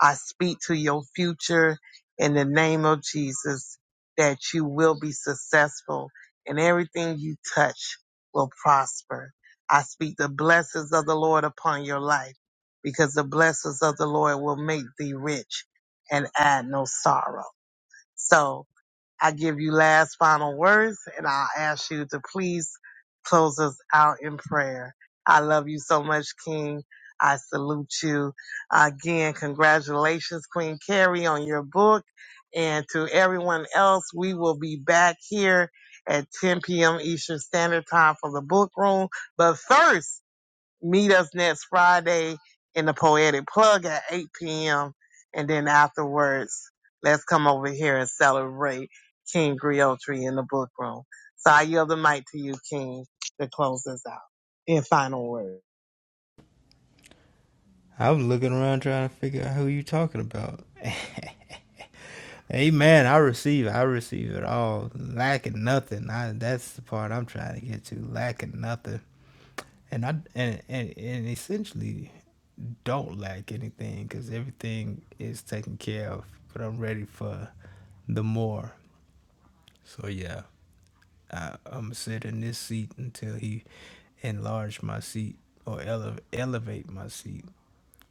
S4: I speak to your future in the name of Jesus that you will be successful and everything you touch will prosper. I speak the blessings of the Lord upon your life because the blessings of the Lord will make thee rich and add no sorrow. So I give you last final words and I'll ask you to please close us out in prayer. I love you so much, King. I salute you. Again, congratulations, Queen Carrie, on your book. And to everyone else, we will be back here at 10 p.m. Eastern Standard Time for the book room. But first, Meet us next Friday in the Poetic Plug at 8 p.m. And then afterwards, let's come over here and celebrate King Griotri in the book room. So I yield the mic to you, King, to close us out in final words.
S3: I'm looking around trying to figure out who you talking about. Amen. I receive. I receive it all. Lacking nothing. I, that's the part I'm trying to get to. Lacking nothing. and I and and, and essentially don't lack anything because everything is taken care of. But I'm ready for the more. So yeah, I, I'm gonna sit in this seat until he enlarge my seat or ele- elevate my seat.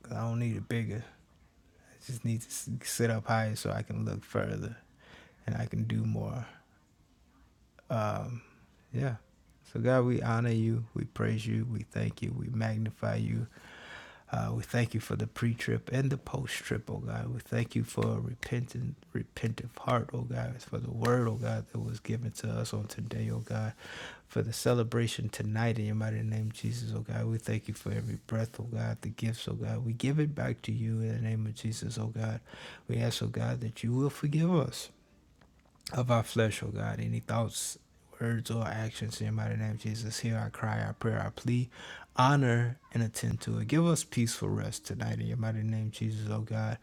S3: 'Cause I don't need it bigger. I just need to s- sit up higher so I can look further and I can do more. Um, yeah. So God, we honor you, we praise you, we thank you, we magnify you, Uh, we thank you for the pre-trip and the post-trip, oh God. We thank you for a repentant, repentive heart, oh God, for the word, oh God, that was given to us on today, oh God, for the celebration tonight in your mighty name, Jesus, oh God. We thank you for every breath, oh God, the gifts, oh God. We give it back to you in the name of Jesus, oh God. We ask, oh God, that you will forgive us of our flesh, O God. Any thoughts, words, or actions in your mighty name, Jesus. Hear our cry, our prayer, our plea. Honor and attend to it. Give us peaceful rest tonight in your mighty name, Jesus, O God.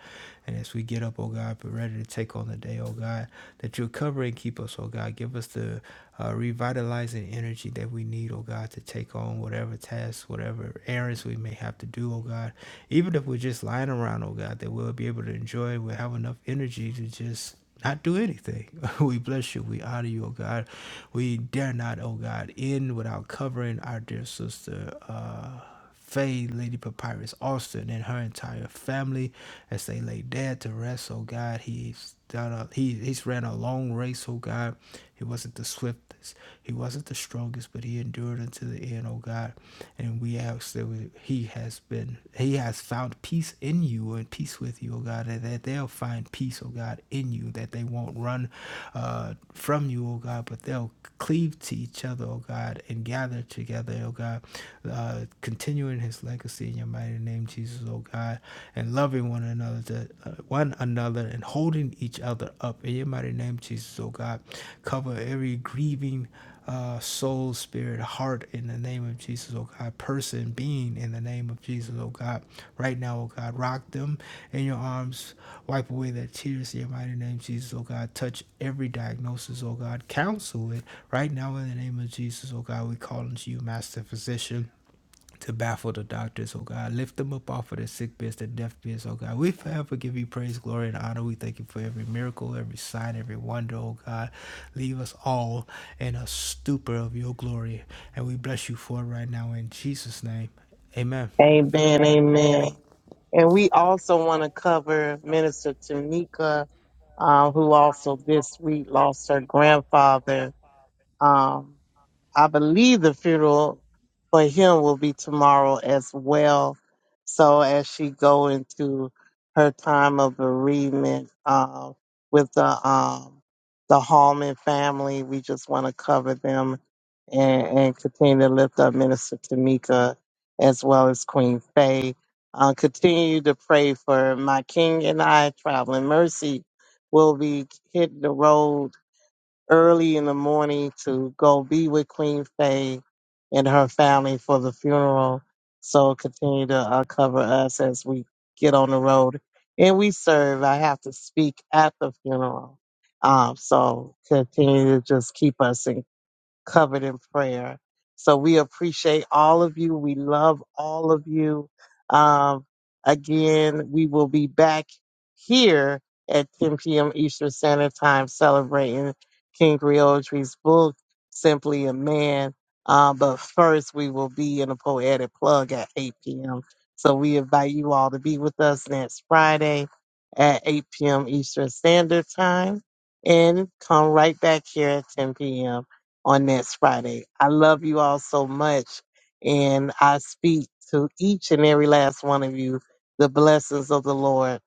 S3: And as we get up, O God, be ready to take on the day, O God, that you'll cover and keep us, O God. Give us the uh, revitalizing energy that we need, O God, to take on whatever tasks, whatever errands we may have to do, O God. Even if we're just lying around, O God, that we'll be able to enjoy, we'll have enough energy to just not do anything. we bless you. We honor you, oh God. We dare not, oh God, end without covering our dear sister, uh, Faye, Lady Papyrus Austin, and her entire family as they lay dead to rest, oh God. He's done a, he, he's ran a long race, oh God. He wasn't the swiftest. He wasn't the strongest, but he endured unto the end, O God. And we ask that we, he has been, he has found peace in you and peace with you, O God, and that they'll find peace, O God, in you, that they won't run uh, from you, O God, but they'll cleave to each other, O God, and gather together, O God, uh, continuing his legacy in your mighty name, Jesus, O God, and loving one another the, uh, one another and holding each other up. In your mighty name, Jesus, oh God, cover every grieving uh, soul, spirit, heart in the name of Jesus, oh God, person, being in the name of Jesus, oh God. Right now, oh God, rock them in your arms, wipe away their tears in your mighty name, Jesus, oh God. Touch every diagnosis, oh God, counsel it right now in the name of Jesus, oh God. We call unto you, Master Physician to baffle the doctors, oh God. Lift them up off of their sick beds, their death beds, oh God. We forever give you praise, glory, and honor. We thank you for every miracle, every sign, every wonder, oh God. Leave us all in a stupor of your glory. And we bless you for it right now in Jesus' name. Amen.
S2: Amen, amen. And we also want to cover Minister Tanika, um, who also this week lost her grandfather. um, I believe the funeral for him will be tomorrow as well. So as she go into her time of bereavement uh, with the um, the Hallman family, we just want to cover them and, and continue to lift up Minister Tamika as well as Queen Faye. Uh, continue to pray for my King and I traveling mercy will be hitting the road early in the morning to go be with Queen Faye and her family for the funeral. So continue to uh, cover us as we get on the road and we serve. I have to speak at the funeral. Um, so continue to just keep us encouraged covered in prayer. So we appreciate all of you. We love all of you. Um, again, we will be back here at 10 p.m. Eastern Standard Time celebrating King Griotry's book, Simply a Man. Uh, but first, we will be in a poetic plug at 8 p.m. So we invite you all to be with us next Friday at 8 p.m. Eastern Standard Time and come right back here at 10 p.m on this Friday. I love you all so much. And I speak to each and every last one of you the blessings of the Lord,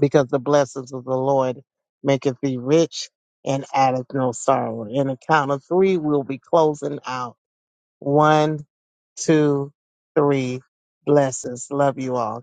S2: because the blessings of the Lord maketh thee rich and addeth no sorrow. In the count of three, we'll be closing out. One, two, three. Blessings. Love you all.